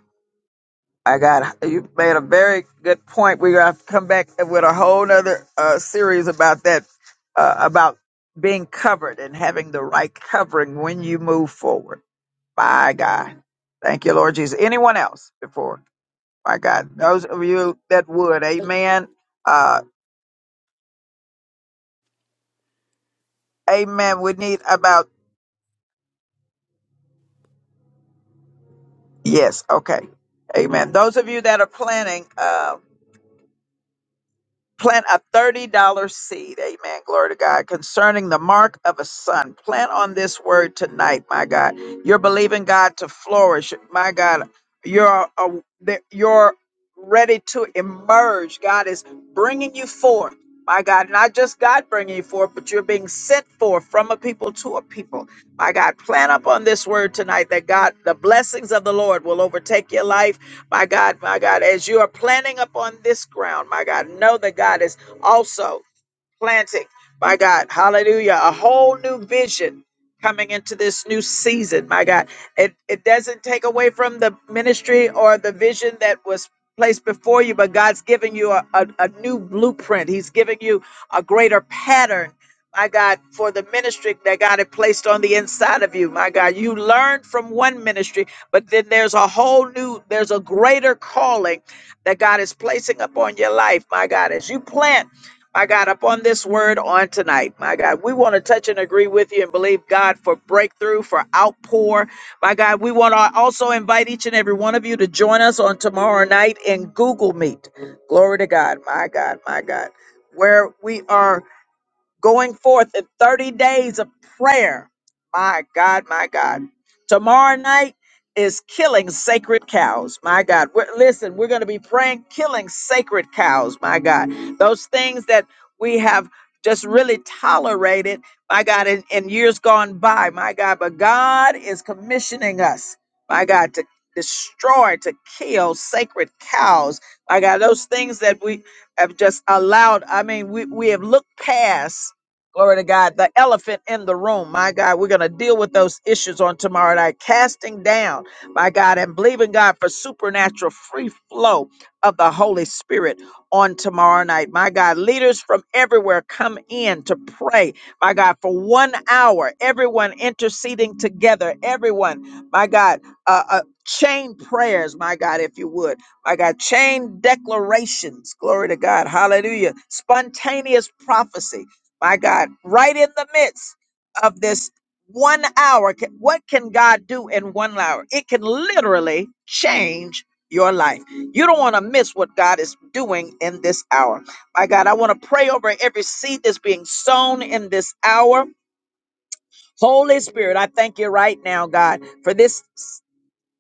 A: I got you made a very good point. We're gonna have to come back with a whole other uh, series about that, uh, about being covered and having the right covering when you move forward. My God, thank you, Lord Jesus. Anyone else before? My God, those of you that would,
H: Thank
A: Amen, uh, Amen. We need about yes, okay, Amen. Those of you that are planning, um, Plant a $30 seed. Amen. Glory to God. Concerning the mark of a son. Plant on this word tonight, my God. You're believing God to flourish. My God, you're, uh, that you're ready to emerge. God is bringing you forth. My God, not just God bringing you forth, but you're being sent forth from a people to a people. My God, plan on this word tonight that God, the blessings of the Lord will overtake your life my God, my God, as you are planning upon this ground, my God, know that God is also planting my God. Hallelujah. A whole new vision coming into this new season, my God. It it doesn't take away from the ministry or the vision that was placed before you, but God's giving you a, a, a new blueprint. He's giving you a greater pattern. My God, for the ministry that God had placed on the inside of you, my God, you learned from one ministry, but then there's a whole new, there's a greater calling that God is placing upon your life, my God, as you plant my God, upon this word on tonight. My God, we want to touch and agree with you and believe God for breakthrough, for outpour. My God, we want to also invite each and every one of you to join us on tomorrow night in Google Meet. Glory to God, my God, my God, where we are going forth in 30 days of prayer. My God, my God. Tomorrow night is killing sacred cows. My God. We're, listen, we're going to be praying killing sacred cows. My God. Those things that we have just really tolerated, my God, in, in years gone by. My God. But God is commissioning us, my God, to destroy, to kill sacred cows. My God. Those things that we have just allowed, I mean, we, we have looked past Glory to God. The elephant in the room. My God, we're going to deal with those issues on tomorrow night. Casting down, my God, and believing God for supernatural free flow of the Holy Spirit on tomorrow night. My God, leaders from everywhere come in to pray. My God, for one hour, everyone interceding together. Everyone, my God, uh, uh, chain prayers, my God, if you would. My God, chain declarations. Glory to God. Hallelujah. Spontaneous prophecy my God, right in the midst of this one hour. Can- What can God do in one hour? It can literally change your life. You don't want to miss what God is doing in this hour. My God, I want to pray over every seed that's being sown in this hour. Holy Spirit, I thank you right now, God, for this.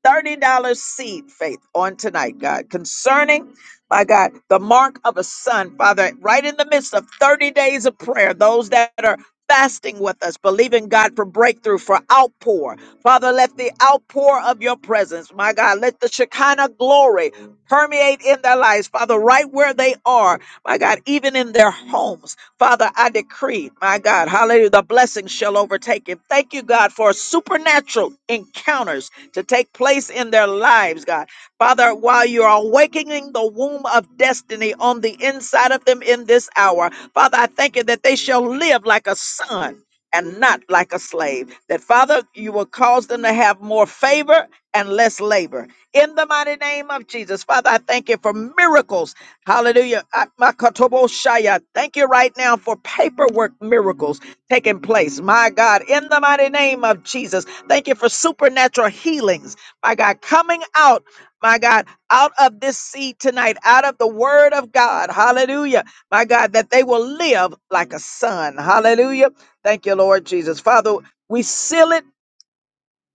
A: $30 seed faith on tonight, God, concerning, my God, the mark of a son, Father, right in the midst of 30 days of prayer, those that are fasting with us, believing God for breakthrough, for outpour. Father, let the outpour of your presence, my God, let the Shekinah glory permeate in their lives, Father, right where they are, my God, even in their homes. Father, I decree, my God, hallelujah, the blessings shall overtake him. Thank you, God, for supernatural encounters to take place in their lives, God. Father, while you are awakening the womb of destiny on the inside of them in this hour, Father, I thank you that they shall live like a son and not like a slave. That, Father, you will cause them to have more favor and less labor. In the mighty name of Jesus, Father, I thank you for miracles. Hallelujah. I- my Kotobo Shaya, Thank you right now for paperwork miracles taking place. My God, in the mighty name of Jesus. Thank you for supernatural healings, my God, coming out, my God, out of this seed tonight, out of the word of God. Hallelujah. My God, that they will live like a son. Hallelujah. Thank you, Lord Jesus. Father, we seal it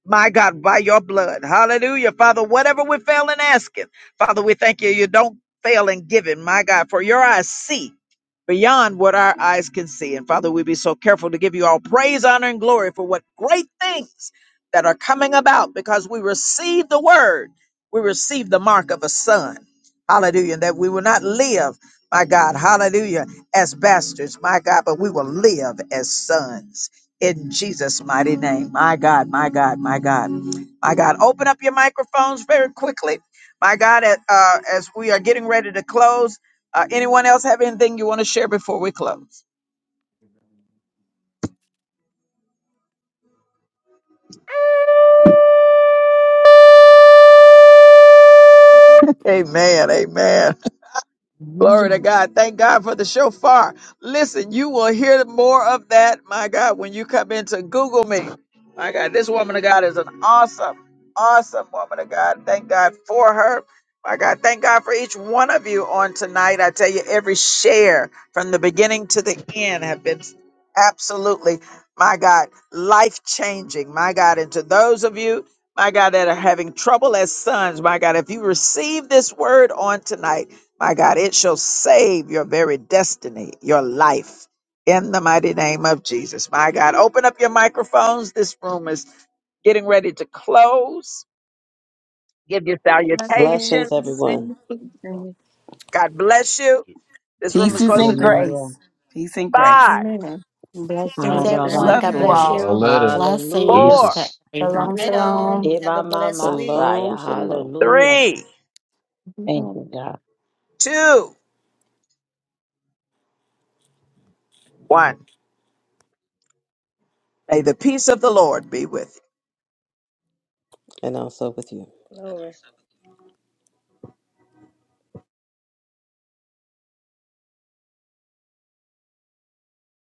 A: my God, by your blood. Hallelujah. Father, whatever we fail in asking, Father, we thank you. You don't fail in giving, my God, for your eyes see beyond what our eyes can see. And Father, we be so careful to give you all praise, honor, and glory for what great things that are coming about because we receive the word. We receive the mark of a son. Hallelujah. That we will not live, my God, hallelujah, as bastards, my God, but we will live as sons in Jesus' mighty name. My God, my God, my God, my God. Open up your microphones very quickly. My God, at, uh, as we are getting ready to close, uh, anyone else have anything you want to share before we close? Amen. Amen. Glory to God. Thank God for the shofar. Listen, you will hear more of that, my God, when you come into Google me. My God, this woman of God is an awesome, awesome woman of God. Thank God for her. My God, thank God for each one of you on tonight. I tell you, every share from the beginning to the end have been absolutely, my God, life changing. My God, and to those of you, my God, that are having trouble as sons, my God, if you receive this word on tonight, my God, it shall save your very destiny, your life, in the mighty name of Jesus. My God, open up your microphones. This room is getting ready to close. Give your
B: Blessings,
C: Blessings,
A: salutations.
C: everyone.
B: blessings, blessings.
A: God bless you. This room
D: Peace
A: is
D: is in
A: closing
P: Deuces.
A: in
L: Hallelujah.
D: grace. Peace and grace.
A: five,
T: Amen.
K: Bless
B: Yes,
S: Praise to
D: Love you
P: See
L: Aravato.
S: God.
B: everybody.
D: all.
P: y'all
K: you.
P: later.
L: Hallelujah.
S: Blessings
A: four,
S: to
P: Deuces.
B: I
K: Shalom.
S: everyone.
B: really will.
L: Eva Messiah.
C: Shalom, shalom.
L: Hallelujah.
A: three,
L: Thank you, God.
A: two, one. May the peace of the Lord be with you.
C: And also with you.
H: you.